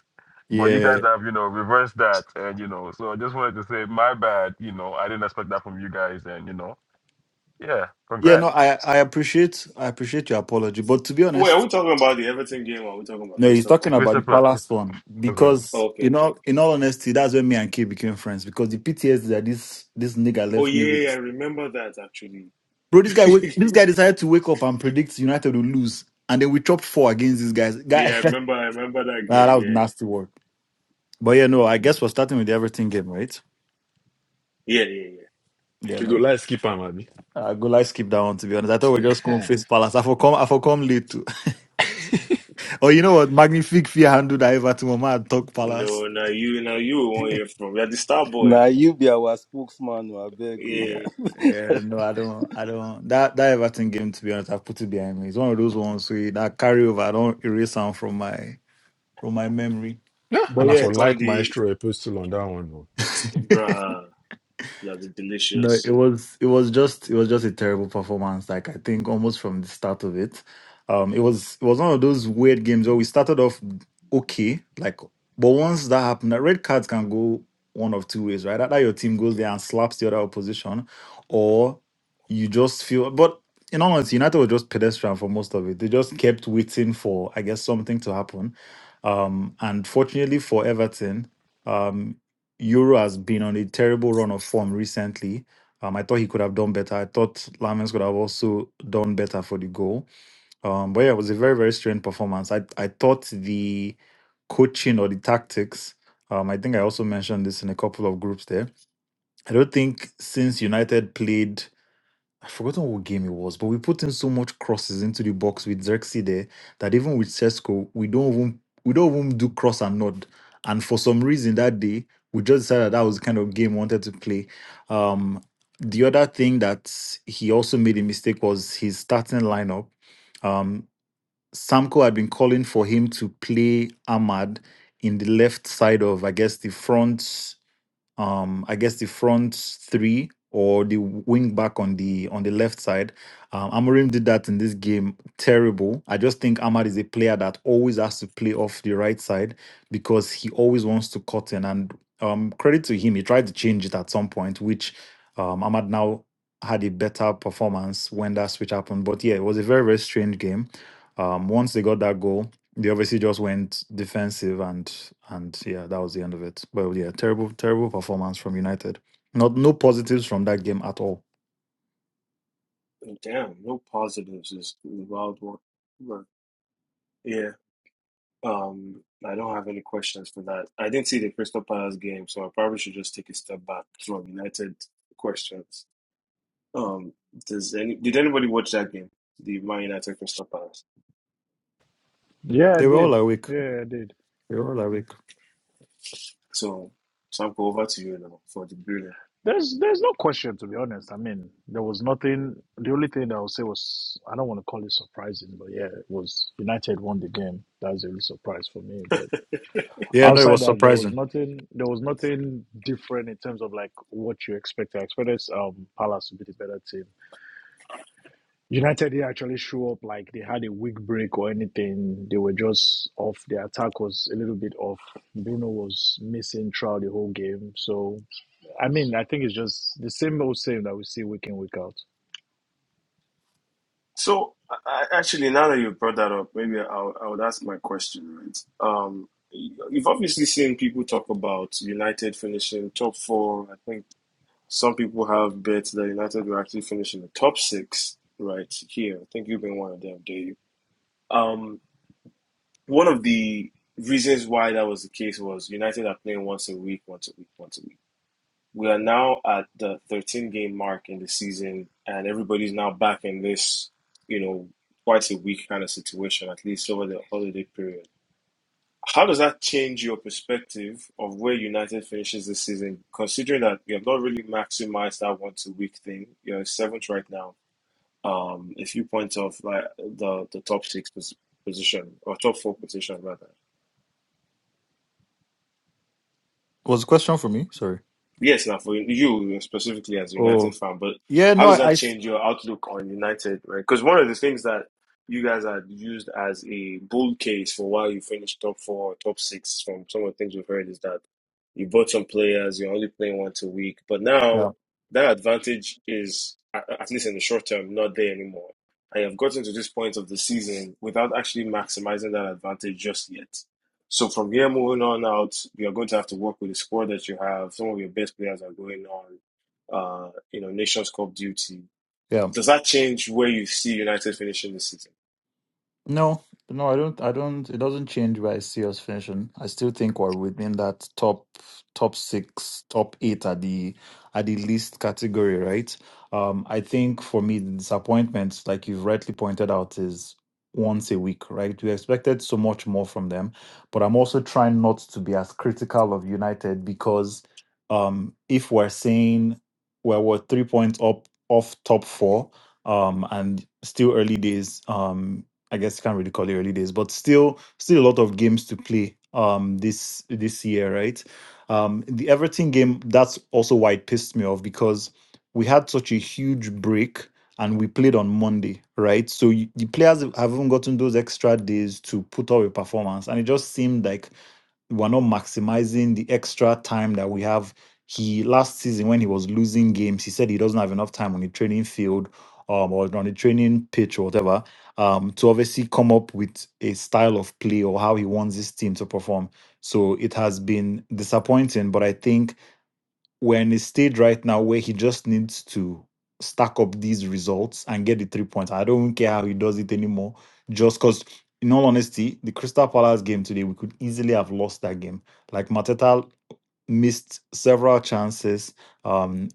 B: But you
E: Yeah.
B: guys have, you know, reversed that and you know, so I just wanted to say my bad, you know, I didn't expect that from you guys and you know, yeah,
E: Yeah, no,
B: congrats.
E: I I appreciate I appreciate your apology, but to be
A: wait, are
E: honest,
A: we talking about the Everton game or are we talking about
E: no, he's
A: Crystal
B: The
E: talking
A: Palace?
E: about
B: Crystal
E: the
B: Palace
E: palace
B: Crystal
E: one
B: Palace win.
E: because
A: Okay,
E: in
A: okay,
E: all
A: okay.
E: in all honesty, that's when me and Kay became friends because the PTSD that this this nigga
A: Oh
E: left
A: yeah,
E: me
A: yeah, yeah, I
E: with,
A: remember that actually.
E: bro. This guy wa- this guy decided to wake up and predict United will lose, and then we chopped four against these guys.
A: yeah,
E: Guy,
A: I remember. I remember that
E: nah, that
A: game. Yeah,
E: was nasty work. But yeah,
A: yeah,
E: no, I guess we're starting with the everything game, right?
A: yeah, yeah. yeah.
E: Yeah,
G: you go
E: no.
G: like skip am abi.
E: I go like skip that one to be honest. I thought we are
G: no,
E: just going to face Palace. I for come I for come late too. Oh, you know what? Magnifique fear handled that ever to Mama and talk Palace.
A: No, now you, now you won't hear from. You're the star boy
J: Now
A: now.
J: you be our spokesman, I beg you.
A: Yeah,
E: Yeah, yeah, no, I don't, I don't. That that Everton game, to be honest, I've put it behind me. It's one of those ones where that carryover, I don't erase them from my from my memory. But
G: and I
A: as
E: yeah,
G: for
A: a
G: like
A: comedy,
G: Maestro Epistle on that one. Though.
A: bruh, it's gonna be
E: No, it
A: delicious.
E: was it was just it was just a terrible performance. Like I think almost from the start of it, um, it was it was one of those weird games where we started off okay, like but once that happened, that red cards can go one of two ways, right? Either your team goes there and slaps the other opposition, or you just feel. But in all honesty, United were just pedestrian for most of it. They just kept waiting for I guess something to happen, um, and fortunately for Everton, um, Euro has been on a terrible run of form recently um, I thought he could have done better. I thought Lamens could have also done better for the goal. Um, but yeah, it was a very, very strange performance. I, I thought the coaching or the tactics, um, I think I also mentioned this in a couple of groups there. I don't think since United played I've forgotten what game it was, but we put in so much crosses into the box with Xerxes there that even with Cesco, we don't even we don't even do cross and nod. And for some reason that day, we just decided that was the kind of game we wanted to play. Um, the other thing that he also made a mistake was his starting lineup. Um, Samko had been calling for him to play Ahmad in the left side of, I guess, the front um I guess the front three or the wing back on the on the left side. Um, Amorim did that in this game. Terrible. I just think Ahmad is a player that always has to play off the right side because he always wants to cut in. And um, credit to him, he tried to change it at some point, which um, Ahmad now had a better performance when that switch happened. But yeah, it was a very very strange game. Um, once they got that goal. They obviously just went defensive and and yeah, that was the end of it. Well, yeah, terrible, terrible performance from United. Not no positives from that game at all.
A: Damn, no positives is wild one. Bruh. Yeah. Um, I don't have any questions for that. I didn't see the Crystal Palace game, so I probably should just take a step back from United questions. Um, does any did anybody watch that game? The Man United Crystal Palace.
C: Yeah, I
E: They were all
C: did.
E: awake.
C: Yeah, I did.
E: They were all awake.
A: So, Samko, over to you now for the grilling.
C: There's there's no question to be honest. I mean, there was nothing. The only thing that I would say was I don't want to call it surprising, but yeah, it was United won the game. That was a real surprise for me. But
E: Yeah, no, it
C: outside
E: was
C: that, there was
E: surprising.
C: nothing. There was nothing different in terms of like what you expected. I expected um Palace to be the better team United didn't actually show up like they had a weak break or anything. They were just off. Their attack was a little bit off. Bruno was missing throughout the whole game. So, I mean, I think it's just the same old same that we see week in, week out.
A: So, I, I- actually, now that you brought that up, maybe I'll I would ask my question, right? Um, you've obviously seen people talk about United finishing top four. I think some people have bets that United will actually finish in the top six right here. I think you've been one of them, Dave. Um, one of the reasons why that was the case was United are playing once a week, once a week, once a week. We are now at the 13 game mark in the season, and everybody's now back in this, you know, quite a weak kind of situation, at least over the holiday period. How does that change your perspective of where United finishes this season, considering that you have not really maximized that one to week thing? You're seventh right now, um, a few points off like the the top six position or top four position rather.
E: Was a question for me? Sorry.
A: Yes, now for you specifically as a United
E: Oh,
A: fan, but
E: yeah,
A: how
E: no, I,
A: does
E: I
A: that
E: s-
A: change your outlook on United? Right? Because one of the things that you guys had used as a bull case for why you finished top four, top six, from some of the things we've heard is that you bought some players, you're only playing once a week, but now
E: yeah,
A: that advantage is a- at least in the short term not there anymore. I have gotten to this point of the season without actually maximizing that advantage just yet. So from here moving on out, you're going to have to work with the squad that you have. Some of your best players are going on, uh, you know, Nations Cup duty.
E: yeah.
A: Does that change where you see United finishing this season?
E: No, no, I don't. I don't. It doesn't change where I see us finishing. I still think we're within that top top six, top eight at the at the least category, right? Um, I think for me, the disappointment, like you've rightly pointed out, is once a week, right? We expected so much more from them, but I'm also trying not to be as critical of United because um, if we're saying well, we're three points up off top four, um, and still early days. Um, I guess can't really call it early days, but still, still a lot of games to play um this this year, right? Um, the Everton game that's also why it pissed me off because we had such a huge break and we played on Monday, right? So you, the players haven't gotten those extra days to put up a performance, and it just seemed like we're not maximizing the extra time that we have. He last season when he was losing games, he said he doesn't have enough time on the training field um, or on the training pitch or whatever um, to obviously come up with a style of play or how he wants his team to perform. So it has been disappointing, but I think we're in a stage right now where he just needs to stack up these results and get the three points. I don't care how he does it anymore. Just because, in all honesty, the Crystal Palace game today, we could easily have lost that game. Like Mateta missed several chances. Um,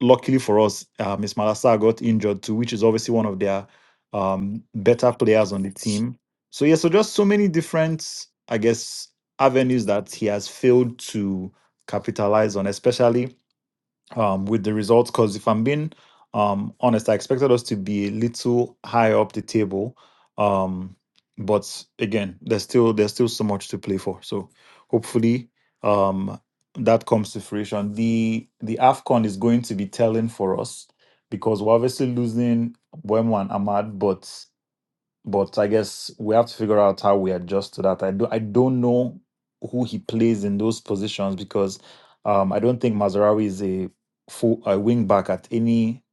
E: luckily for us, uh, Miss Malasa got injured too, which is obviously one of their um, better players on the team. So yeah, so just so many different, I guess, avenues that he has failed to capitalize on, especially um, with the results because if I'm being um, honest, I expected us to be a little higher up the table, um, but again, there's still there's still so much to play for. So hopefully um, that comes to fruition. The the Afcon is going to be telling for us because we're obviously losing Wemwan Ahmad, but but I guess we have to figure out how we adjust to that. I do I don't know who he plays in those positions because um I don't think Mazarawi is a full a wing back at any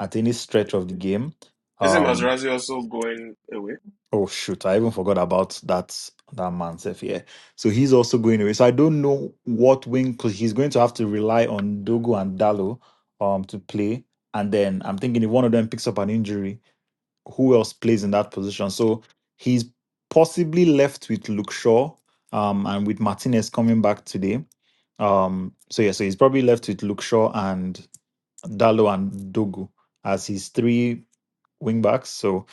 E: at any stretch of the game.
A: Isn't
E: Um
A: Materazzi also going away?
E: oh shoot, I even forgot about that that man self here. So he's also going away. So I don't know what wing because he's going to have to rely on Dogo and Dalo um to play. And then I'm thinking if one of them picks up an injury, who else plays in that position. So he's possibly left with Luke Shaw um, and with Martinez coming back today. Um, so yeah, so he's probably left with Luke Shaw and Dalo and Dogu as his three wing backs. So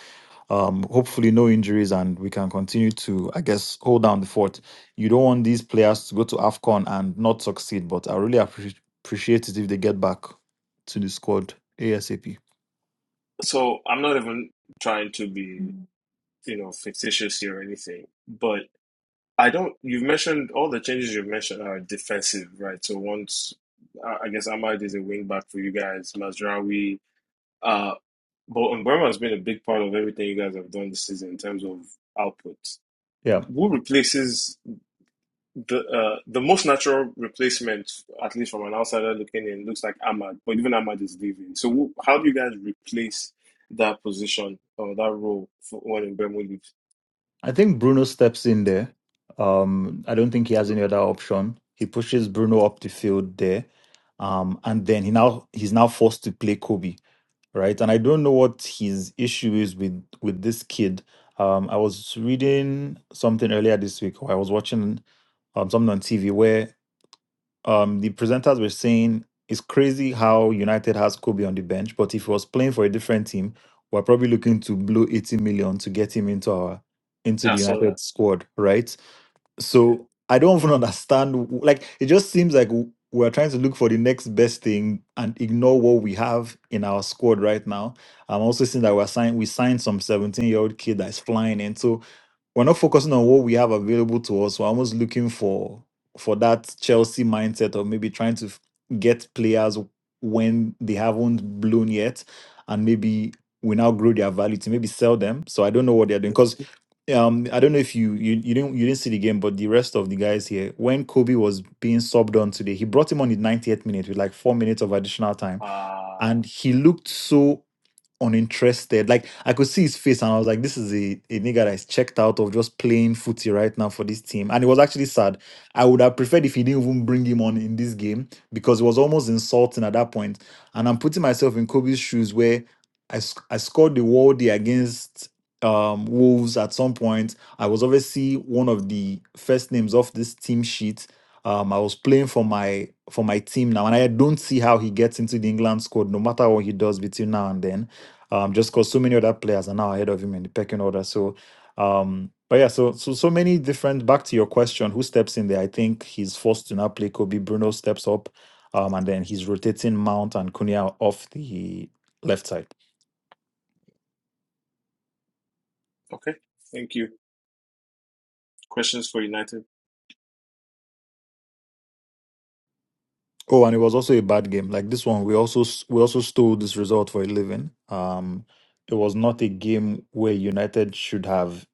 E: um, hopefully no injuries and we can continue to, I guess, hold down the fort. You don't want these players to go to AFCON and not succeed, but I really appreciate appreciate it if they get back to the squad ASAP.
A: So I'm not even trying to be, you know, fictitious here or anything, but I don't. You've mentioned all the changes you've mentioned are defensive, right? So once I guess Ahmad is a wing back for you guys, Mazraoui. uh, But Mbama has been a big part of everything you guys have done this season in terms of output.
E: Yeah.
A: Who replaces the uh, the most natural replacement, at least from an outsider looking in, looks like Ahmad, but even Ahmad is leaving. So who, how do you guys replace that position or that role for when Mbama leaves?
E: I think Bruno steps in there. Um, I don't think he has any other option. He pushes Bruno up the field there, um, and then he now he's now forced to play Kobe, right? And I don't know what his issue is with with this kid. Um, I was reading something earlier this week, or I was watching um, something on TV where um, the presenters were saying it's crazy how United has Kobe on the bench, but if he was playing for a different team, we're probably looking to blow 80 million to get him into our into
A: Yeah, I
E: the
A: saw that.
E: United squad, right?
A: Yeah.
E: So I don't even understand. w- Like it just seems like w- we're trying to look for the next best thing and ignore what we have in our squad right now. I'm also seeing that we're signed. We signed some 17 year old kid that's flying in. So we're not focusing on what we have available to us. We're almost looking for for that Chelsea mindset of maybe trying to f- get players when they haven't blown yet, and maybe we now grow their value to maybe sell them. So I don't know what they're doing um, I don't know if you you you didn't you didn't see the game, but the rest of the guys here, when Kobe was being subbed on today, he brought him on in 90th minute with like four minutes of additional time,
A: Uh,
E: and he looked so uninterested. Like I could see his face, and I was like, "This is a, a nigga that is checked out of just playing footy right now for this team." And it was actually sad. I would have preferred if he didn't even bring him on in this game because it was almost insulting at that point. And I'm putting myself in Kobe's shoes where I sc- I scored the worldie against um Wolves at some point. I was obviously one of the first names off this team sheet. Um, I was playing for my for my team now, and I don't see how he gets into the England squad, no matter what he does between now and then um, just because so many other players are now ahead of him in the pecking order. So, um, but yeah, so so so many different. Back to your question, who steps in there? I think he's forced to now play Kobe. Bruno steps up, um, and then he's rotating Mount and Cunha off the left side.
A: okay. Thank you. Questions for United.
E: Oh, and it was also a bad game. Like this one, we also s- we also stole this result for a living. Um, it was not a game where United should have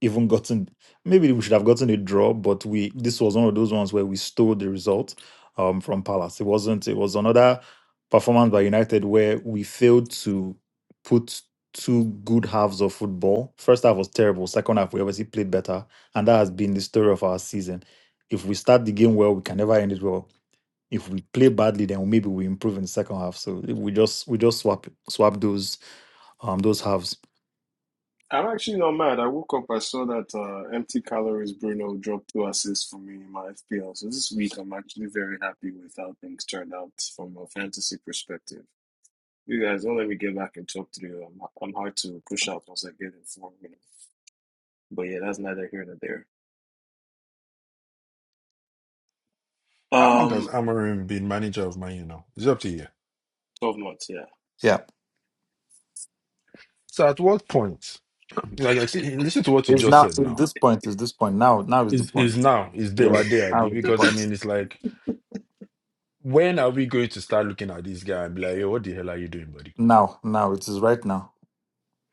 E: even gotten. Maybe we should have gotten a draw, but we this was one of those ones where we stole the result um, from Palace. It wasn't. It was another performance by United where we failed to put two good halves of football. First half was terrible. Second half, we obviously played better, and that has been the story of our season. If we start the game well, we can never end it well if we play badly, then maybe we improve in the second half. So we just we just swap swap those um those halves.
A: I'm actually not mad. I woke up, I saw that uh, empty calories Bruno dropped two assists for me in my FPL. So this week, I'm actually very happy with how things turned out from a fantasy perspective. You guys don't let me get back in top three. I'm, I'm hard to push out once I get in form. you But yeah, that's neither here nor there.
G: How long has
A: Um,
G: Amarim been manager of Man U now? It's up to you.
A: 12 months, yeah.
E: Yeah.
G: So at what point? Like, I see, listen to what you
E: It's
G: just
E: now
G: said
E: it's
G: now.
E: this point is this point. Now now is the
G: Is
E: point.
G: is now? Is day
E: Yeah,
G: by day,
E: now
G: abi?
E: is the
G: Because I
E: point.
G: mean, it's like when are we going to start looking at this guy and be like, yo, what the hell are you doing, buddy?
E: Now, now it is right now.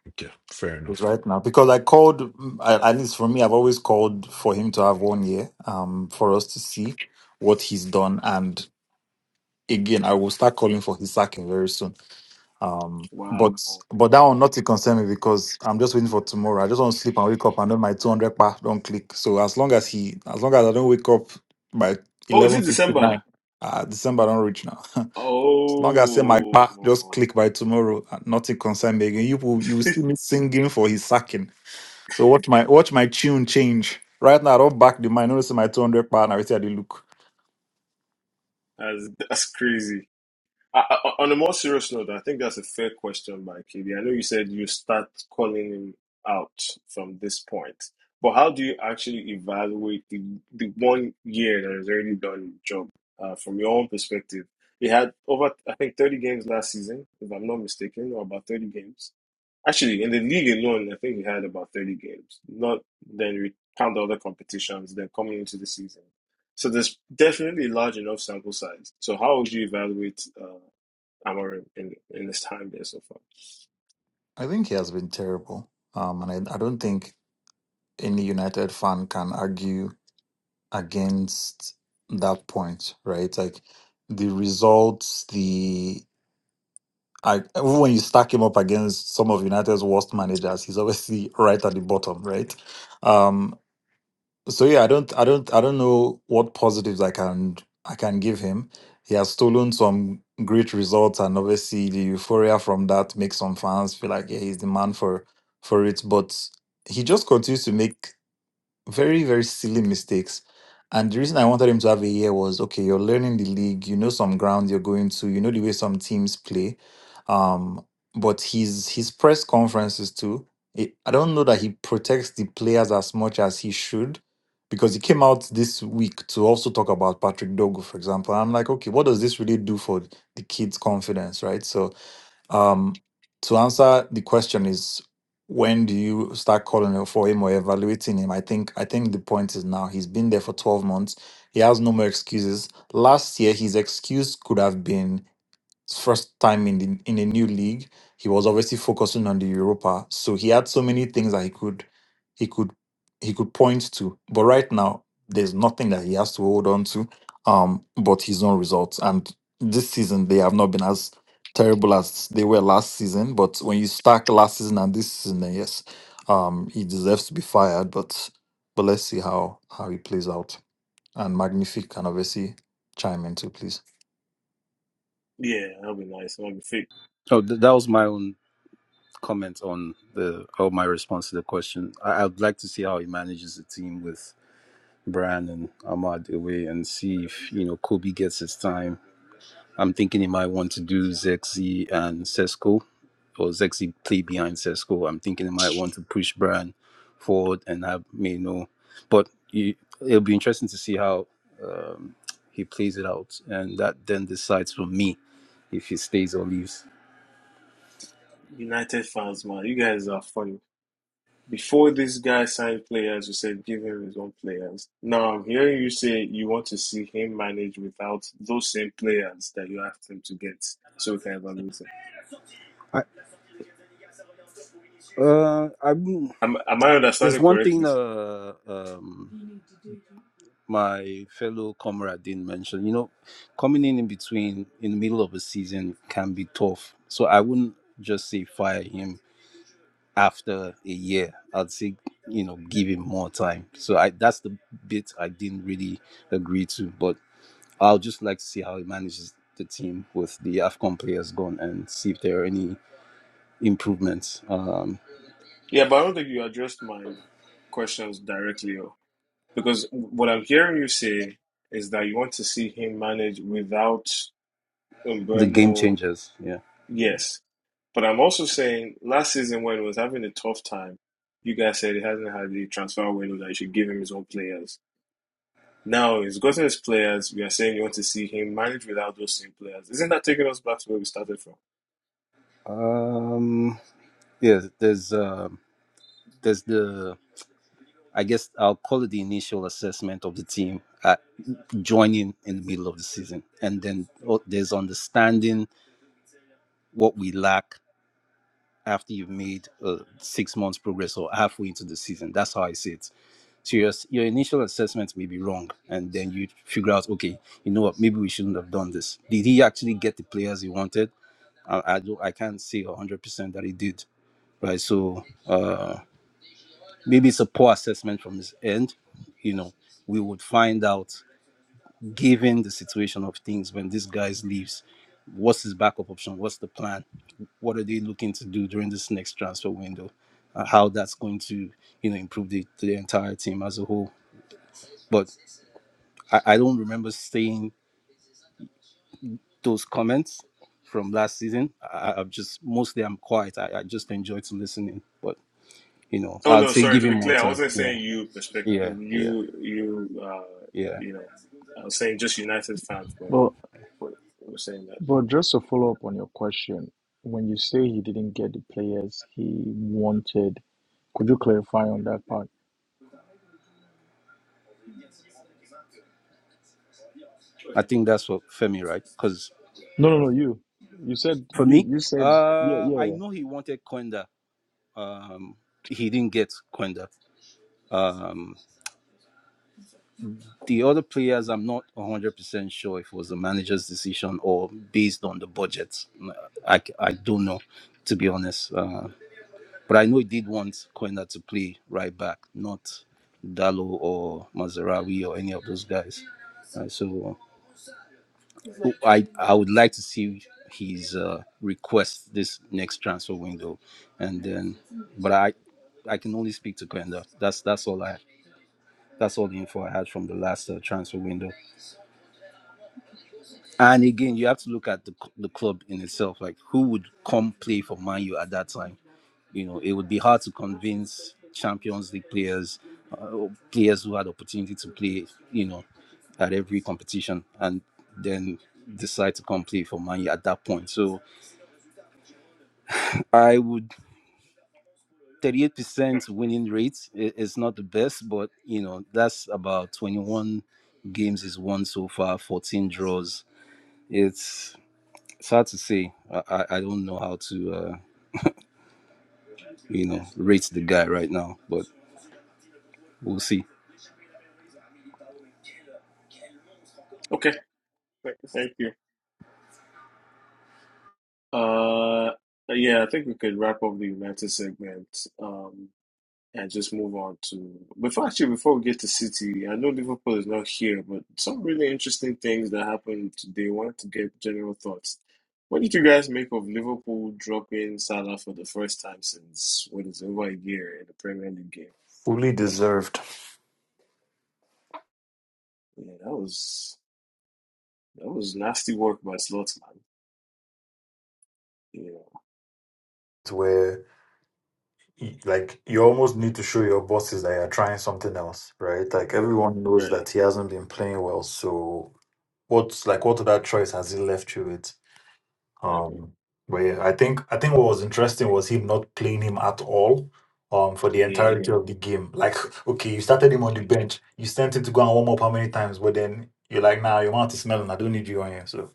G: Okay, fair
E: It's
G: enough.
E: right now because I called. mm, At at least for me, I've always called for him to have one year. Um, for us to see what he's done, and again, I will start calling for his sacking very soon Um,
A: Wow.
E: but
A: Oh,
E: but that one not to concern me because I'm just waiting for tomorrow. I just want to sleep and wake up and then my 200 pa don't click. So as long as he, as long as I don't wake up by
A: is it
E: 11:59,
A: December?
E: uh, December don't reach now. as long as I say my
A: Oh,
E: pa just click by tomorrow, uh, nothing concern me again. You will you will see me singing for his sacking. So watch my watch my tune change. Right now I don't back the mind. Notice my 200 pa and I see how they look.
A: that's, that's crazy. I, I- on a more serious note, I think that's a fair question by KB. I know you said you start calling him out from this point, but how do you actually evaluate the the one year that has already done the job uh, from your own perspective? He had over, I think, 30 games last season, if I'm not mistaken, or about 30 games. Actually, in the league alone, I think he had about 30 games. Not then we count the other competitions, then coming into the season. So there's definitely a large enough sample size. So how would you evaluate? Uh, I'm already in, in this time there so far.
E: I think he has been terrible. Um, and I, I don't think any United fan can argue against that point, right? Like the results, the I, even when you stack him up against some of United's worst managers, he's obviously right at the bottom, right? Um, so yeah, I don't, I don't, I don't know what positives I can I can give him. He has stolen some great results, and obviously the euphoria from that makes some fans feel like yeah, he's the man for for it. But he just continues to make very very silly mistakes and the reason i wanted him to have a year was okay you're learning the league you know some ground you're going to you know the way some teams play um but his his press conferences too it, i don't know that he protects the players as much as he should because he came out this week to also talk about patrick dogo for example i'm like okay what does this really do for the kids confidence right so um, to answer the question is when do you start calling him for him or evaluating him? I think I think the point is now he's been there for 12 months. He has no more excuses. Last year his excuse could have been his first time in the, in a new league. He was obviously focusing on the Europa, so he had so many things that he could he could he could point to. But right now, there's nothing that he has to hold on to, um, but his own results. And this season, they have not been as terrible as they were last season. But when you stack last season and this season, then yes, um, he deserves to be fired. But but let's see how how he plays out. And Magnific can obviously chime in too, please.
A: Yeah, that'll be nice. That'll be fit.
J: Oh, th- that was my own comment on the or my response to the question. I- I'd like to see how he manages the team with Bran and Ahmad away and see if you know Kobe gets his time. I'm thinking he might want to do Zexy and Sesko was actually played behind Cesco. I'm thinking I might want to push Brian forward and have me know. But you, it'll be interesting to see how um, he plays it out. And that then decides for me if he stays or leaves.
A: United fans, man, you guys are funny. Before this guy signed players, you said give him his own players. Now I'm hearing you say you want to see him manage without those same players that you asked him to get, so we can evaluate him.
J: I, uh, i
A: Am am I
J: there's
A: understanding
J: one thing
A: correctly?
J: uh, um, my fellow comrade didn't mention. You know, coming in in between, in the middle of a season, can be tough. So I wouldn't just say fire him after a year i'd say you know give him more time so i that's the bit i didn't really agree to but i'll just like to see how he manages the team with the afcon players gone and see if there are any improvements um
A: Yeah, but I don't think you addressed my questions directly, oh. because what I'm hearing you say is that you want to see him manage without
J: the game
A: Umbermo.
J: changers yeah
A: Yes, But I'm also saying last season when he was having a tough time, you guys said he hasn't had the transfer window that you should give him his own players. Now he's gotten his players. We are saying you want to see him manage without those same players. Isn't that taking us back to where we started from?
J: um yeah there's uh. there's the i guess i'll call it the initial assessment of the team at joining in the middle of the season and then oh, there's understanding what we lack after you've made uh, six months progress or halfway into the season. That's how I see it. So your, your initial assessment may be wrong, and then you figure out, okay, you know what, maybe we shouldn't have done this. Did he actually get the players he wanted? I, I, do, I can't say 100% that he did, right? So uh, maybe it's a poor assessment from his end. You know, we would find out, given the situation of things, when this guy leaves, what's his backup option? What's the plan? what are they looking to do during this next transfer window, uh, how that's going to you know improve the, the entire team as a whole. But I, I don't remember seeing those comments from last season. I, I've just mostly I'm quiet. I, I just enjoy to listening, but you know
A: Oh
J: I'd
A: no,
J: say
A: sorry.
J: give
A: To
J: him
A: be
J: more
A: clear, I
J: time.
A: wasn't
J: Yeah,
A: saying you
J: yeah,
A: perspective.
J: yeah,
A: You you uh
J: yeah.
A: you know, I was saying just United fans were
C: But
A: were, were saying that.
C: but just to follow up on your question, when you say he didn't get the players he wanted, could you clarify on that part?
J: I think that's what Femi right because
C: No, no, no. You you said
J: for
C: you
J: me,
C: you said yeah
J: uh,
C: yeah
J: I
C: yeah.
J: know he wanted Quenda. Um, he didn't get Quenda. The other players, I'm not 100% sure if it was the manager's decision or based on the budget. I, I don't know, to be honest. Uh, but I know he did want Koenda to play right back, not Dalo or Mazarawi or any of those guys. Uh, so I, I would like to see his uh, request this next transfer window. And then, but I, I can only speak to Koenda. That's, that's all I, that's all the info I had from the last uh, transfer window. And again, you have to look at the, c- the club in itself. Like, who would come play for Man U at that time? You know, it would be hard to convince Champions League players, uh, or players who had opportunity to play, you know, at every competition, and then decide to come play for Man U at that point. So I would
A: Alright.
J: 38% winning rate i- is not the best, but you know, that's about 21 games is won so far, 14 draws. It's It's hard to say. I, I I don't know how to uh, you know rate the guy right now, but we'll see.
A: Okay, thank, thank you. Uh, yeah, I think we could wrap up the United segment. Um, and just move on to. Before actually, before we get to City, I know Liverpool is not here, but some really interesting things that happened today. I wanted to get general thoughts. What did you guys make of Liverpool dropping Salah for the first time since what is over a year in the Premier League game?
E: Fully deserved.
A: Yeah, that was that was nasty work by Slots, man. Yeah,
E: where. y- like you almost need to show your bosses that you're trying something else, right? Like everyone knows
A: right.
E: that he hasn't been playing well, so what's like what other choice has he left you with? Um, but yeah, I think I think what was interesting was him not playing him at all. Um, for the
A: Mhm.
E: entirety of the game, like okay, you started him on the bench, you sent him to go and warm up how many times, but then you're like, nah, your mouth is smelling. I don't need you on here. So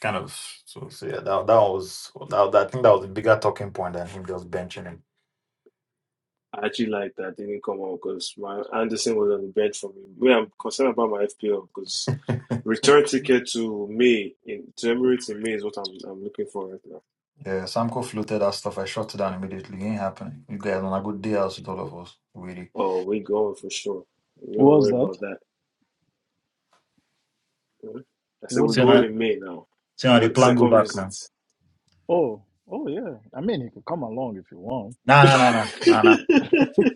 E: kind of, so, so yeah, that that was that, I think that was the bigger talking point than him just benching him.
A: I actually like that they didn't come out because my Anderson was on the bench for me. Where I'm concerned about my FPL because return ticket to May in to Emirates in May is what I'm I'm looking for right now.
E: Yeah, Samco floated that stuff. I shut it down immediately. It ain't happening. You guys on a good day out with all of us, really.
A: Oh, we're going for sure. We don't
C: What was
A: worry
C: that?
A: about that. Hmm? I said
C: What?
A: we're
E: So
A: going
E: now,
A: in May now.
E: so now the
A: Another
E: plan go
A: second
E: back
A: visit.
E: now.
C: Oh oh yeah. I mean, he could come along if you want.
E: Nah, nah,
A: come,
E: nah, nah, nah, nah.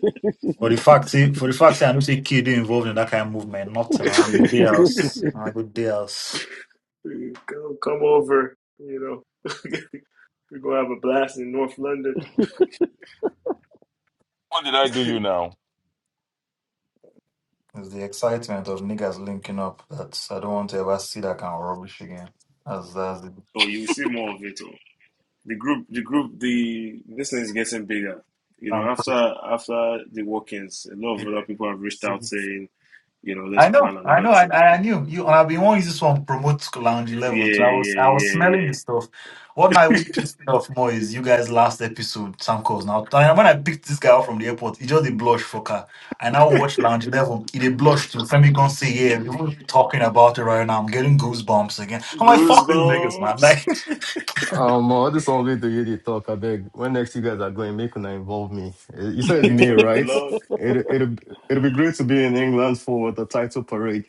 E: But the fact, say, for the fact, say, I don't see kid involved in that kind of movement. Nothing on a good day else. On a good day else.
A: come over, you know. we're gonna have a blast in North London.
B: What did I do you now?
E: It's the excitement of niggas linking up that I don't want to ever see that kind of rubbish again. As that's the
A: Oh, you'll see more of it. The group, the group, the this thing is getting bigger. You know, after
E: Samco.
A: after the walk-ins, a lot of other people have reached out saying, you know, let's
E: I know,
A: plan
E: I
A: another
E: know, I,
A: trip.
E: I knew you. I've been wanting this one promote Lounge
A: Yeah,
E: Eleven. So I was,
A: yeah,
E: I was
A: yeah,
E: smelling the
A: yeah.
E: stuff. What I would pissed me off more is you guys' last episode, Sam Coles. Now, and when I picked this guy up from the airport, he just a blush for car. I now watch Lounge Eleven. He a blush to Femi Gun say, "Yeah, we were talking about it right now. I'm getting goosebumps again." I'm like, "Fuck these niggas, man!"
A: Goosebumps.
E: Like,
H: Um, all this one way to hear the talk, I beg. When next you guys are going, make una involve me. Eh, You said it's
A: Wait
H: May,
A: for the
H: right?
A: vlog.
H: It it it'll it'll be great to be in England for the title parade.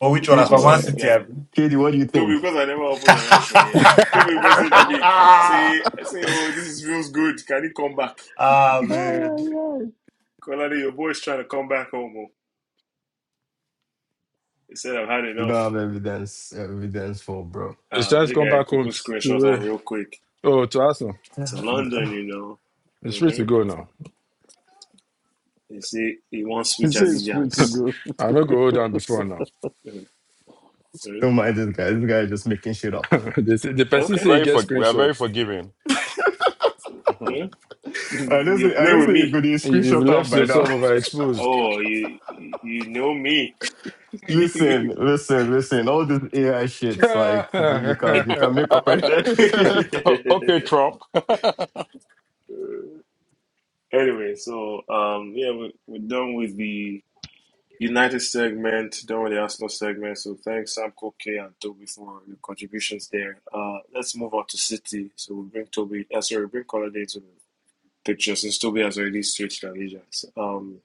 E: or which one? As
A: Ah,
H: Kid,
E: for
A: see
E: Man
A: this
E: City, I
A: guy.
E: mean.
H: Katie, what do you
A: Toby,
H: think?
A: because I never open your ass for yet. Toby messaged me. Say, I say, oh, this is, feels good. Can you come back?
E: ah
C: Ay,
E: man,
C: ay, ay.
A: Colade, your boy's trying to come back home. oh. He said, I've had
H: You
A: enough.
H: don't have evidence evidence for bro.
G: It's
A: Uh,
G: time to
A: this
G: come
A: guy,
G: back
A: Cuckoo
G: home
A: screenshots
G: to
A: on
G: uh,
A: real quick.
G: oh to Arsenal.
A: To London, you know.
G: It's free
A: Mm-hmm.
G: to go now.
A: They say he won't
C: He
A: switch
C: says it's free to
A: allegiance.
C: go.
G: I'm not going to hold down before now.
A: Mm, mm,
H: Don't mind this guy. This guy is just making shit up.
G: they say, the person
A: Okay.
G: say
B: We're
G: you
B: very
G: get
B: for, we are very
G: screenshots.
B: forgiving.
A: mm.
H: I
A: You're
H: listen, I
A: playing with
H: listen. You
A: me.
H: could
G: You you
H: screenshot up
G: left
H: by now.
G: yourself overexposed.
A: Oh, you you you know me.
H: listen, listen, listen. All this AI shit, like you can you can make up. any
B: O- okay,
A: That-
B: Trump.
A: anyway, so um, yeah, we, we're done with the United segment, done with the Arsenal segment. So thanks Sam Koke and Toby for your contributions there. Uh, let's move on to City. So we bring Toby. Uh, sorry, we bring Colade to the picture since Toby has already switched allegiance. Um,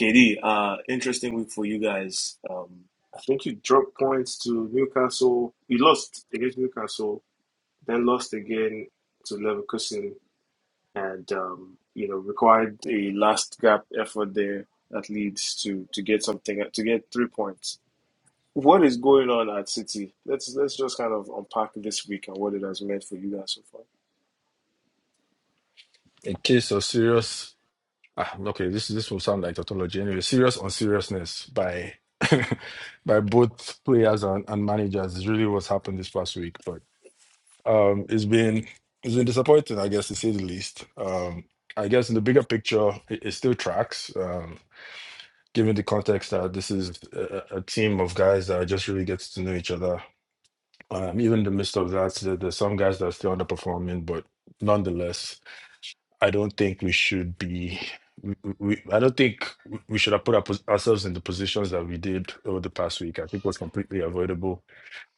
A: KD, uh, interesting week for you guys. Um, I think you dropped points to Newcastle. You lost against Newcastle, then lost again to Leverkusen, and um, you know required a last gap effort there at Leeds to to get something to get three points. What is going on at City? Let's let's just kind of unpack this week and what it has meant for you guys so far.
G: In case of serious ah, okay, this this will sound like tautology anyway. Serious unseriousness by by both players and, and managers is really what's happened this past week. But Um, it's been it's been disappointing, I guess, to say the least. Um, I guess in the bigger picture, it, it still tracks, um, given the context that this is a, a a team of guys that just really gets to know each other. Um, even in the midst of that, there, there's some guys that are still underperforming, but nonetheless, I don't think we should be. We, we, I don't think we we should have put our, ourselves in the positions that we did over the past week. I think it was completely avoidable,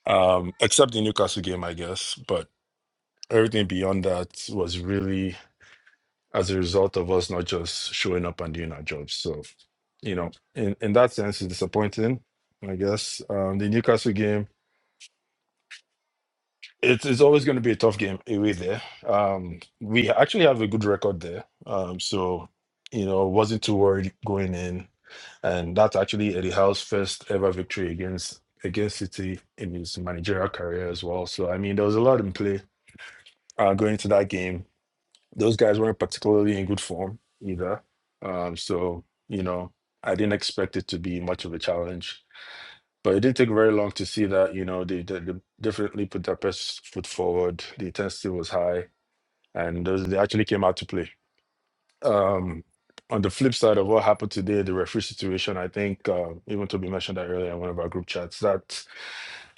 G: um, except the Newcastle game, I guess. But everything beyond that was really as a result of us not just showing up and doing our jobs. So, you know, in, in that sense, it's disappointing, I guess. Um, the Newcastle game, it's, it's always going to be a tough game away there. Um, we actually have a good record there. Um, so, you know, wasn't too worried going in. And that's actually Eddie Howe's first ever victory against against City in his managerial career as well. So, I mean, there was a lot in play uh, going into that game Those guys weren't particularly in good form either. Um, so, you know, I didn't expect it to be much of a challenge. But it didn't take very long to see that, you know, they, they, they definitely put their best foot forward. The intensity was high and those, they actually came out to play. Um, on the flip side of what happened today, the referee situation, I think, uh, even Toby mentioned that earlier in one of our group chats, that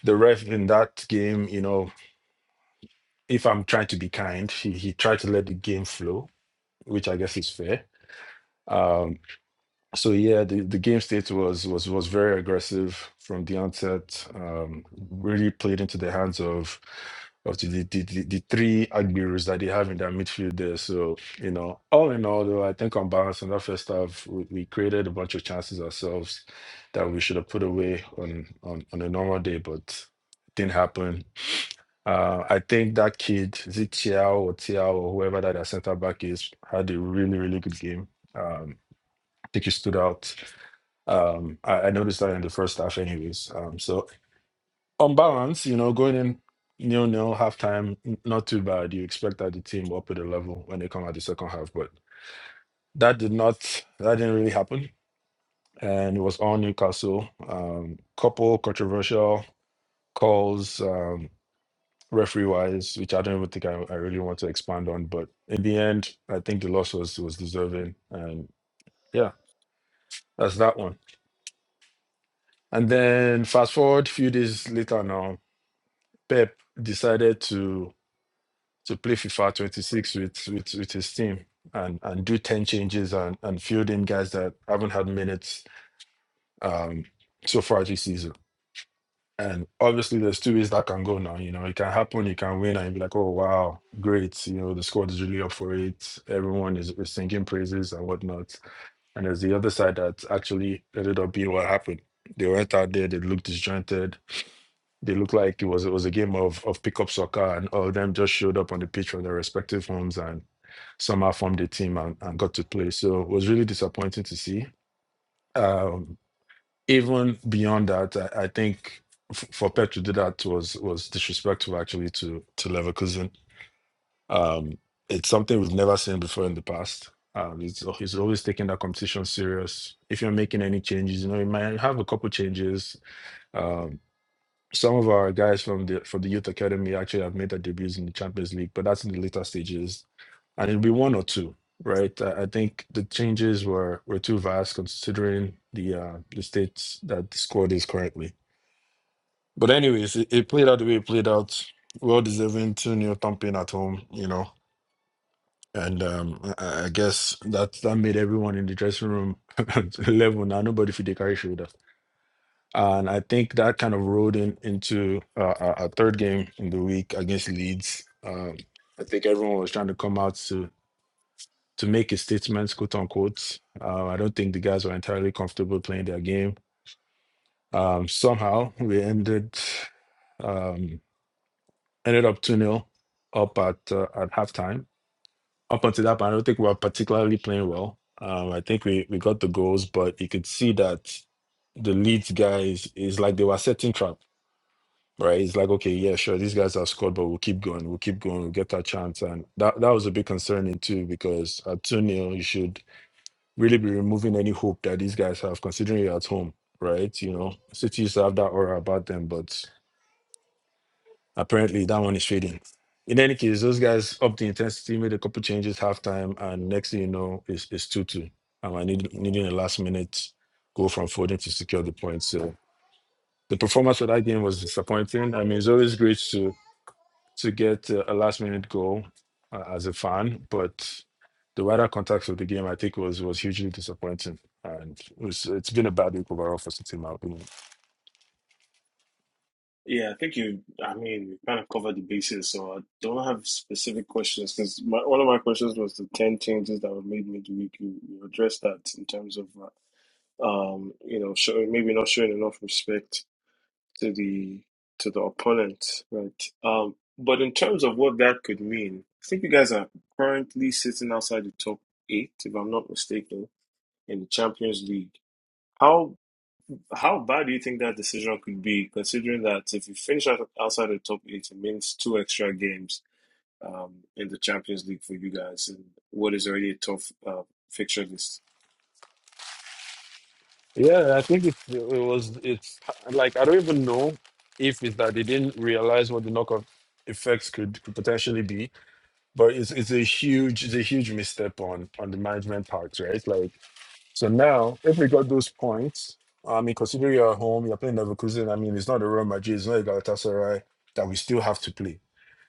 G: the ref in that game, you know, if I'm trying to be kind, he, he tried to let the game flow, which I guess is fair. Um, so yeah, the, the game state was was was very aggressive from the onset. Um, really played into the hands of of the the, the, the the three admirers that they have in their midfield there. So you know, all in all, though, I think on balance in that first half, we, we created a bunch of chances ourselves that we should have put away on on on a normal day, but didn't happen. Uh, I think that kid, is it Chiao or Tiao or whoever that our centre back is, had a really, really good game. Um, Tiki stood out. Um, I, I noticed that in the first half, anyways. Um, so on balance, you know, going in nil nil halftime, n- not too bad. You expect that the team will up at the level when they come out the second half, but that did not. That didn't really happen, and it was all Newcastle. Um, couple controversial calls. Um, referee wise which i don't even think I, I really want to expand on but in the end i think the loss was was deserving and yeah that's that one And then fast forward a few days later now, Pep decided to to play FIFA 26 with with, with his team and and do 10 changes and, and field in guys that haven't had minutes um so far this season. And obviously there's two ways that can go now. You know, it can happen, you can win and you'll be like, oh wow, great. You know, the squad is really up for it. Everyone is, is singing praises and whatnot. And there's the other side that actually ended up being what happened. They went out there, they looked disjointed They looked like it was it was a game of of pickup soccer, and all of them just showed up on the pitch from their respective homes and somehow formed a team and, and got to play. So it was really disappointing to see. Um, even beyond that, I, I think f- for Pep to do that was was disrespectful actually to to Leverkusen. Um, it's something we've never seen before in the past. Um, he's, al- he's always taking that competition serious. If you're making any changes, you know, you might have a couple changes, Um, some of our guys from the from the youth academy actually have made their debuts in the Champions League, but that's in the later stages, and it'll be one or two, right? I, I think the changes were were too vast considering the uh, the state that the squad is currently. But anyways, it, it played out the way it played out. Well deserving two nil thumping at home, you know, and um, I, I I guess that that made everyone in the dressing room level. Now nobody feel the carry shoulder. And I think that kind of rolled in, into uh, our our third game in the week against Leeds. Um, I think everyone was trying to come out to to make a statement, quote unquote. Uh, I don't think the guys were entirely comfortable playing their game. Um, somehow we ended um, ended up two nil up at uh, at halftime. Up until that point, I don't think we were particularly playing well. Um, I think we we got the goals, but you could see that the Leeds guys is like they were setting traps right? It's like, okay, yeah, sure, these guys have scored, but we'll keep going, we'll keep going, we'll get our chance. And that, that was a bit concerning too, because at 2 nil, you should really be removing any hope that these guys have, considering you're at home, right? You know, City used to have that aura about them, but apparently that one is fading. In any case, those guys upped the intensity, made a couple changes halftime, and next thing you know, it's, it's 2 2. And I need, needing a last minute goal from Foden to secure the point. So the performance for that game was disappointing. I mean, it's always great to to get a last minute goal uh, as a fan, but the wider context of the game, I think, was was hugely disappointing, and it was it's been a bad week overall for City, in my opinion.
A: Yeah, I think you, I mean, you kind of covered the bases, so I don't have specific questions because my one of my questions was the 10 changes that were made midweek. You, you addressed that in terms of, uh, um, you know, showing maybe not showing enough respect to the to the opponent, right? Um, but in terms of what that could mean, I think you guys are currently sitting outside the top eight, if I'm not mistaken, in the Champions League. How how bad do you think that decision could be, considering that if you finish out- outside the top eight, it means two extra games um, in the Champions League for you guys, and what is already a tough uh, fixture list?
G: Yeah, I think it, it was. It's like I don't even know if it's that they didn't realize what the knockoff effects could, could potentially be, but it's it's a huge it's a huge misstep on on the management part, right? Like So now, if we got those points, I mean, considering you're at home, you're playing Leverkusen, I mean, it's not a Real Madrid, it's not a Galatasaray that we still have to play.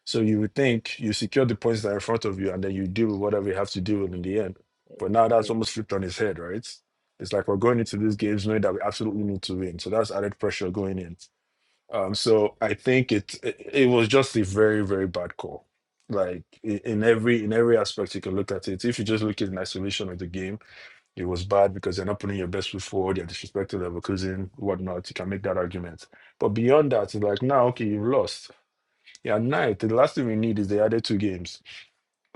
G: So you would think you secure the points that are in front of you and then you deal with whatever you have to deal with in the end. But now that's
A: Mhm,
G: almost flipped on his head, right? It's like we're going into these games knowing that we absolutely need to win. So that's added pressure going in. Um, so I think it, it it was just a very, very bad call. Like i- in every in every aspect you can look at it. If you just look at an isolation of the game, it was bad because they're not putting your best foot forward. You're disrespectful of a cousin, whatnot. You can make that argument. But beyond that, it's like, now, okay, you've lost. Yeah, ninth. The last thing we need is the other two games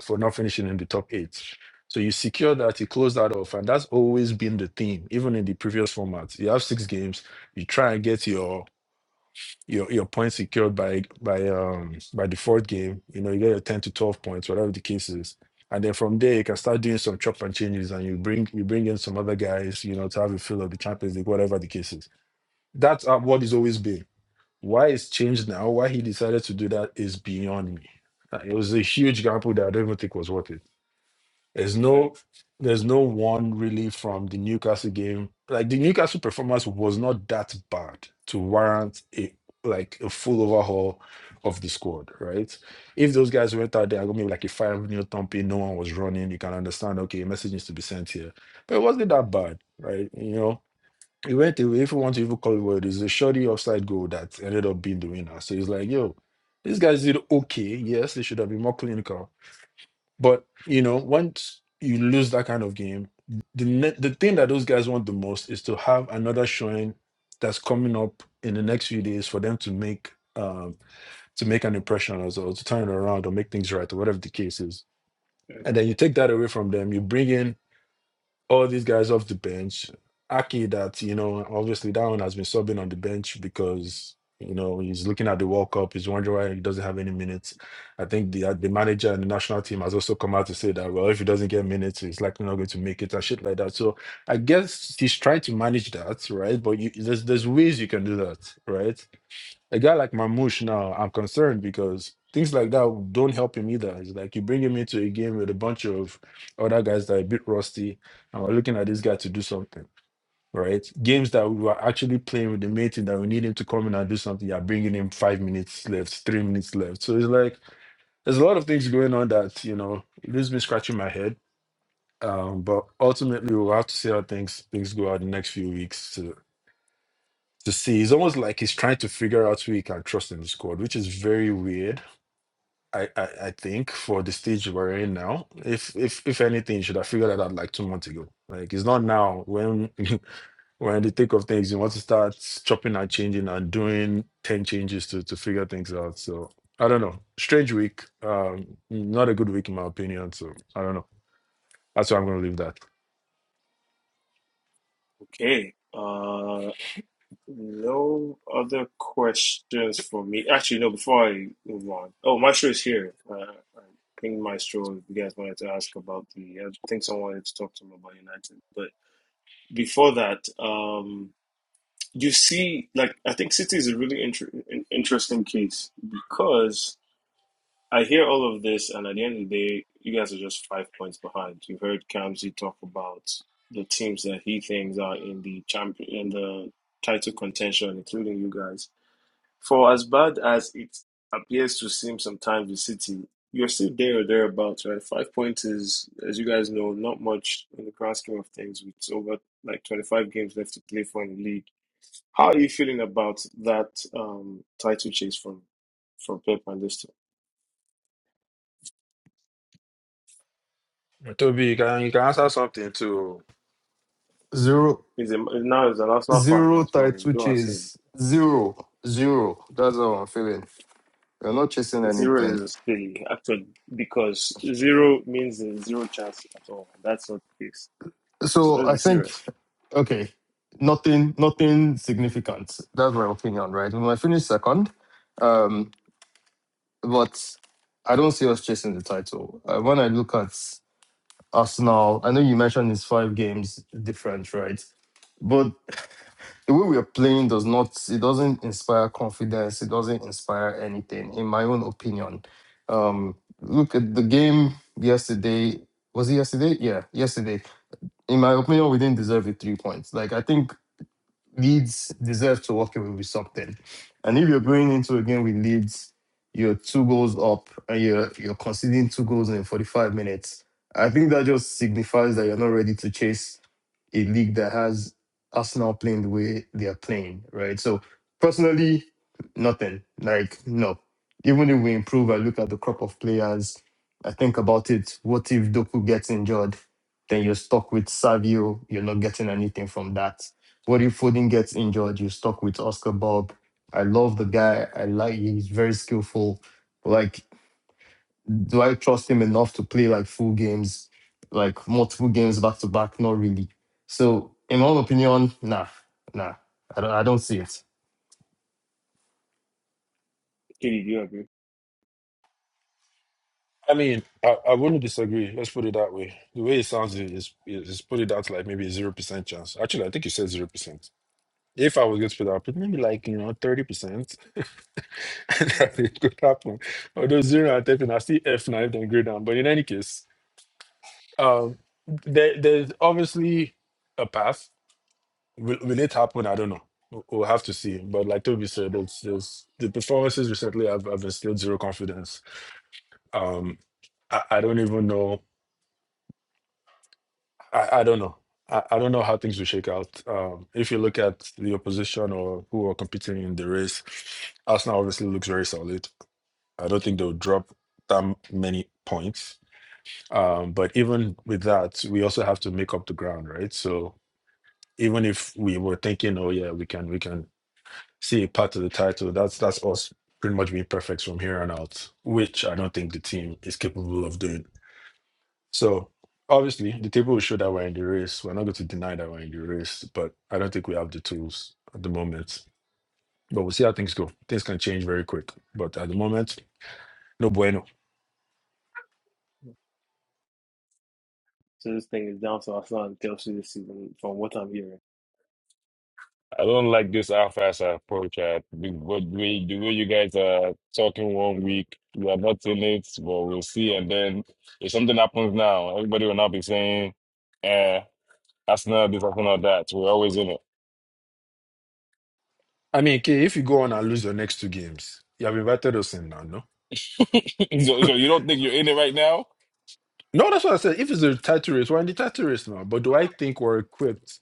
G: for not finishing in the top eight. So you secure that, you close that off. And that's always been the theme, even in the previous format. You have six games, you try and get your your your points secured by by um by the fourth game. You know, you get your ten to twelve points, whatever the case is, and then from there you
A: mhm,
G: can start doing some chop and changes, and you bring you bring in some other guys, you know, to have a feel of the Champions League, whatever the case is. That's uh, what it's always been. Why it's changed now, why he decided to do that is beyond me. Uh, It was a huge gamble that I don't even think was worth it. There's no
A: mhm,
G: there's no one really from the Newcastle game. Like the Newcastle performance was not that bad to warrant a like a full overhaul of the squad, right? If those guys went out there, I me like a five nil thumping, no one was running, you can understand okay, a message needs to be sent here. But it wasn't that bad, right? You know, it went away. If you want to even call it what it is, a shoddy offside goal that ended up being the winner. So it's like, yo, these guys did okay. Yes, they should have been more clinical but you know, once you lose that kind of game, the ne- the thing that those guys want the most is to have another showing that's coming up in the next few days for them to make um to make an impression on us or to turn it around or make things right or whatever the case is. And
A: mhm.
G: then you take that away from them. You bring in all these guys off the bench. Aki, that you know, obviously that one has been subbing on the bench because you know he's looking at the World Cup. He's wondering why he doesn't have any minutes. I think the uh, the manager and the national team has also come out to say that well, if he doesn't get minutes, he's likely not going to make it and shit like that. So I guess he's trying to manage that, right? But you, there's there's ways you can do that, right? a guy like Marmoush now, I'm concerned because things like that don't help him either. It's like you bring him into a game with a bunch of other guys that are a bit rusty, and we're looking at this guy to do something, right? Games that we were actually playing with the main team that we need him to come in and do something, you're bringing him five minutes left, three minutes left. So it's like there's a lot of things going on that, you know, it leaves me scratching my head. Um, but ultimately, we'll have to see how things things go out the next few weeks. to to see. It's almost like he's trying to figure out who he can trust in the squad, which is very weird. I, I, I think for the stage we're in now, if if if anything, you should have figured that out like two months ago. Like it's not now when when the thick of things, you want to start chopping and changing and doing ten changes to to figure things out. So I don't know. Strange week. Um, not a good week in my opinion. So I don't know. That's why I'm gonna leave that.
A: Okay. Uh, no other questions for me. Actually, no. Before I move on, oh, Maestro is here. Uh, I pinged Maestro. If you guys wanted to ask about the, I think someone wanted to talk to him about United, but before that, um. you see, like I think City is a really inter- in- interesting case because I hear all of this, and at the end of the day, you guys are just five points behind. You've heard Kamsi talk about the teams that he thinks are in the champion in the title contention, including you guys. For as bad as it appears to seem sometimes with City, you're still there or thereabouts, right? Five points is, as you guys know, not much in the grand scheme of things. It's over like 25 games left to play for in the league how are you feeling about that um, title chase from from Pep and this team?
G: Toby, you can you can answer something too.
H: Zero
A: He's a, now he's an Arsenal fan
H: Zero
A: as well. You
H: title
A: don't see
H: chase. Zero. Zero. That's how I'm feeling. you are not chasing
A: zero
H: anything.
A: is silly actually because zero means there's zero chance at all. That's not the case. So
H: So
A: let's be
H: I think
A: serious.
H: okay. Nothing nothing significant. That's my opinion, right? We might finish second. Um, but I don't see us chasing the title. Uh, when I look at Arsenal, I know you mentioned it's five games different, right? But. the way we are playing does not it doesn't inspire confidence it doesn't inspire anything in my own opinion um look at the game yesterday was it yesterday yeah yesterday in my opinion we didn't deserve the three points like i think leeds deserve to walk away with something and if you're going into a game with leeds you're two goals up and you're you're conceding two goals in 45 minutes i think that just signifies that you're not ready to chase a league that has Arsenal playing the way they are playing, right? So personally, nothing. Like no. Even if we improve, I look at the crop of players. I think about it. What if Doku gets injured? Then you're stuck with Savio. You're not getting anything from that. What if Foden gets injured? You're stuck with Oscar Bob. I love the guy. I like he's very skillful. Like do I trust him enough to play like full games, like multiple games back to back? Not really. So, in my own opinion, nah, nah, I don't, I don't see it.
A: Katie, do you agree?
G: I mean, I, I wouldn't disagree. Let's put it that way. The way it sounds is, is, is put it out like maybe a zero percent chance. Actually, I think you said zero percent. If I was going to put it out, but maybe like you know thirty percent that it could happen. Although zero and ten, percent, I see F nine and grade down. But in any case, um, there, there's obviously a path. Will, will it happen? I don't know. We'll we'll have to see. But like Toby said, it's, it's the performances recently. I've I've instilled zero confidence. Um, I, I don't even know I, I don't know. I, I don't know how things will shake out. Um, if you look at the opposition or who are competing in the race, Arsenal obviously looks very solid. I don't think they'll drop that many points. Um, but even with that, we also have to make up the ground, right? So even if we were thinking, oh yeah, we can we can see a part to the title, that's that's us pretty much being perfect from here on out, which I don't think the team is capable of doing. So obviously, the table will show that we're in the race. We're not going to deny that we're in the race, but I don't think we have the tools at the moment. But we'll see how things go. Things can change very quick. But at the moment, no bueno.
A: So this thing is down to Arsenal and Chelsea this season, from what I'm hearing.
B: I don't like this how fast approach. Uh, the, what way, the way you guys are talking one week, we are not in it, but we'll see. And then if something happens now, everybody will not be saying, eh, that's not this, that's not that. We're always in
G: I mean, K, if you go on and lose your next two games, you have invited us in now, no?
B: it. so, so you don't think you're in it right now?
G: No, that's what I said. If it's a title race, we're in the title race now. But do I think we're equipped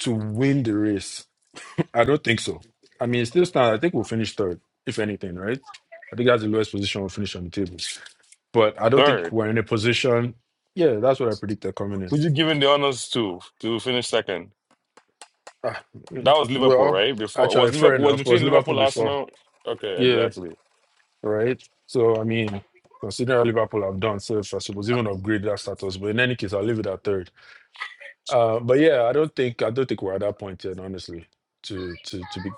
G: to win the race? I don't think so. I mean, still stand. I think we'll finish third, if anything, right? I think that's the lowest position we'll finish on the table. but I don't think
B: Third,
G: we're in a position. Yeah, that's what I predicted coming in.
B: who'd you giving the honors to to finish second?
G: Ah,
B: That
G: mm,
B: was Liverpool,
G: well,
B: right? Before
G: actually,
B: was
G: fair
B: Liverpool was
G: enough. Was
B: between
G: Liverpool
B: Liverpool
G: before?
B: Arsenal. Okay,
G: Yeah,
B: exactly.
G: right. So I mean, considering how Liverpool have done, so if I suppose even upgrade that status. But in any case, I'll leave it at third. Uh, but yeah, I don't think I don't think we're at that point yet, honestly, to to to be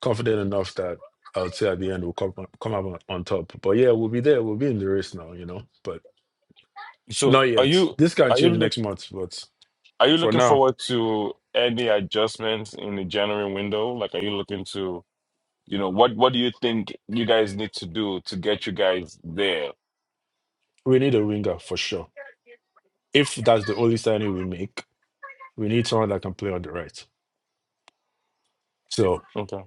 G: confident enough that I would say at the end we'll come come up on, on top. But yeah, we'll be there. We'll be in the race now, you know. But not
B: So are
G: yet.
B: you
G: This can
B: are you
G: change
B: looking?
G: next month, but
B: Are you
G: for
B: looking
G: now.
B: forward to any adjustments in the January window? Like, are you looking to, you know, what what do you think you guys need to do to get you guys there?
G: We need a winger for sure. If that's the only signing we make, we need someone that can play on the right. So
B: Okay.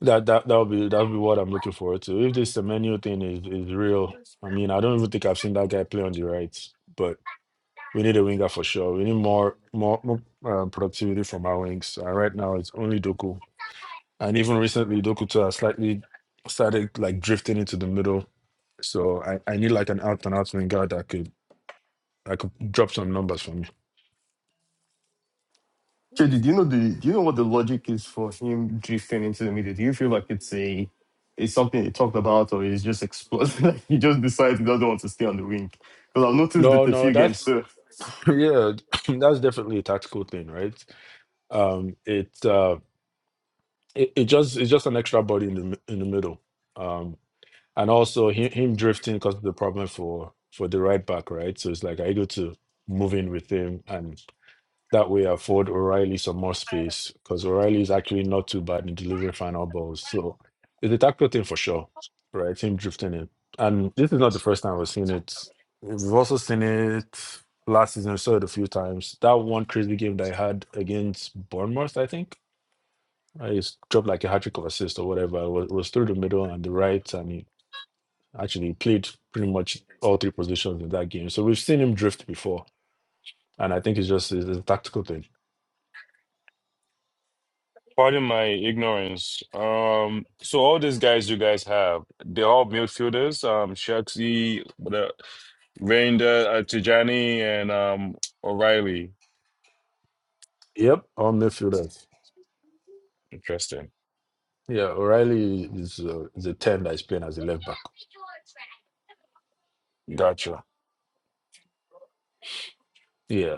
G: that that that'll be that'll be what I'm looking forward to. If this Semenyo thing is is real, I mean, I don't even think I've seen that guy play on the right. But we need a winger for sure. We need more more, more uh, productivity from our wings. And right now, it's only Doku, and even recently, Doku too has slightly started like drifting into the middle. So I, I need like an out and out winger that could I could drop some numbers for me.
H: Chedi, do you know the do you know what the logic is for him drifting into the middle? Do you feel like it's a it's something he talked about, or it's just exploded? like he just decides he doesn't want to stay on the wing? Because I've noticed it
G: No,
H: a
G: no,
H: few games.
G: that's
H: So,
G: Yeah, that's definitely a tactical thing, right? Um, it's uh, it, it just it's just an extra body in the mi- in the middle, um, and also him, him drifting causes the problem for for the right back, right? So it's like I go to move in with him, and. That way, afford O'Reilly some more space because O'Reilly is actually not too bad in delivering final balls. So it's a tactical thing for sure, right? Him drifting in. And this is not the first time we've seen it. We've also seen it last season. We saw it a few times. That one crazy game that I had against Bournemouth, I think, I just dropped like a hat trick of assist or whatever. It was, it was through the middle and the right, and he actually played pretty much all three positions in that game. So we've seen him drift before. And I think it's just it's a tactical thing
B: Pardon my ignorance. Um, so all these guys you guys have, they're all midfielders. Um, Shaxi, the Reinder, uh, Tijani, and um O'Reilly.
G: Yep, on midfielders.
B: Interesting.
G: Yeah, O'Reilly is uh, is a ten that is playing as a left back.
B: Gotcha.
G: Yeah,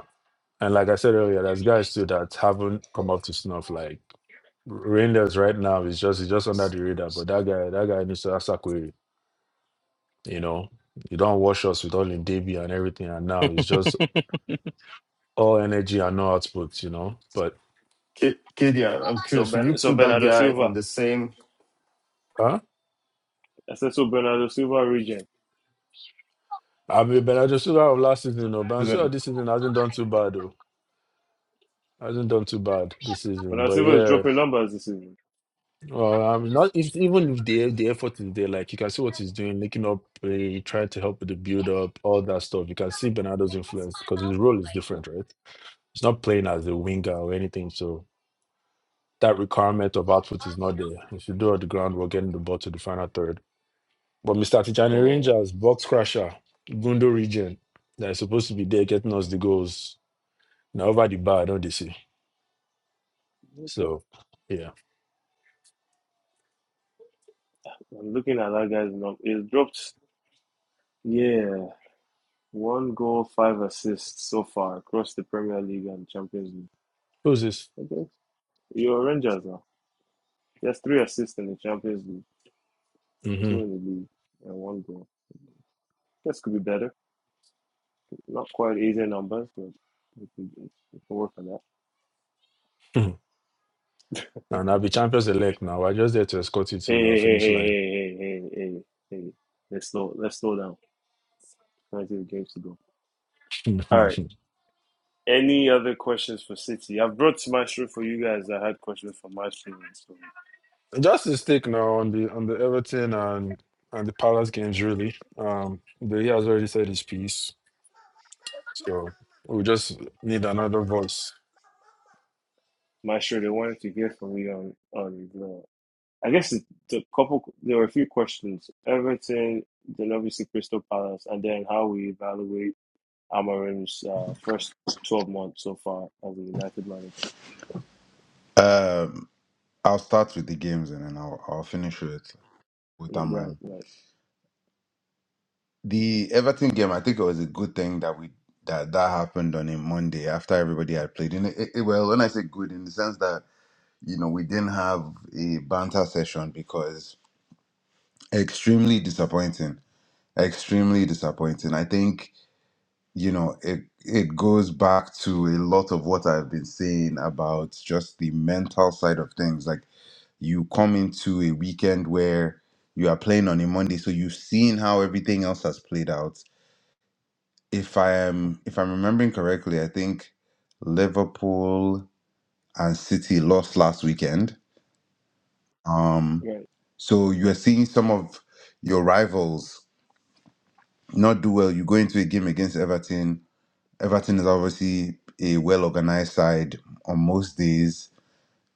G: and like I said earlier, there's guys too that haven't come up to snuff. Like Rangers right now is just is just under the radar, but that guy that guy needs to ask Sakwe. You know, you don't wash us with all in DB and everything, and now it's just all energy and no output. You know, but
H: K- I- am
A: So
H: curious. Will you
A: Ben, so
H: put that
A: Bernardo
H: guy
A: Silva,
H: in the same
G: huh?
A: I said so Bernardo Silva region.
G: I mean, but I just saw of last season, you know, but i
H: season?
G: this season hasn't done too bad though. Hasn't done too bad this
A: But
G: season,
A: now
G: but
A: Silva is
G: yeah,
A: dropping numbers this season.
G: Well, i not if, even if the the effort is there, like you can see what he's doing, linking up, uh, trying to help with the build up, all that stuff. You can see Bernardo's influence because his role is different, right? He's not playing as a winger or anything, so that requirement of output is not there. If you do all the groundwork, getting the ball to the final third. But Mr. Tijani
A: So
G: Rangers, box crusher, Gundo region, that is supposed to be there getting us the goals. Now over the bar, I don't they see?
A: okay.
G: So, yeah.
A: I'm looking at that guy's number. He's dropped yeah one goal, five assists so far across the Premier League and Champions
G: Who's this?
A: League. Okay, you're Rangers now. He has three assists in the Champions League, two in
G: Mm-hmm.
A: the league, and one goal. This could be better. Not quite easy numbers, but we can, we can work on that.
G: And I'll be champions elect now. We're just there to escort you to
A: Hey,
G: your
A: hey, hey,
G: finish line.
A: hey, hey, hey, hey, hey, hey. Let's slow, let's slow down. Nineteen games to go. All right. Any other questions for City? I've brought Maestro for you guys. I had questions for Maestro. So
G: just to stick now on the on the Everton and and the Palace games really. Um the he has already said his piece. So we just need another voice.
A: Maestro, they wanted to hear from me on on the. I guess it's the couple. There were a few questions. Everton, then obviously Crystal Palace, and then how we evaluate Amorim's uh, first twelve months so far as a United manager.
K: Um, I'll start with the games and then I'll I'll finish with with
A: Right,
K: Amram.
A: right,
K: The Everton game, I think it was a good thing that we that that happened on a Monday after everybody had played. In it, it, well, when I say good, in the sense that you know we didn't have a banter session because extremely disappointing, extremely disappointing. I think you know it it goes back to a lot of what I've been saying about just the mental side of things, like you come into a weekend where you are playing on a Monday, so you've seen how everything else has played out. If I am if I'm remembering correctly, I think Liverpool and City lost last weekend. Um,
A: right.
K: so you are seeing some of your rivals not do well. You go into a game against Everton. Everton is obviously a well organized side on most days,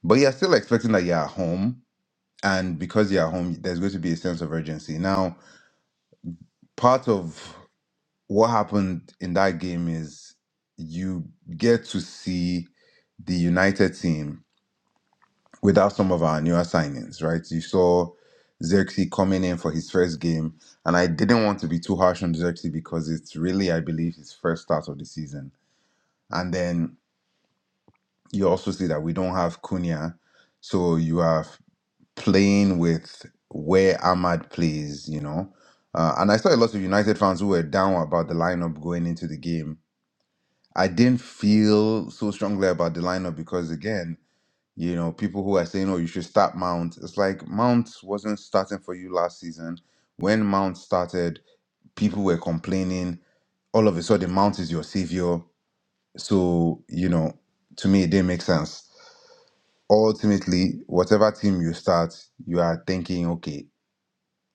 K: but you're still expecting that you're at home. And because you're at home, there's going to be a sense of urgency. Now, part of what happened in that game is you get to see the United team without some of our newer signings, right? You saw Xerxes coming in for his first game, and I didn't want to be too harsh on Xerxes because it's really, I believe, his first start of the season. And then you also see that we don't have Cunha, so you are playing with where Ahmad plays, you know. Uh, and I saw a lot of United fans who were down about the lineup going into the game I didn't feel so strongly about the lineup because again, you know, people who are saying, "Oh, you should start Mount." It's like Mount wasn't starting for you last season. When Mount started, people were complaining. All of a sudden, Mount is your savior. So you know, to me, it didn't make sense. Ultimately, whatever team you start, you are thinking, okay,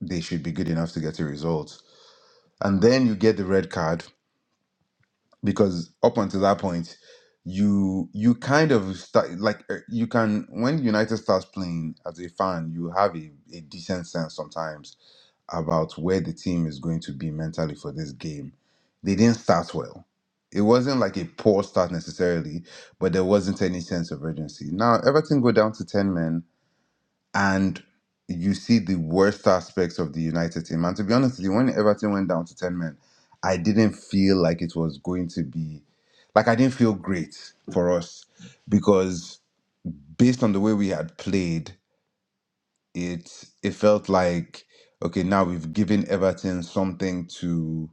K: they should be good enough to get a result. And then you get the red card because up until that point you you kind of start like uh, you can when united starts playing as a fan you have a, a decent sense sometimes about where the team is going to be mentally for this game they didn't start well it wasn't like a poor start necessarily but there wasn't any sense of urgency now everything go down to 10 men and you see the worst aspects of the United team. And to be honest with you, when Everton went down to 10 men, I didn't feel like it was going to be, like, I didn't feel great for us because based on the way we had played, it it felt like okay now we've given Everton something to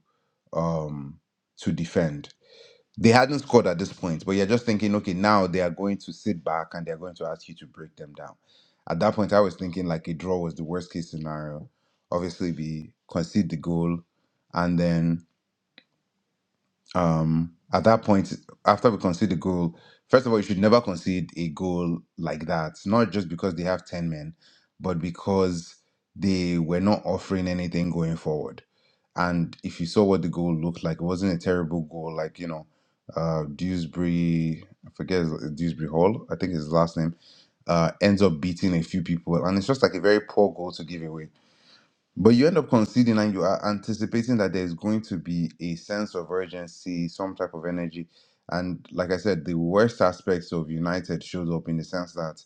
K: um to defend they hadn't scored at this point, but you're just thinking, okay, now they are going to sit back and they're going to ask you to break them down. At that point, I was thinking like a draw was the worst case scenario. Obviously, we concede the goal, and then um, at that point, after we concede the goal, first of all, you should never concede a goal like that. Not just because they have 10 men, but because they were not offering anything going forward. And if you saw what the goal looked like, it wasn't a terrible goal. Like, you know, uh, Dewsbury, I forget his- Dewsbury Hall, I think is his last name, uh, ends up beating a few people. And it's just like a very poor goal to give away but you end up conceding and you are anticipating that there's going to be a sense of urgency, some type of energy. And like I said, the worst aspects of United showed up in the sense that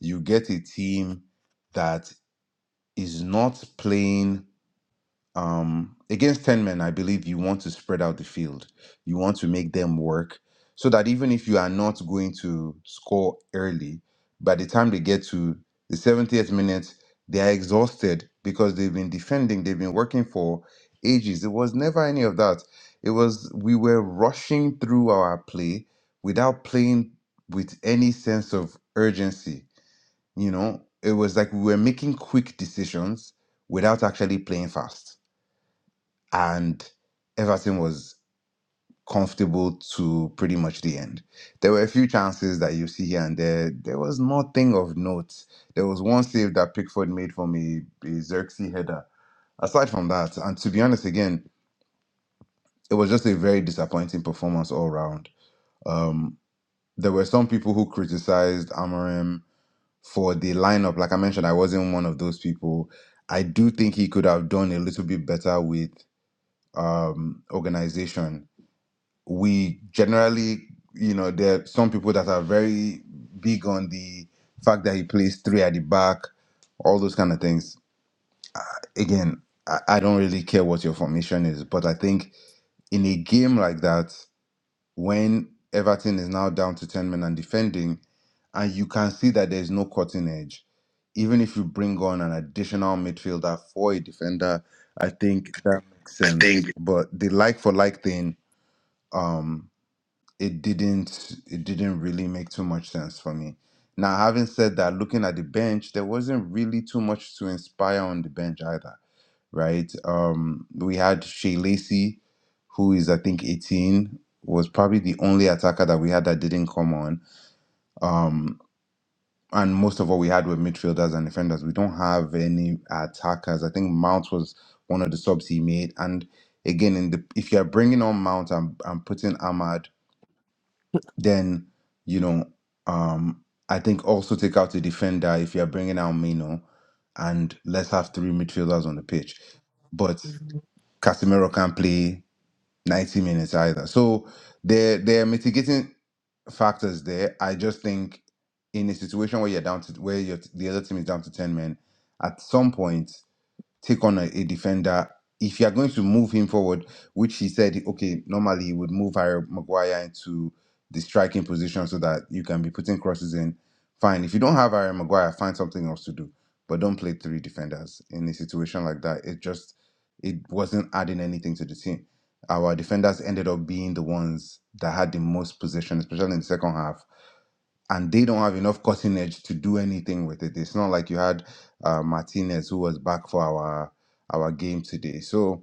K: you get a team that is not playing um, against 10 men, I believe you want to spread out the field. You want to make them work so that even if you are not going to score early, by the time they get to the 70th minute, they are exhausted because they've been defending, they've been working for ages. It was never any of that. It was we were rushing through our play without playing with any sense of urgency. You know, it was like we were making quick decisions without actually playing fast and Everton was comfortable to pretty much the end. There were a few chances that you see here and there. There was nothing of note. There was one save that Pickford made from a, a Xerxes header. Aside from that, and to be honest, again, it was just a very disappointing performance all round. Um, there were some people who criticized Amorim for the lineup. Like I mentioned, I wasn't one of those people. I do think he could have done a little bit better with um, organization we generally, you know, there are some people that are very big on the fact that he plays three at the back, all those kind of things. Again, I, I don't really care what your formation is, but I think in a game like that, when Everton is now down to 10 men and defending, and you can see that there's no cutting edge, even if you bring on an additional midfielder for a defender, I think that makes
A: I
K: sense.
A: think
K: But the like for like thing, um it didn't it didn't really make too much sense for me. Now, having said that, looking at the bench, there wasn't really too much to inspire on the bench either, right? Um, we had Shea Lacey, who is I think 18, was probably the only attacker that we had that didn't come on. Um, and most of what we had were midfielders and defenders. We don't have any attackers. I think Mount was one of the subs he made. And again, in the if you're bringing on Mount and, and putting Ahmad then you know um I think also take out a defender if you're bringing out Mino and let's have three midfielders on the pitch but Casemiro can't play 90 minutes either so there there are mitigating factors there I just think in a situation where you're down to where your the other team is down to 10 men at some point take on a, a defender. If you are going to move him forward, which he said, okay, normally he would move Harry Maguire into the striking position so that you can be putting crosses in. Fine. If you don't have Harry Maguire, find something else to do. But don't play three defenders in a situation like that. It just it wasn't adding anything to the team. Our defenders ended up being the ones that had the most possession, especially in the second half and they don't have enough cutting edge to do anything with it. It's not like you had uh, Martinez who was back for our our game today. So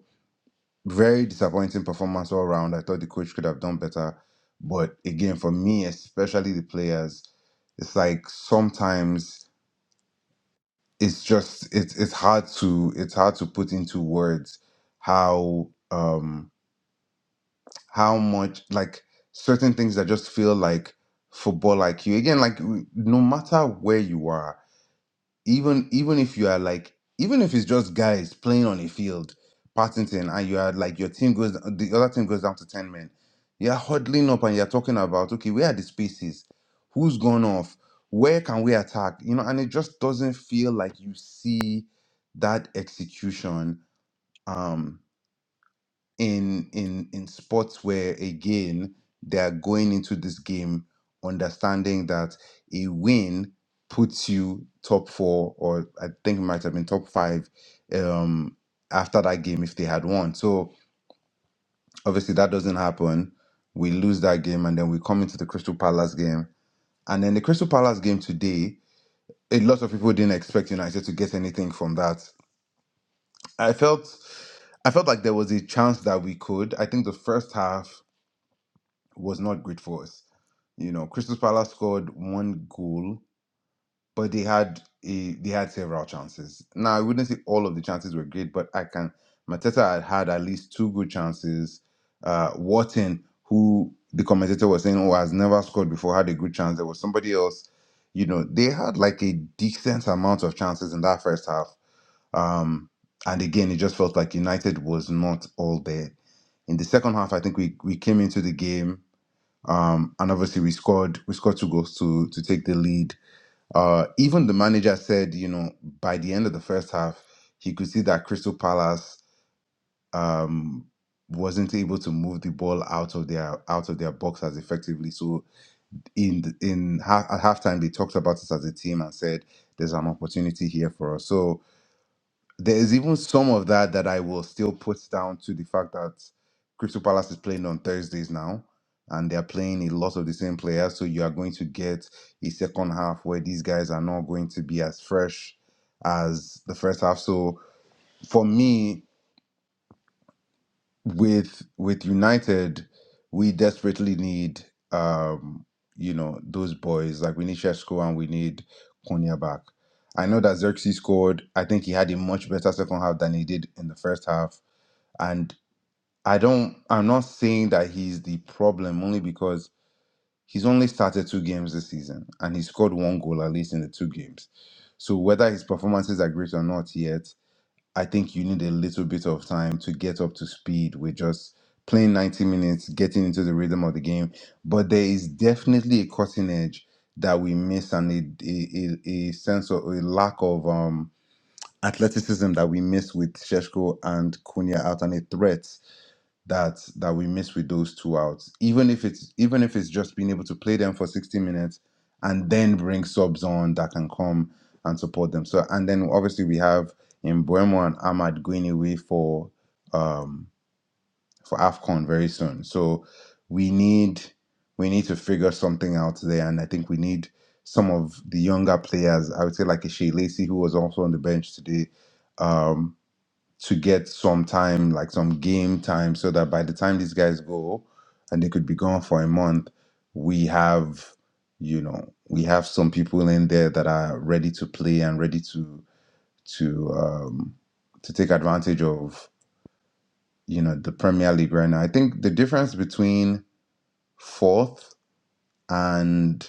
K: very disappointing performance all round. I thought the coach could have done better, but again, for me, especially the players, it's like sometimes it's just it's it's hard to it's hard to put into words how um how much like certain things that just feel like football IQ again like no matter where you are even even if you are like even if it's just guys playing on a field Partington and you are like your team goes the other team goes down to 10 men you're huddling up and you're talking about okay where are the spaces who's gone off where can we attack you know and it just doesn't feel like you see that execution Um, in in in sports where again they are going into this game understanding that a win puts you top four or I think it might have been top five um after that game if they had won. So obviously that doesn't happen. We lose that game and then we come into the Crystal Palace game. And then the Crystal Palace game today, a lot of people didn't expect United to get anything from that. I felt I felt like there was a chance that we could. I think the first half was not great for us. You know, Crystal Palace scored one goal, but they had a they had several chances. Now I wouldn't say all of the chances were great, but I can Mateta had had at least two good chances. Uh, Wharton, who the commentator was saying, oh, has never scored before, had a good chance. There was somebody else. You know, they had like a decent amount of chances in that first half. Um, and again, it just felt like United was not all there. In the second half, I think we we came into the game. Um, and obviously we scored we scored two goals to to take the lead. Uh, even the manager said, you know, by the end of the first half, he could see that Crystal Palace um, wasn't able to move the ball out of their out of their box as effectively. So in the- in half, at halftime, they talked about it as a team and said, "There's an opportunity here for us." So there is even some of that that I will still put down to the fact that Crystal Palace is playing on Thursdays now, and they are playing a lot of the same players. So you are going to get a second half where these guys are not going to be as fresh as the first half. So for me, with with United, we desperately need um, you know those boys like we need Sheshko and we need Konya back. I know that Xerxes scored. I think he had a much better second half than he did in the first half and I don't, I'm not saying that he's the problem only because he's only started two games this season and he scored one goal at least in the two games. So whether his performances are great or not yet, I think you need a little bit of time to get up to speed with just playing 90 minutes, getting into the rhythm of the game. But there is definitely a cutting edge that we miss and a, a, a, a sense of a lack of um athleticism that we miss with Sheshko and Kunia out and a threat that that we miss with those two outs. Even if it's even if it's just being able to play them for 60 minutes and then bring subs on that can come and support them. So and then obviously we have in Buemo and Ahmad going away for um for AFCON very soon. So we need we need to figure something out there and I think we need some of the younger players. I would say like a Shea Lacey who was also on the bench today. Um, to get some time, like some game time, so that by the time these guys go and they could be gone for a month, we have, you know, we have some people in there that are ready to play and ready to to um, to take advantage of, you know, the Premier League right now. I think the difference between fourth and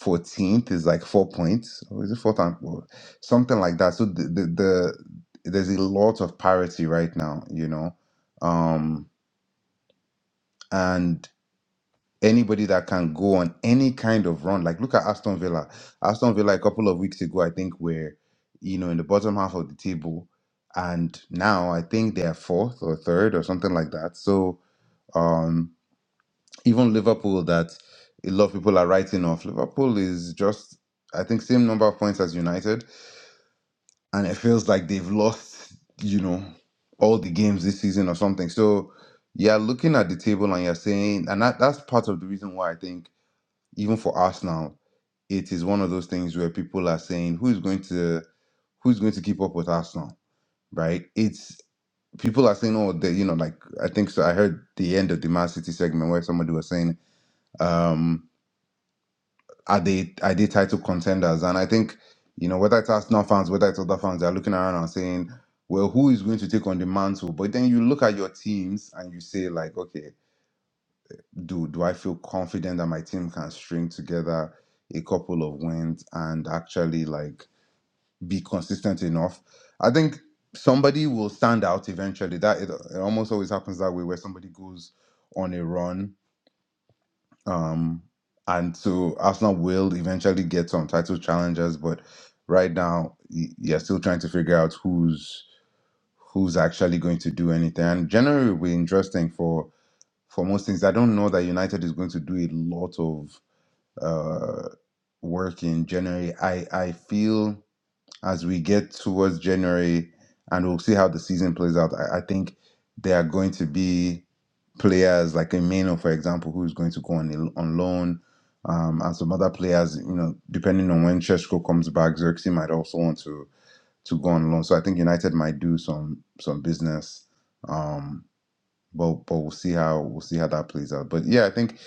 K: 14th is like four points or is it four times or something like that so the, the the there's a lot of parity right now you know um and anybody that can go on any kind of run like look at aston villa aston villa a couple of weeks ago i think were you know in the bottom half of the table and now i think they're fourth or third or something like that so um, even Liverpool that a lot of people are writing off. Liverpool is just, I think, same number of points as United, and it feels like they've lost, you know, all the games this season or something. So you're looking at the table and you're saying, and that, that's part of the reason why I think even for Arsenal, it is one of those things where people are saying who's going to who's going to keep up with Arsenal, right? It's people are saying, oh, they, you know, like I think so. I heard the end of the Man City segment where somebody was saying. um are they are they title contenders? And I think you know whether it's Arsenal fans, whether it's other fans, they're looking around and saying, well, who is going to take on the mantle? But then you look at your teams and you say like, okay, do do I feel confident that my team can string together a couple of wins and actually like be consistent enough? I think somebody will stand out eventually. That it, it almost always happens that way where somebody goes on a run um, and so Arsenal will eventually get some title challengers, but right now y- you're still trying to figure out who's who's actually going to do anything. And January will be interesting for for most things. I don't know that United is going to do a lot of uh, work in January. I I feel as we get towards January and we'll see how the season plays out. I, I think there are going to be players like Emeno, for example, who's going to go on on loan, um, and some other players. You know, depending on when Cheshko comes back, Xerxes might also want to to go on loan. So I think United might do some some business. Um, but but we'll see how we'll see how that plays out. But yeah, I think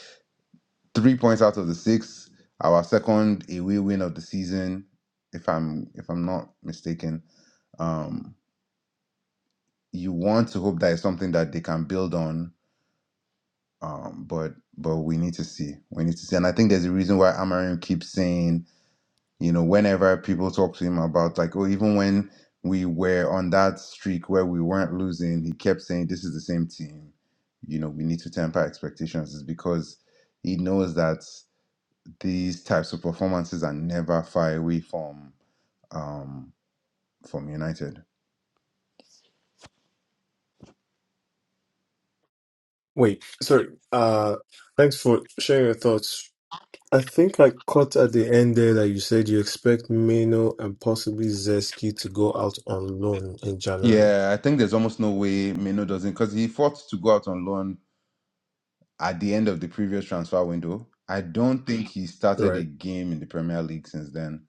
K: three points out of the six, our second away win of the season, if I'm if I'm not mistaken um, you want to hope that it's something that they can build on. Um, but but we need to see. We need to see. And I think there's a reason why Amarim keeps saying, you know, whenever people talk to him about like, oh, even when we were on that streak where we weren't losing, he kept saying, This is the same team. You know, we need to temper expectations is because he knows that these types of performances are never far away from um from United.
A: Wait, sorry. Uh, thanks for sharing your thoughts, I think I caught at the end there that you said you expect Mino and possibly Zeski to go out on loan in January.
K: Yeah, I think there's almost no way Mino doesn't because he fought to go out on loan at the end of the previous transfer window. I don't think he started
A: Right.
K: a game in the Premier League since then.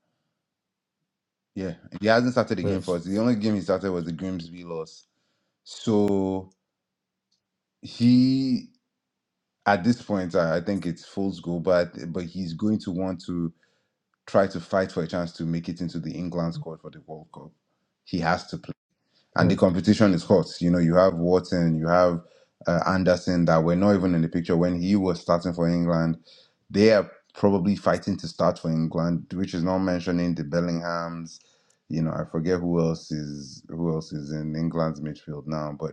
K: Yeah, he hasn't started a game for
A: Yes.
K: us. The only game he started was the Grimsby loss. So he, at this point, I, I think it's fool's goal, but but he's going to want to try to fight for a chance to make it into the England squad for the World Cup. He has to play. and
A: Hmm.
K: the competition is hot. You know, you have Watson, you have uh, Anderson that were not even in the picture when he was starting for England. They are probably fighting to start for England, which is not mentioning the Bellinghams. You know, I forget who else is who else is in England's midfield now, but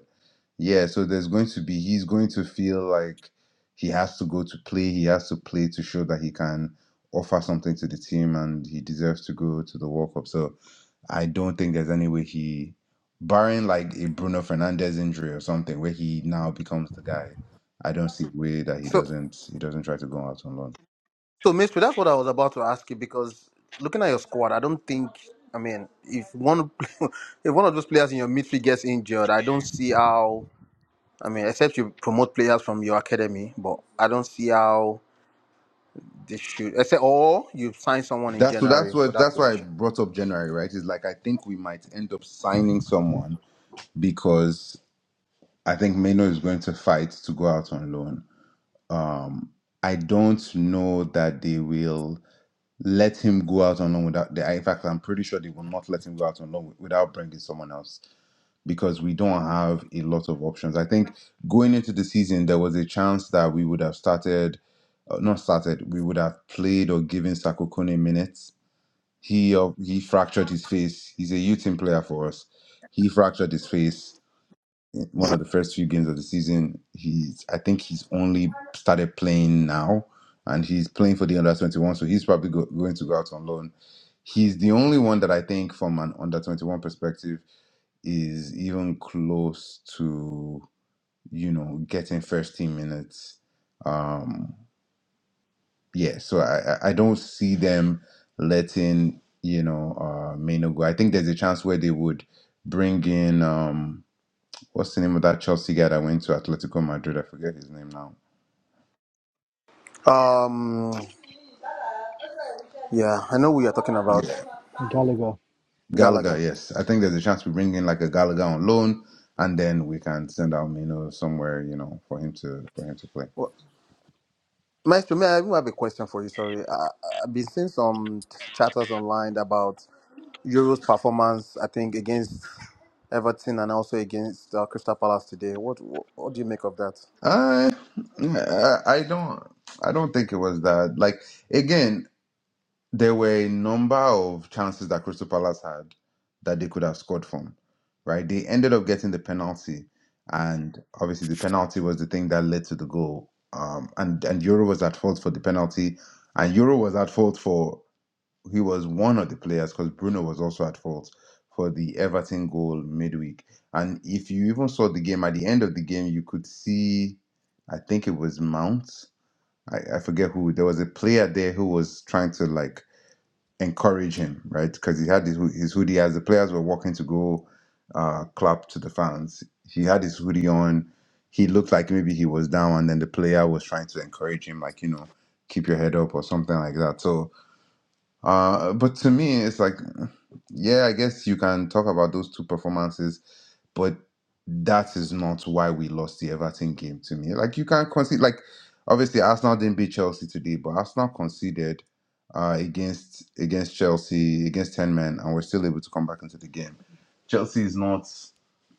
K: yeah. So there's going to be he's going to feel like he has to go to play. He has to play to show that he can offer something to the team, and he deserves to go to the World Cup. So I don't think there's any way he, barring like a Bruno Fernandez injury or something, where he now becomes the guy. I don't see a way that he
D: So.
K: doesn't he doesn't try to go out on loan.
D: So, Mister, that's what I was about to ask you because looking at your squad, I don't think. I mean, if one if one of those players in your midfield gets injured, I don't see how. I mean, except you promote players from your academy, but I don't see how they should. Except, or you sign someone in
K: That's so that's
D: January for
K: what
D: that
K: that's why I
D: position.
K: brought up January, right? Is like I think we might end up signing someone because I think Meno is going to fight to go out on loan. Um, I don't know that they will let him go out on loan without. They, in fact, I'm pretty sure they will not let him go out on loan without bringing someone else because we don't have a lot of options. I think going into the season, there was a chance that we would have started, uh, not started, we would have played or given Sako Kone minutes. He uh, he fractured his face. He's a youth team player for us. He fractured his face in one of the first few games of the season. He's I think he's only started playing now, and he's playing for the under twenty one. So he's probably go, going to go out on loan. He's the only one that I think, from an under twenty one perspective is even close to you know getting first team minutes. Um, yeah, so I I I don't see them letting you know uh, Maino go. I think there's a chance where they would bring in um what's the name of that Chelsea guy that went to Atletico Madrid? I forget his name now.
D: Um, yeah, I know who you're talking about
K: Yeah,
C: Gallagher.
K: Gallagher.
D: Gallagher.
K: Yes, I think there's a chance we bring in like a Gallagher on loan, and then we can send out Maino somewhere you know for him to for him to play.
D: Maestro, may I even have a question for you? Sorry, I, I've been seeing some chatters online about Euro's performance. I think against Everton and also against uh, Crystal Palace today. What, what what do you make of that?
K: Uh, I I don't I don't think it was that. Like again, there were a number of chances that Crystal Palace had that they could have scored from, right? They ended up getting the penalty, and obviously the penalty was the thing that led to the goal. Um, and and Euro was at fault for the penalty, and Euro was at fault for he was one of the players because Bruno was also at fault for the Everton goal midweek. And if you even saw the game at the end of the game, you could see, I think it was Mount. I, I forget who. There was a player there who was trying to like encourage him, right? Because he had his, his hoodie as the players were walking to go uh, clap to the fans. He had his hoodie on. He looked like maybe he was down, and then the player was trying to encourage him, like, you know, keep your head up or something like that. So, uh, but to me, it's like, yeah, I guess you can talk about those two performances but that is not why we lost the Everton game to me. Like you can't concede like obviously Arsenal didn't beat Chelsea today, but Arsenal conceded uh against against Chelsea, against 10 men, and we're still able to come back into the game. Chelsea is not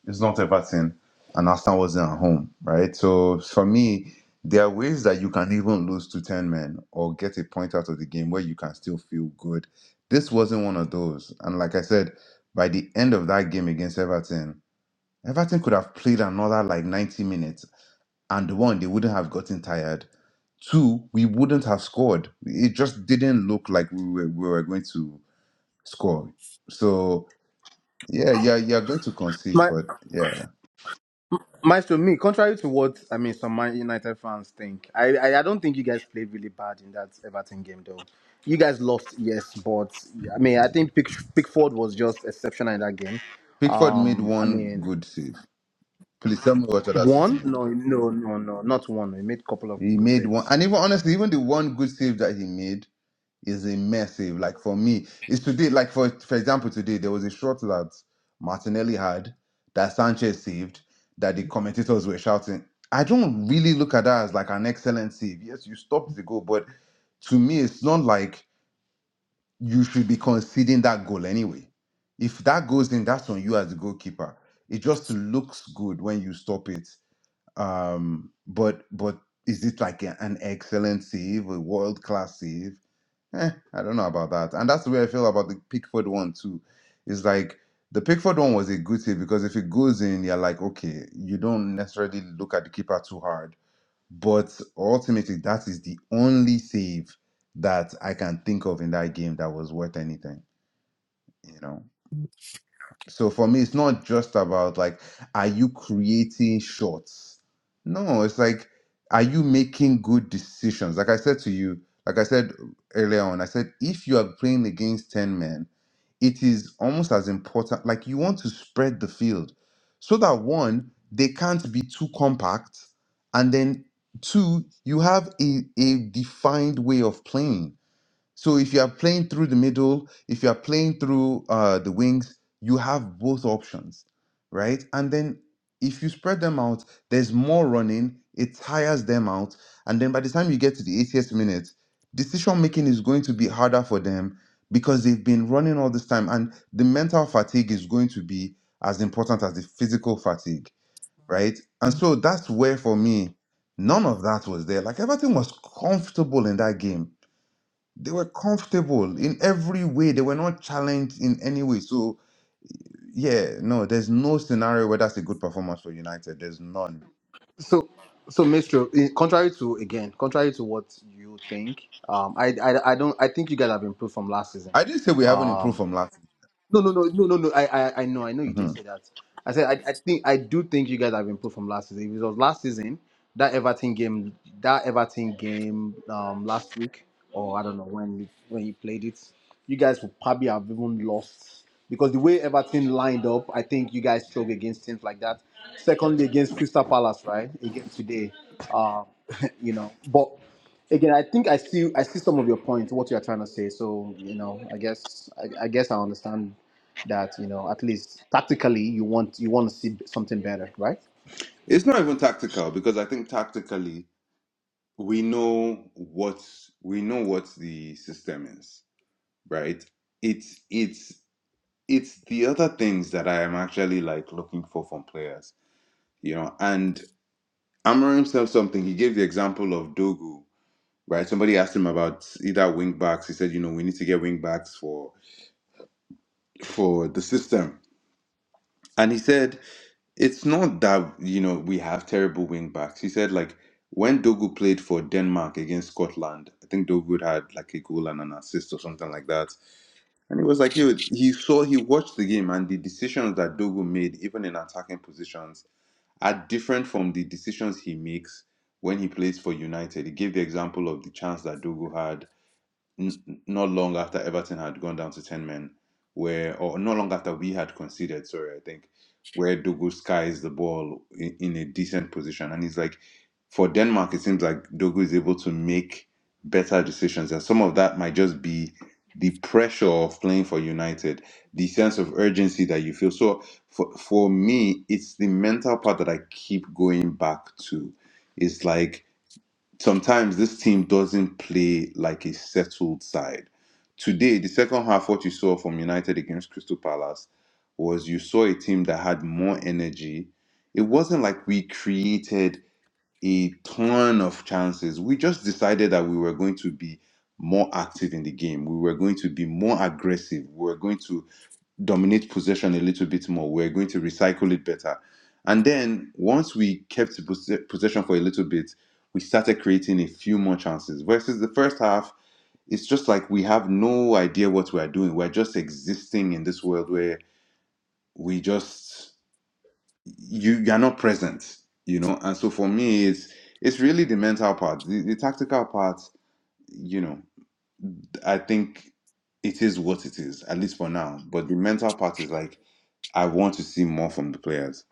K: it's not Everton and Arsenal wasn't at home, right? So for me, there are ways that you can even lose to 10 men or get a point out of the game where you can still feel good. This wasn't one of those. And like I said, by the end of that game against Everton, Everton could have played another like 90 minutes, and one, they wouldn't have gotten tired. Two, we wouldn't have scored. It just didn't look like we were, we were going to score. So, yeah, yeah, you're going to concede,
D: My
K: but yeah.
D: Maestro, me contrary to what I mean, some Man United fans think. I, I I don't think you guys played really bad in that Everton game, though. You guys lost, yes, but I mean, I think Pick, Pickford was just exceptional in that game.
K: Pickford made
D: Um, I
K: one
D: mean,
K: good save. Please tell me what other save he
D: One?
K: made.
D: No, no, no, no, not one. He made a couple of
K: He
D: good
K: made one,
D: saves.
K: and even honestly, even the one good save that he made. is immersive. Like for me, it's today. Like for for example, today there was a shot that Martinelli had that Sanchez saved that the commentators were shouting. I don't really look at that as like an excellent save. Yes, you stopped the goal, but to me, it's not like you should be conceding that goal anyway. If that goes in, that's on you as the goalkeeper. It just looks good when you stop it. Um, but but is it like an excellent save, a world class save? Eh, I don't know about that. And that's the way I feel about the Pickford one too. It's like the Pickford one was a good save because if it goes in, you're like, okay, you don't necessarily look at the keeper too hard. But ultimately, that is the only save that I can think of in that game that was worth anything, you know. So for me, it's not just about like, are you creating shots? No, it's like, are you making good decisions? Like I said to you, like I said earlier on, I said, if you are playing against 10 men, it is almost as important. Like you want to spread the field so that one, they can't be too compact. And then two, you have a, a defined way of playing. So if you are playing through the middle, if you are playing through uh, the wings, you have both options, right? And then if you spread them out, there's more running. It tires them out, and then by the time you get to the 80th minute, decision making is going to be harder for them because they've been running all this time, and the mental fatigue is going to be as important as the physical fatigue, right? And so that's where for me, none of that was there. Like everything was comfortable in that game they were comfortable in every way. They were not challenged in any way. So yeah, no, there's no scenario where that's a good performance for United. There's none.
D: So, so Maestro, eh, contrary to again, contrary to what you think, um, I, I, I don't, I think you guys have improved from last season.
K: I did say we haven't
D: Um,
K: improved from last.
D: No, no, no, no, no, no. I, I, I know, I know you didn't
K: hmm
D: say that. I said I, I think I do think you guys have improved from last season. If it was last season, that Everton game, that Everton game um last week, or I don't know when you, when you played it, you guys would probably have even lost because the way Everton lined up, I think you guys struggled against teams like that. Secondly, against Crystal Palace, right? Again today, uh, you know, but. Again, I think I see I see some of your points, what you are trying to say. So you know, I guess I, I guess I understand that you know at least tactically you want you want to see something better, right?
K: It's not even tactical because I think tactically we know what we know what the system is, right? It's it's it's the other things that I am actually like looking for from players, you know. And Amorim said something. He gave the example of Dogu. right? Somebody asked him about either wing backs. He said, you know, we need to get wing backs for for the system. And he said, it's not that, you know, we have terrible wing backs. He said, like, when Dogu played for Denmark against Scotland, I think Dogu had like a goal and an assist or something like that. And he was like, yo, he saw, he watched the game and the decisions that Dogu made, even in attacking positions, are different from the decisions he makes when he plays for United. He gave the example of the chance that Dogu had n- not long after Everton had gone down to 10 men, where, or not long after we had conceded, sorry, I think, where Dogu skies the ball in, in a decent position. And it's like, for Denmark, it seems like Dogu is able to make better decisions. And some of that might just be the pressure of playing for United, the sense of urgency that you feel. So for, for me, it's the mental part that I keep going back to. It's like, sometimes this team doesn't play like a settled side. Today, the second half, what you saw from United against Crystal Palace was you saw a team that had more energy. It wasn't like we created a ton of chances. We just decided that we were going to be more active in the game. We were going to be more aggressive. We were going to dominate possession a little bit more. We're going to recycle it better. And then once we kept pos- possession for a little bit, we started creating a few more chances. Versus the first half, it's just like we have no idea what we're doing. We're just existing in this world where we just you you're not present, you know. And so for me, it's it's really the mental part. The, the tactical part, you know, I think it is what it is, at least for now. But the mental part is like I want to see more from the players.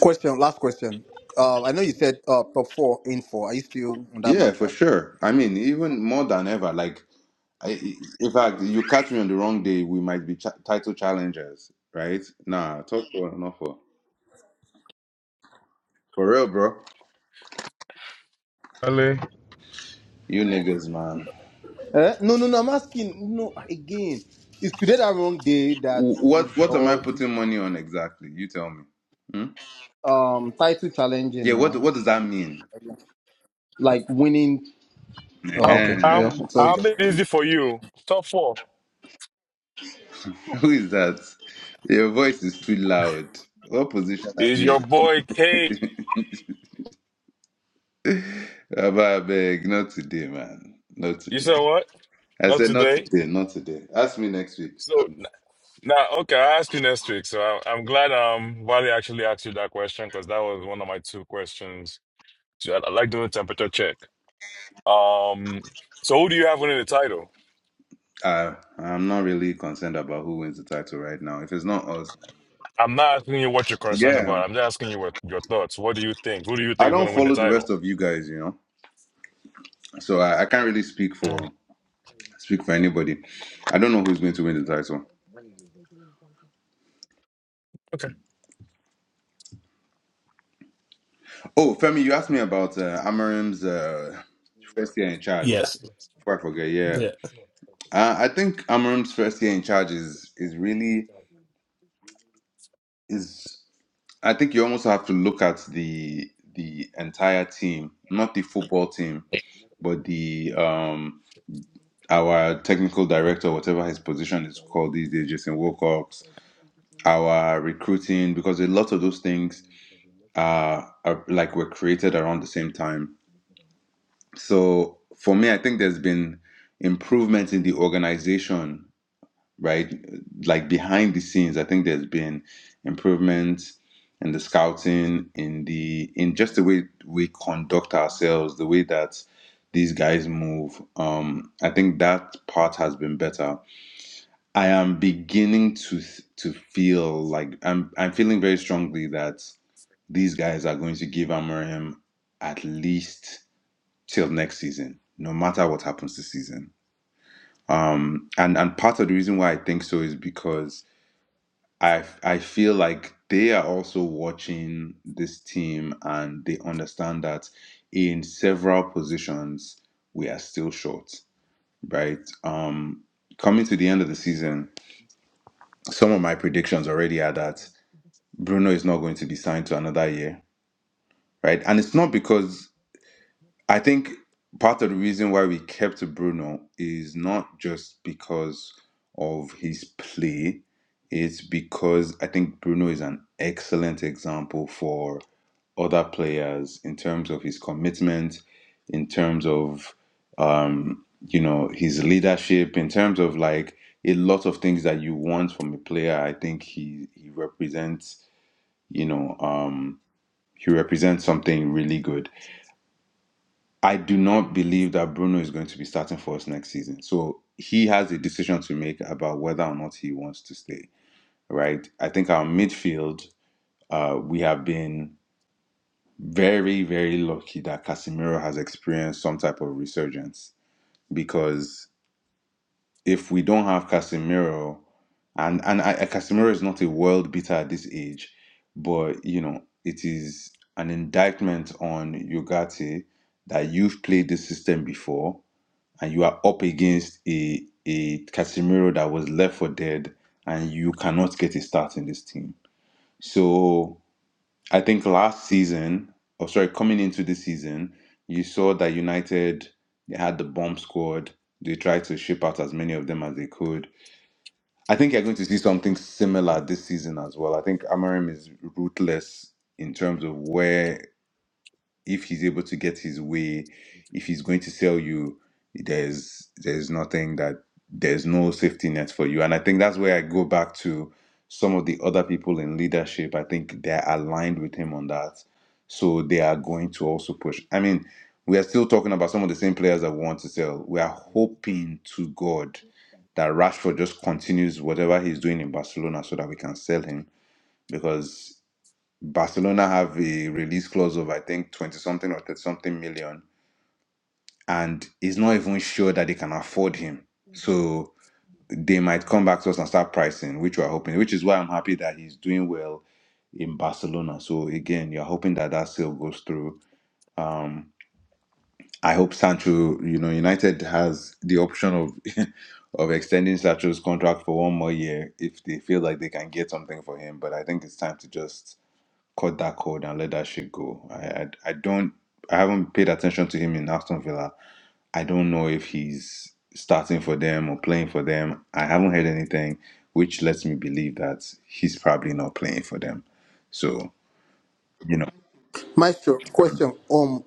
D: Question, last question. Uh, I know you said uh, top four in four. Are you still on that
K: Yeah, for
D: mantra?
K: sure. I mean, even more than ever. Like, I, in fact, you catch me on the wrong day, we might be ch- title challengers, right? Nah, talk for not for for real, bro. You niggas, man.
D: Eh? No, no, no. I'm asking. No, again, is today the wrong day that
K: W- What
D: is
K: what am I
D: or
K: putting money on exactly? You tell me. Hmm?
D: um title
K: Yeah,
D: challenging
K: what
D: now?
K: what does that mean?
D: Like winning. Oh,
B: How
D: okay.
B: how
D: Yeah,
K: Ehen,
D: it's
K: you
B: how
D: okay.
B: many
K: get me.
B: is it for you? Top four
K: Who is that? Your voice is too loud. What position are
B: is your
K: you?
B: boy K.
K: Abba, I beg, not today, man. Not
B: You
K: today.
B: said what?
K: I
B: Not
K: said not
B: today.
K: today, not today. Ask me next week.
B: So n- now, okay, I'll ask you next week. So I, I'm glad um Wally actually asked you that question because that was one of my two questions. So I, I like doing temperature check. Um, so who do you have winning the title?
K: Uh, I'm not really concerned about who wins the title right now. If it's not us,
B: I'm not asking you what you're concerned about.
K: yeah,
B: I'm just asking you what your thoughts. What do you think? Who do you
K: I
B: think is going
K: don't
B: to win the
K: follow the rest
B: title?
K: of you guys, you know, so I, I can't really speak for speak for anybody. I don't know who's going to win the title. Oh, Femi, you asked me about uh, Amarim's uh, first year in charge.
A: Yes.
K: Before I forget, yeah,
A: Yeah.
K: uh, I think Amarim's first year in charge is is really is. I think you almost have to look at the the entire team, not the football team but the um our technical director, whatever his position is called these days, Jason Wilcox, our recruiting, because a lot of those things are, are like were created around the same time. So for me, I think there's been improvement in the organization right? Like behind the scenes, I think there's been improvements in the scouting, in the in just the way we conduct ourselves, the way that these guys move. Um, I think that part has been better. I am beginning to to feel like I'm I'm feeling very strongly that these guys are going to give Amorim at least till next season, no matter what happens this season. Um, and and part of the reason why I think so is because I I feel like they are also watching this team and they understand that in several positions we are still short, right? Um coming to the end of the season, some of my predictions already are that Bruno is not going to be signed to another year, right? And it's not because I think part of the reason why we kept Bruno is not just because of his play, it's because I think Bruno is an excellent example for other players in terms of his commitment, in terms of um, you know, his leadership, in terms of like a lot of things that you want from a player. I think he he represents, you know, um he represents something really good I do not believe that Bruno is going to be starting for us next season. So he has a decision to make about whether or not he wants to stay, right? I think our midfield, uh, we have been very, very lucky that Casemiro has experienced some type of resurgence because if we don't have Casemiro, and and I, Casemiro is not a world beater at this age, but you know it is an indictment on Yogati that you've played this system before and you are up against a a Casemiro that was left for dead, and you cannot get a start in this team. So I think last season, or sorry, coming into this season, you saw that United they had the bomb squad. They tried to ship out as many of them as they could. I think you're going to see something similar this season as well. I think Amarim is ruthless in terms of where if he's able to get his way, if he's going to sell you, there's there's nothing that there's no safety net for you. And I think that's where I go back to some of the other people in leadership. I think they're aligned with him on that. So they are going to also push. I mean, we are still talking about some of the same players that we want to sell. We are hoping to God that Rashford just continues whatever he's doing in Barcelona so that we can sell him. Because Barcelona have a release clause of I think twenty something or thirty something million, and he's not even sure that they can afford him. So they might come back to us and start pricing, which we're hoping. Which is why I'm happy that he's doing well in Barcelona. So again, you're hoping that that sale goes through. Um, I hope Sancho, you know, United has the option of of extending Sancho's contract for one more year if they feel like they can get something for him. But I think it's time to just cut that cold and let that shit go. I, I I don't I haven't paid attention to him in Aston Villa. I don't know if he's starting for them or playing for them. I haven't heard anything, which lets me believe that he's probably not playing for them. So you know,
D: Maestro, question. Um,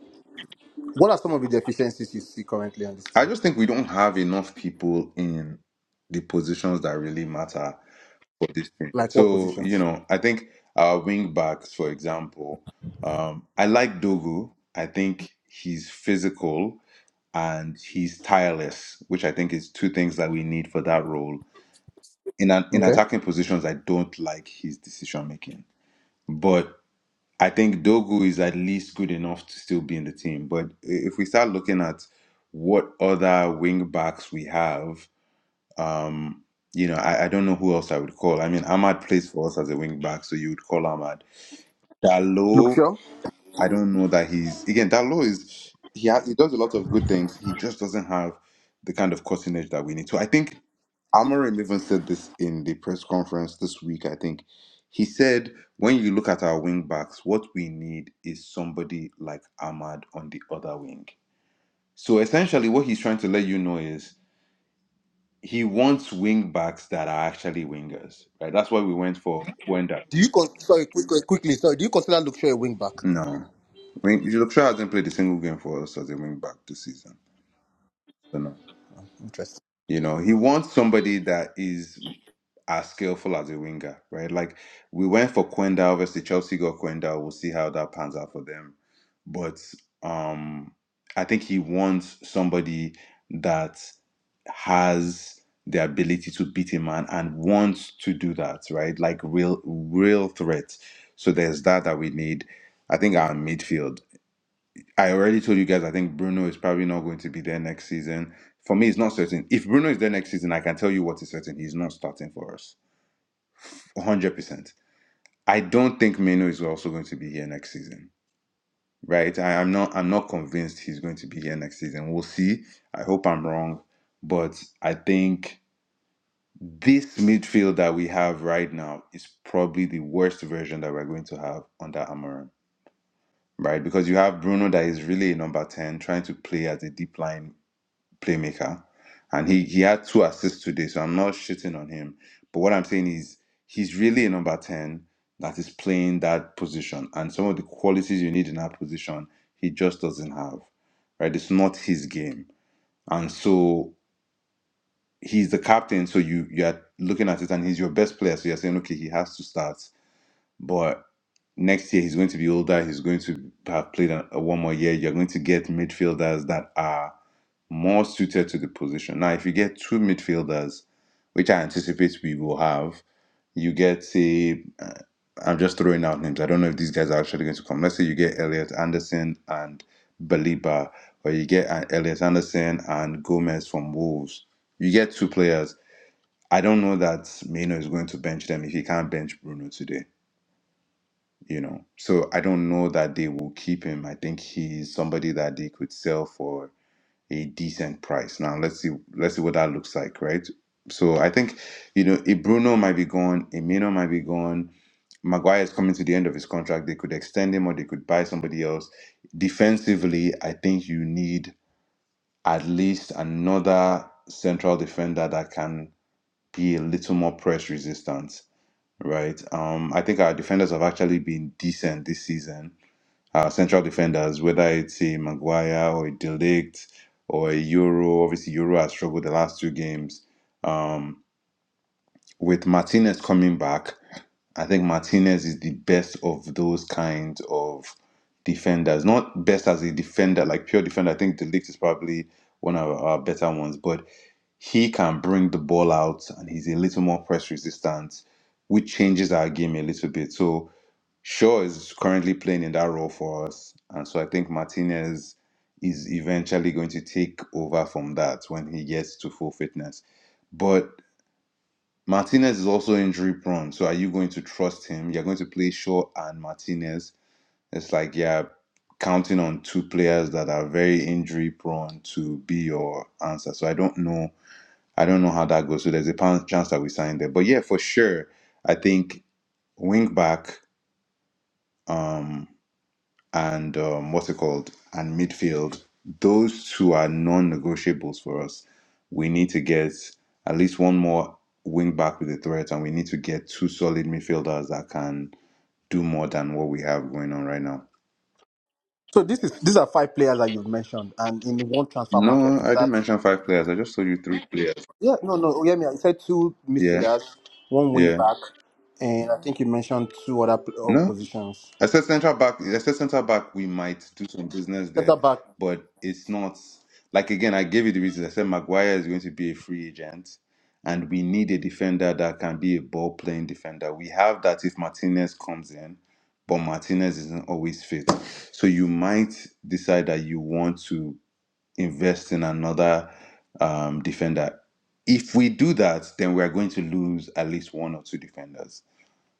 D: what are some of the deficiencies you see currently on this
K: I
D: team?
K: just think we don't have enough people in the positions that really matter for this team.
D: Like what
K: So you
D: positions?
K: know, I think our wing backs, for example, um, I like Dogu. I think he's physical. and he's tireless, which I think is two things that we need for that role. In an, in
D: Okay.
K: attacking positions, I don't like his decision making, but I think Dogu is at least good enough to still be in the team. But i- if we start looking at what other wing backs we have, um, you know, I, I don't know who else I would call. I mean, Ahmad plays for us as a wing back, so you would call Ahmad.
D: Luke
K: Dalot.
D: Shaw.
K: I don't know that he's again that law is he has, he does a lot of good things. He just doesn't have the kind of cutting edge that we need. So I think Amorim even said this in the press conference this week. I think he said when you look at our wing backs, what we need is somebody like Ahmad on the other wing. So essentially, what he's trying to let you know is he wants wing backs that are actually wingers. Right? That's why we went for Wenda.
D: Do you con- sorry quick, quick- quickly? Sorry, do you consider Luke Shaw a wing back?
K: No, wing, Luxor hasn't played a single game for us as a wing back this season. So No.
D: Interesting.
K: You know, he wants somebody that is as skillful as a winger, right? Like we went for Quenda, obviously Chelsea got Quenda. We'll see how that pans out for them. But um I think he wants somebody that has the ability to beat a man and wants to do that, right? Like real real threat. So there's that that we need. I think our midfield. I already told you guys I think Bruno is probably not going to be there next season. For me, it's not certain. If Bruno is there next season, I can tell you what is certain. He's not starting for us. 100%. I don't think Meno is also going to be here next season. Right? I am not I'm not convinced he's going to be here next season. We'll see. I hope I'm wrong, but I think this midfield that we have right now is probably the worst version that we're going to have under Amorim, Right? Because you have Bruno that is really a number 10 trying to play as a deep line playmaker. And he, he had two assists today, so I'm not shitting on him. But what I'm saying is he's really a number 10 that is playing that position. And some of the qualities you need in that position, he just doesn't have. Right? It's not his game. And so he's the captain, so you you're looking at it and he's your best player. So you're saying, okay, he has to start. But next year he's going to be older, he's going to have played a, a one more year. You're going to get midfielders that are more suited to the position. Now, if you get two midfielders, which I anticipate we will have, you get say, uh, I'm just throwing out names. I don't know if these guys are actually going to come. Let's say you get Elliot Anderson and Baliba, or you get uh, Elliot Anderson and Gomez from Wolves. You get two players. I don't know that Mino is going to bench them if he can't bench Bruno today. You know, so I don't know that they will keep him. I think he's somebody that they could sell for a decent price. Now let's see let's see what that looks like, right? So I think you know if Bruno might be gone, Emino might be gone, Maguire is coming to the end of his contract. They could extend him or they could buy somebody else. Defensively, I think you need at least another central defender that can be a little more press resistant, right? Um, I think our defenders have actually been decent this season our central defenders, whether it's a Maguire or a Delict or a Euro. Obviously, Euro has struggled the last two games. Um, with Martinez coming back, I think Martinez is the best of those kinds of defenders. Not best as a defender, like pure defender. I think Delict is probably one of our better ones, but he can bring the ball out and he's a little more press resistant, which changes our game a little bit. So Shaw is currently playing in that role for us, and so I think Martinez is eventually going to take over from that when he gets to full fitness. But Martinez is also injury prone, so are you going to trust him? You're going to play Shaw and Martinez. It's like yeah, counting on two players that are very injury prone to be your answer. So I don't know. I don't know how that goes. So there's a pan- chance that we sign there. But yeah, for sure, I think wing back. Um, and um, what's it called and midfield those two are non-negotiables for us we need to get at least one more wing back with a threat and we need to get two solid midfielders that can do more than what we have going on right now
D: So this is these are five players that you've mentioned, and in one transfer market,
K: no i
D: is that?
K: didn't mention five players i just told you three players
D: Yeah, no, no. Oyemi, I said two
K: yeah
D: midfielders, one wing
K: yeah
D: back, and I think you mentioned two other p- uh,
K: no
D: positions.
K: I said central back. I said central back. We might do some business
D: Centre
K: there,
D: back.
K: but it's not like again. I gave you the reasons. I said Maguire is going to be a free agent, and we need a defender that can be a ball playing defender. We have that if Martinez comes in, but Martinez isn't always fit. So you might decide that you want to invest in another um, defender. If we do that, then we are going to lose at least one or two defenders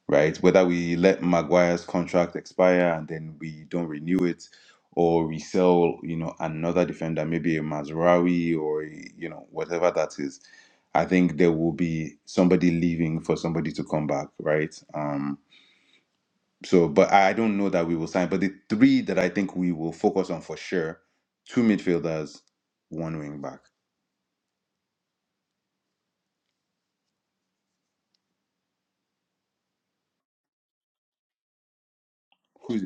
K: right? Whether we let Maguire's contract expire and then we don't renew it, or we sell, you know, another defender, maybe a Mazraoui or a- you know whatever that is. I think there will be somebody leaving for somebody to come back, right? Um, so, but I I don't know that we will sign. But the three that I think we will focus on for sure: two midfielders, one wing back. Who's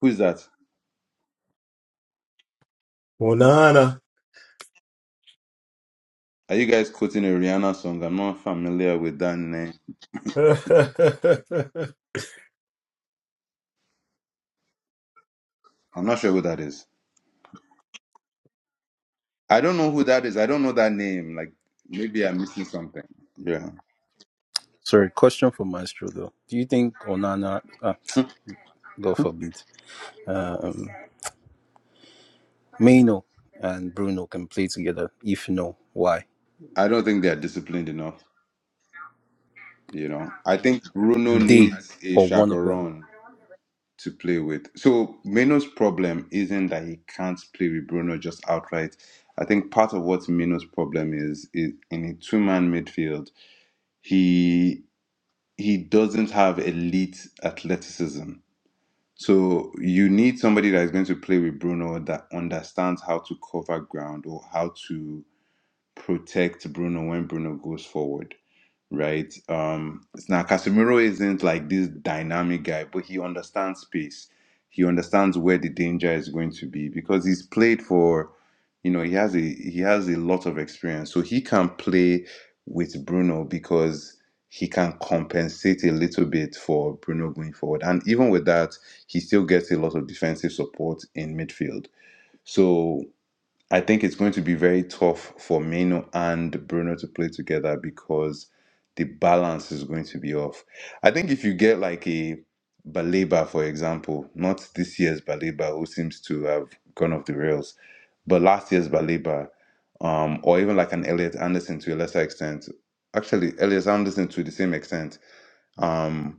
K: who's that?
A: Onana.
K: Are you guys quoting a Rihanna song? I'm not familiar with that name. I'm not sure who that is. I don't know who that is. I don't know that name. Like maybe I'm missing something. Yeah.
J: Sorry, question for Maestro though. Do you think Onana, ah, God forbid, um, Maino and Bruno can play together? If no, why?
K: I don't think they're disciplined enough, you know. I think Bruno
J: They
K: needs a
J: or one of them?
K: chaperone to play with. So Mino's problem isn't that he can't play with Bruno just outright. I think part of what Mino's problem is is in a two-man midfield, he he doesn't have elite athleticism. So you need somebody that is going to play with Bruno that understands how to cover ground or how to protect Bruno when Bruno goes forward, right? Um, now Casemiro isn't like this dynamic guy, but he understands space. He understands where the danger is going to be because he's played for, you know, he has a he has a lot of experience, so he can play with Bruno because he can compensate a little bit for Bruno going forward, and even with that, he still gets a lot of defensive support in midfield. So I think it's going to be very tough for Mino and Bruno to play together because the balance is going to be off. I think if you get like a Baleba, for example, not this year's Baleba, who seems to have gone off the rails, but last year's Baleba, um, or even like an Elliot Anderson to a lesser extent, actually Elliot Anderson to the same extent. um,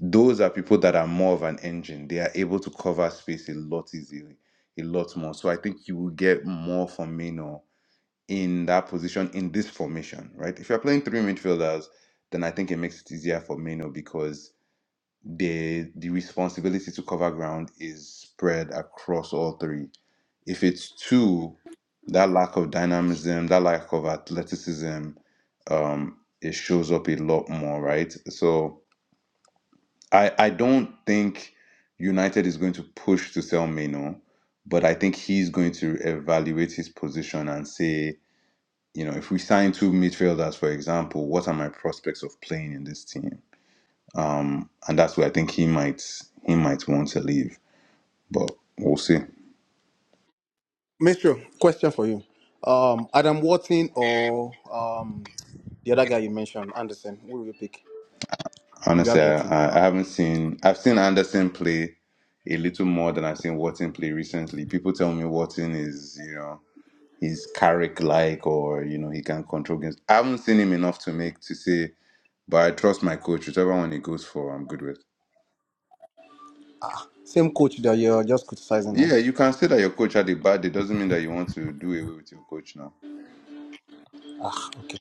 K: those are people that are more of an engine. They are able to cover space a lot easily, a lot more. So I think you will get more from Mino in that position in this formation, right? If you're playing three midfielders, then I think it makes it easier for Mino because the the responsibility to cover ground is spread across all three. If it's two, that lack of dynamism, that lack of athleticism, um, it shows up a lot more, right? So I, I don't think United is going to push to sell Meno, but I think he's going to evaluate his position and say, you know, if we sign two midfielders, for example, what are my prospects of playing in this team? Um, and that's where I think he might he might want to leave, but we'll see.
D: Maestro, question for you. Um, Adam Watson or um, the other guy you mentioned, Anderson. Who will you pick if you have
K: Honestly,
D: the
K: I,
D: option?
K: I haven't seen I've seen Anderson play a little more than I've seen Watson play recently. People tell me Watson is you know he's Carrick like or you know he can control games. I haven't seen him enough to make to say, but I trust my coach. Whichever one he goes for, I'm good with.
D: Same coach that you're just criticizing now.
K: Yeah, you can say that your coach had a bad day. Doesn't mean that you want to do away with your coach now.
D: Ah, okay.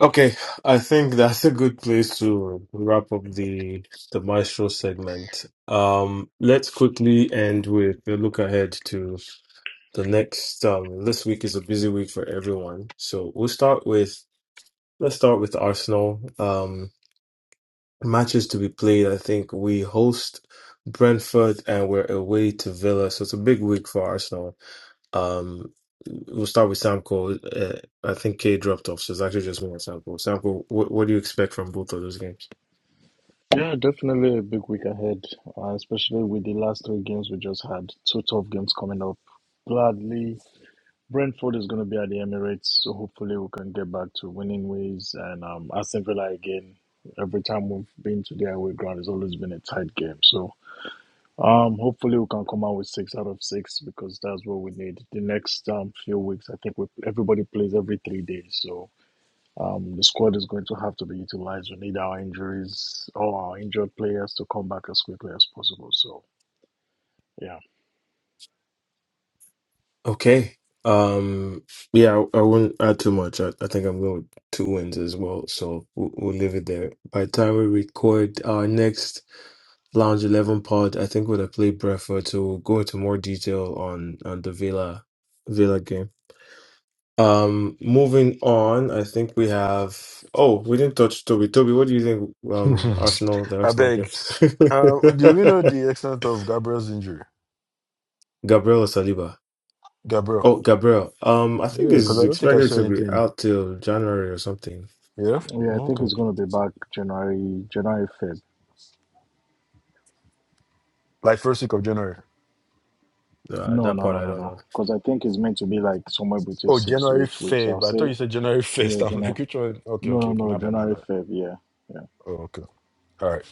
A: okay. I think that's a good place to wrap up the the maestro segment. Um let's quickly end with a look ahead to the next um this week is a busy week for everyone. So we'll start with let's start with Arsenal. Um matches to be played. I think we host Brentford and we're away to Villa, so it's a big week for Arsenal. Um, we'll start with Samco. Uh, I think K dropped off, so it's actually just more Samco. Samco, what, what do you expect from both of those games?
C: Yeah, definitely a big week ahead, uh, especially with the last three games we just had. Two tough games coming up. Gladly, Brentford is going to be at the Emirates, so hopefully we can get back to winning ways. And um, Aston Villa again. Every time we've been to their away ground, it's always been a tight game. So um, hopefully we can come out with six out of six because that's what we need. The next um, few weeks, I think we, everybody plays every three days, so Um, the squad is going to have to be utilized. We need our injuries, all our injured players to come back as quickly as possible. So, yeah.
A: Okay. Um, yeah, I, I wouldn't add too much. I, I think I'm going with two wins as well, so we'll, we'll leave it there. By the time we record our next Lounge Eleven Pod, I think would have played Brentford to go into more detail on on the Villa Villa game. Um, moving on, I think we have. Oh, we didn't touch Toby. Toby, what do you think? Um, Arsenal, the
G: I
A: Arsenal
G: beg.
A: games.
G: Uh, do we know the extent of Gabriel's injury?
A: Gabriel or Saliba? Oh,
G: Gabriel.
A: Gabriel. Um, I think
G: Yeah, because
A: is
G: I don't think I
A: expected
G: saw
A: to be
G: anything.
A: out till January or something.
G: Yeah?
C: Yeah, I
G: Oh,
C: think it's
G: Okay.
C: going to be back January, January, Feb.
G: Like first week of January.
A: Uh,
C: No,
A: that
C: no,
A: part
C: no,
A: I
C: no,
A: don't know.
C: no. Because I think it's meant to be like somewhere between
G: Oh,
C: six to
G: January
C: eight weeks,
G: 5th.
C: I'll
G: I thought you
C: say.
G: said January 1st.
C: Yeah,
G: I'm like,
C: January.
G: which one? Okay,
C: No,
G: okay,
C: no,
G: okay.
C: no,
G: My bad, my
C: January,
G: bad.
C: Feb. Yeah,
G: Oh, okay. All right.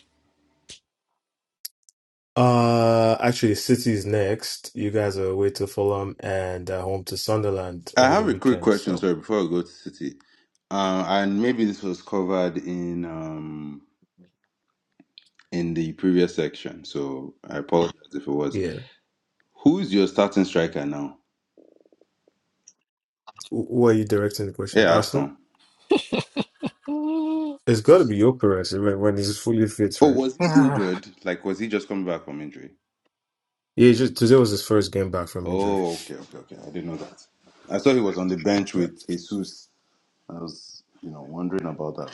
A: Uh, actually, City's next. You guys are away to Fulham and uh, home to Sunderland
K: I
A: over the
K: have a quick
A: weekend. So
K: question, sorry, before I go to City, uh, and maybe this was covered in um, in the previous section, so I apologize if it was.
A: Yeah.
K: Who's your starting striker now?
A: Wh- Who are you directing the question?
K: Yeah,
A: Arsenal?
K: Arsenal.
G: Mm.
A: It's got to be Gyökeres when, when he's fully fit,
K: Oh,
A: right?
K: was he
G: Ah,
K: injured? Like, was he just coming back from injury?
A: Yeah, he just today was his first game back from injury.
K: Oh, okay, okay, okay. I didn't know that. I saw he was on the bench
A: Yeah.
K: with Jesus. I was, you know, wondering about that.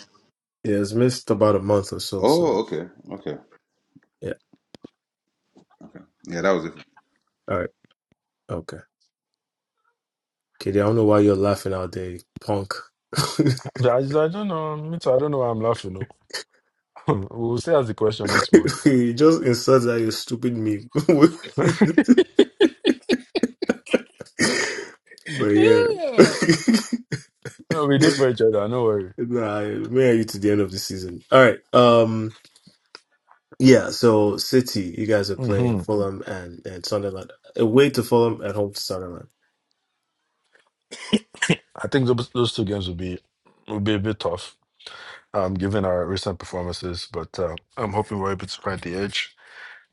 A: Yeah, it's missed about a month or so, so
K: Oh, okay, okay,
A: yeah.
K: okay. Yeah, that was it.
A: All right. Okay. Katie, I don't know why you're laughing out there, punk.
G: I, I don't know. Me too, I don't know why I'm laughing. No. we'll say as the question next month.
A: you just insert that you stupid meme. but yeah.
G: yeah. Uh, We did for each other, no worry.
A: nah, me and you to the end of the season. All right. Um Yeah, so City, you guys are playing
G: hmm
A: Fulham and, and Sunderland. Away to Fulham at home to Sunderland.
G: I think those, those two games will be will be a bit tough, um, given our recent performances, but uh, I'm hoping we're able to find the edge.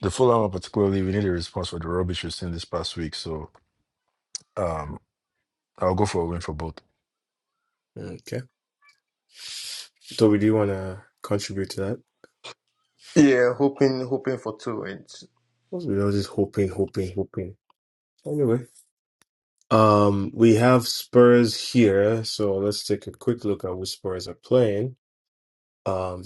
G: The Fulham, one particularly, we need a response for the rubbish we've seen this past week, so um, I'll go for a win for both.
A: Okay. Toby, do you want to contribute to that? We're all just hoping, hoping, hoping. Anyway, um, we have Spurs here, so let's take a quick look at which Spurs are playing. Um,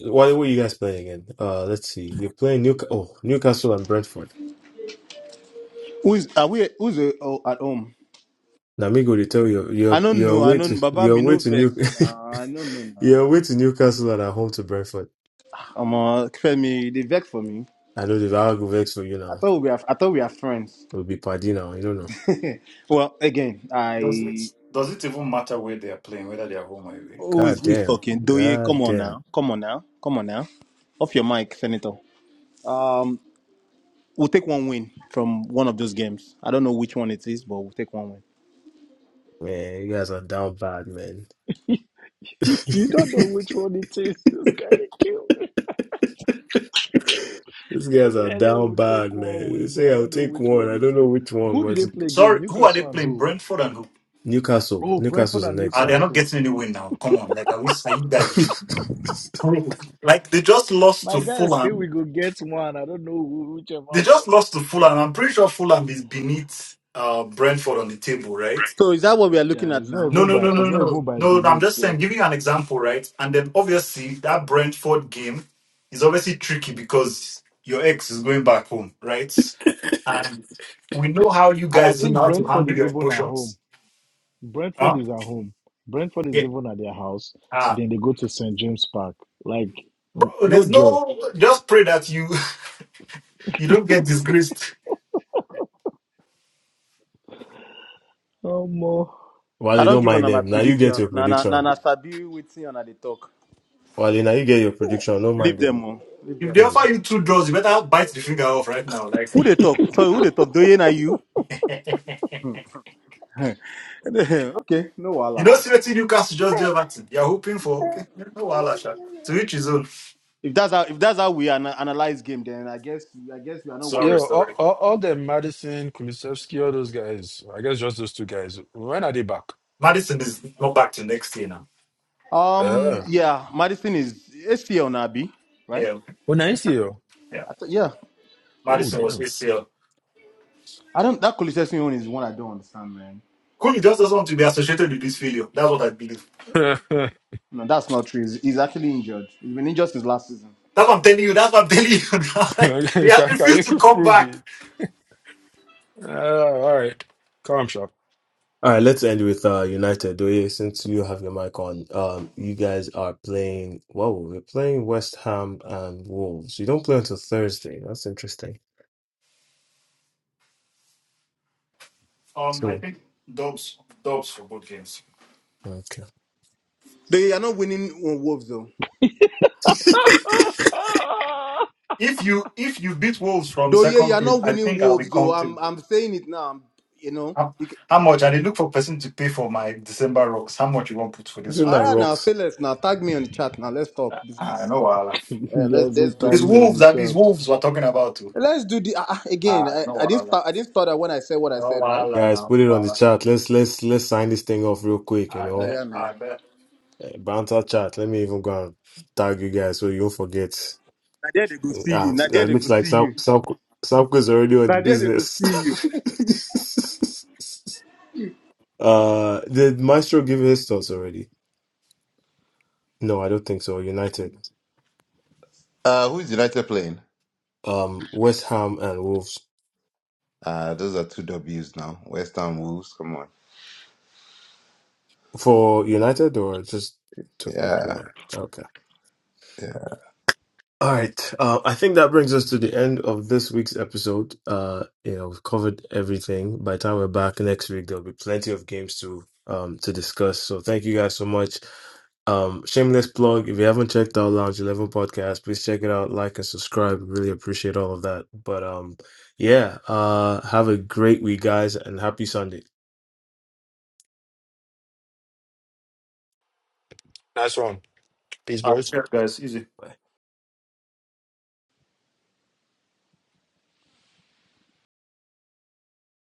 A: what were you guys playing again? Uh, let's see. You're playing New oh Newcastle and Brentford.
D: Who's are we? Who's uh, oh, at home?
A: Now, Migo, they tell you
D: I
A: you're
D: don't
A: you're
D: know. I
A: away to
D: don't. Baba,
A: you're
D: me
A: away
D: no
A: to
D: vex.
A: New
D: Nah, I don't know
A: you're
D: now.
A: away to Newcastle and at home to Brentford.
D: Um, uh, Femi, they vex for me.
A: I know the Val go vex for you
D: I
A: now.
D: thought we are, I thought we are friends.
A: We'll be party now. You don't know.
D: well, again,
E: does it
D: I
E: does it even matter where they are playing, whether they are home or away?
D: who is
A: God
D: who is
A: damn.
D: talking? Doye,
A: God
D: come on
A: damn.
D: now, come on now, come on now, off your mic, Senator. Um, we'll take one win from one of those games. I don't know which one it is, but we'll take one win.
A: Man, you guys are down bad, man.
C: yeah. you don't know which one it is. This guy they kill me.
A: These
C: This
A: guys are
C: guy said
A: down
C: will take
A: bad,
C: one
A: man. They
C: win, but I
A: say I'll
C: don't know
A: take
C: which
A: one.
C: one
A: I don't
C: it
A: know
C: is.
A: which one,
C: Who did
A: but
C: they play again?
E: Sorry, who are they
C: Newcastle and
E: playing?
C: who?
E: Brentford and who?
A: Newcastle.
C: Oh,
A: Newcastle's
C: Brentford
A: the
C: and
A: next
E: Ah, they are
A: game.
E: not
C: Newcastle.
E: getting any win now? Come on, like are we? Are you guys joking? Like they just lost
C: My
E: to
C: guy say we
E: Fulham.
C: go get one. I don't know who- whichever
E: They just
C: one.
E: lost to Fulham. I'm pretty sure Fulham is beneath uh, Brentford on the table, right?
D: So is that what we are
C: Yeah,
D: looking at
C: it's not
D: now?
E: No,
C: even
E: no,
D: Whoever
C: by
E: no,
C: it's
E: no, no,
D: wins-
C: not even
E: no.
C: by
E: no,
C: Benin
E: I'm just saying,
C: itself.
E: giving you an example, right? And then obviously that Brentford game is obviously tricky because your ex is going back home, right? And we know how you
C: And I
E: guys know
C: think
E: how to
C: Brentford
E: handle
C: is
E: your
C: even at home.
E: emotions,
C: Brentford
E: huh?
C: is at home. Brentford is
E: Yeah.
C: even at their house.
E: Ah,
C: Then they go to St James Park. Like n-
E: Bro,
C: no
E: there's
C: joy.
E: no. Just pray that you you don't get disgraced.
C: No more.
A: While
D: I
A: they
D: don't
A: don't
D: give on
A: mind
D: my
A: them. Now you get
D: prediction.
A: your
D: Na na na,
A: prediction.
D: nah. Sabi, we see on they talk.
A: While now you get your prediction, don't
D: Leave
A: mind them.
D: them, oh. leave
E: If
D: them.
E: they
A: Hmm.
E: offer you two draws, you better bite the finger off right now. Like
D: Who they talk? Sorry, who they talk? Doye, na you? okay, no wala.
E: you know, seriously, Newcastle just do everything. You're hoping for okay. No wahala, sha. To each his own.
D: If that's how if that's how we ana- analyze game, then I guess I guess we are not
G: Yeah,
E: Sorry,
D: watching.
G: all,
E: sorry.
G: all, all the Madison, Kulusevski, all those guys, I guess just those two guys, when are they back?
E: Madison is not back to next year now.
D: Um,
G: Yeah.
D: yeah, Madison is SPL Nabi, right?
E: Yeah,
G: Well, nice you.
E: yeah.
D: I th- yeah,
G: Oh,
E: Madison was
G: damn.
E: ACL.
D: I don't. That Kulusevski one is one I don't understand, man.
E: Cool, just
D: No,
E: doesn't want to be associated with this failure. That's what I believe.
D: no, that's not true. He's, he's actually injured. He's been injured since last season.
E: That's what I'm telling you. That's what I'm telling you. Like, he has
G: can, can
E: refused
G: you
E: to come
G: prove
E: back.
G: it? Uh, all right. Calm, shop.
A: All right, let's end with uh United. Doye, since you have your mic on, um, you guys are playing. Whoa, we're playing West Ham and Wolves. You don't play until Thursday. That's interesting.
E: Um, I
A: So,
E: think Dobbs, Dobbs for both games.
A: okay,
D: Though you are not winning on Wolves though.
E: If you if you beat Wolves from
D: Though yeah, you
E: second
D: are
E: field,
D: not
E: I
D: winning
E: think I'll be
D: Wolves though. I'm
E: comfortable.
D: I'm saying it now. I'm, you know.
E: How,
D: You c
E: how much? I need look for person to pay for my December rocks. How much you want put for this
A: isn't
E: one?
D: all
A: that
D: right now,
A: rocks,
D: say let's now tag me on the chat now. Let's talk
E: Ah,
D: business.
E: no wahala.
C: You
D: Uh, let's
C: Guys, will
D: let's do
C: tag
E: It's
D: this.
C: me on
E: Wolves.
C: the
E: That is
C: chat.
E: Wolves we're talking about too.
D: Let's do the uh, uh, again.
E: Ah,
D: I,
E: no
D: I didn't
E: wahala.
D: start. I didn't start that when I said what I
E: No
D: said, right?
E: wahala
A: guys?
E: now.
A: Put it on the
E: Wahala.
A: chat. Let's let's let's sign this thing off real quick. You
E: I
D: Uh,
A: know,
E: bet.
D: yeah, now.
E: I bet.
A: Uh, Banter chat. Let me even go and tag you guys so you don't forget.
D: Now there they go see
A: Ah,
D: you. Now there
A: it
D: they go
A: looks like
D: see
A: Sam
D: you.
A: Sam Samko's already on the
D: Now there they go
A: business.
D: see you.
A: uh, did Maestro give his thoughts already? No, I don't think so. United,
K: Uh, who is United playing?
A: um, West Ham and Wolves
K: Uh, those are two W's now. West Ham Wolves. Come on.
A: for United or just took me.
K: Yeah.
A: Okay. All right. Uh, I think that brings us to the end of this week's episode. Uh, you know, we've covered everything. By the time we're back next week, there'll be plenty of games to um to discuss. So thank you guys so much. Um, shameless plug. If you haven't checked out Lounge Eleven podcast, please check it out. Like and subscribe. Really appreciate all of that. But um, yeah. Uh, have a great week, guys, and happy Sunday.
G: Nice one. Peace,
E: I'll
G: boys.
E: check, guys. Easy.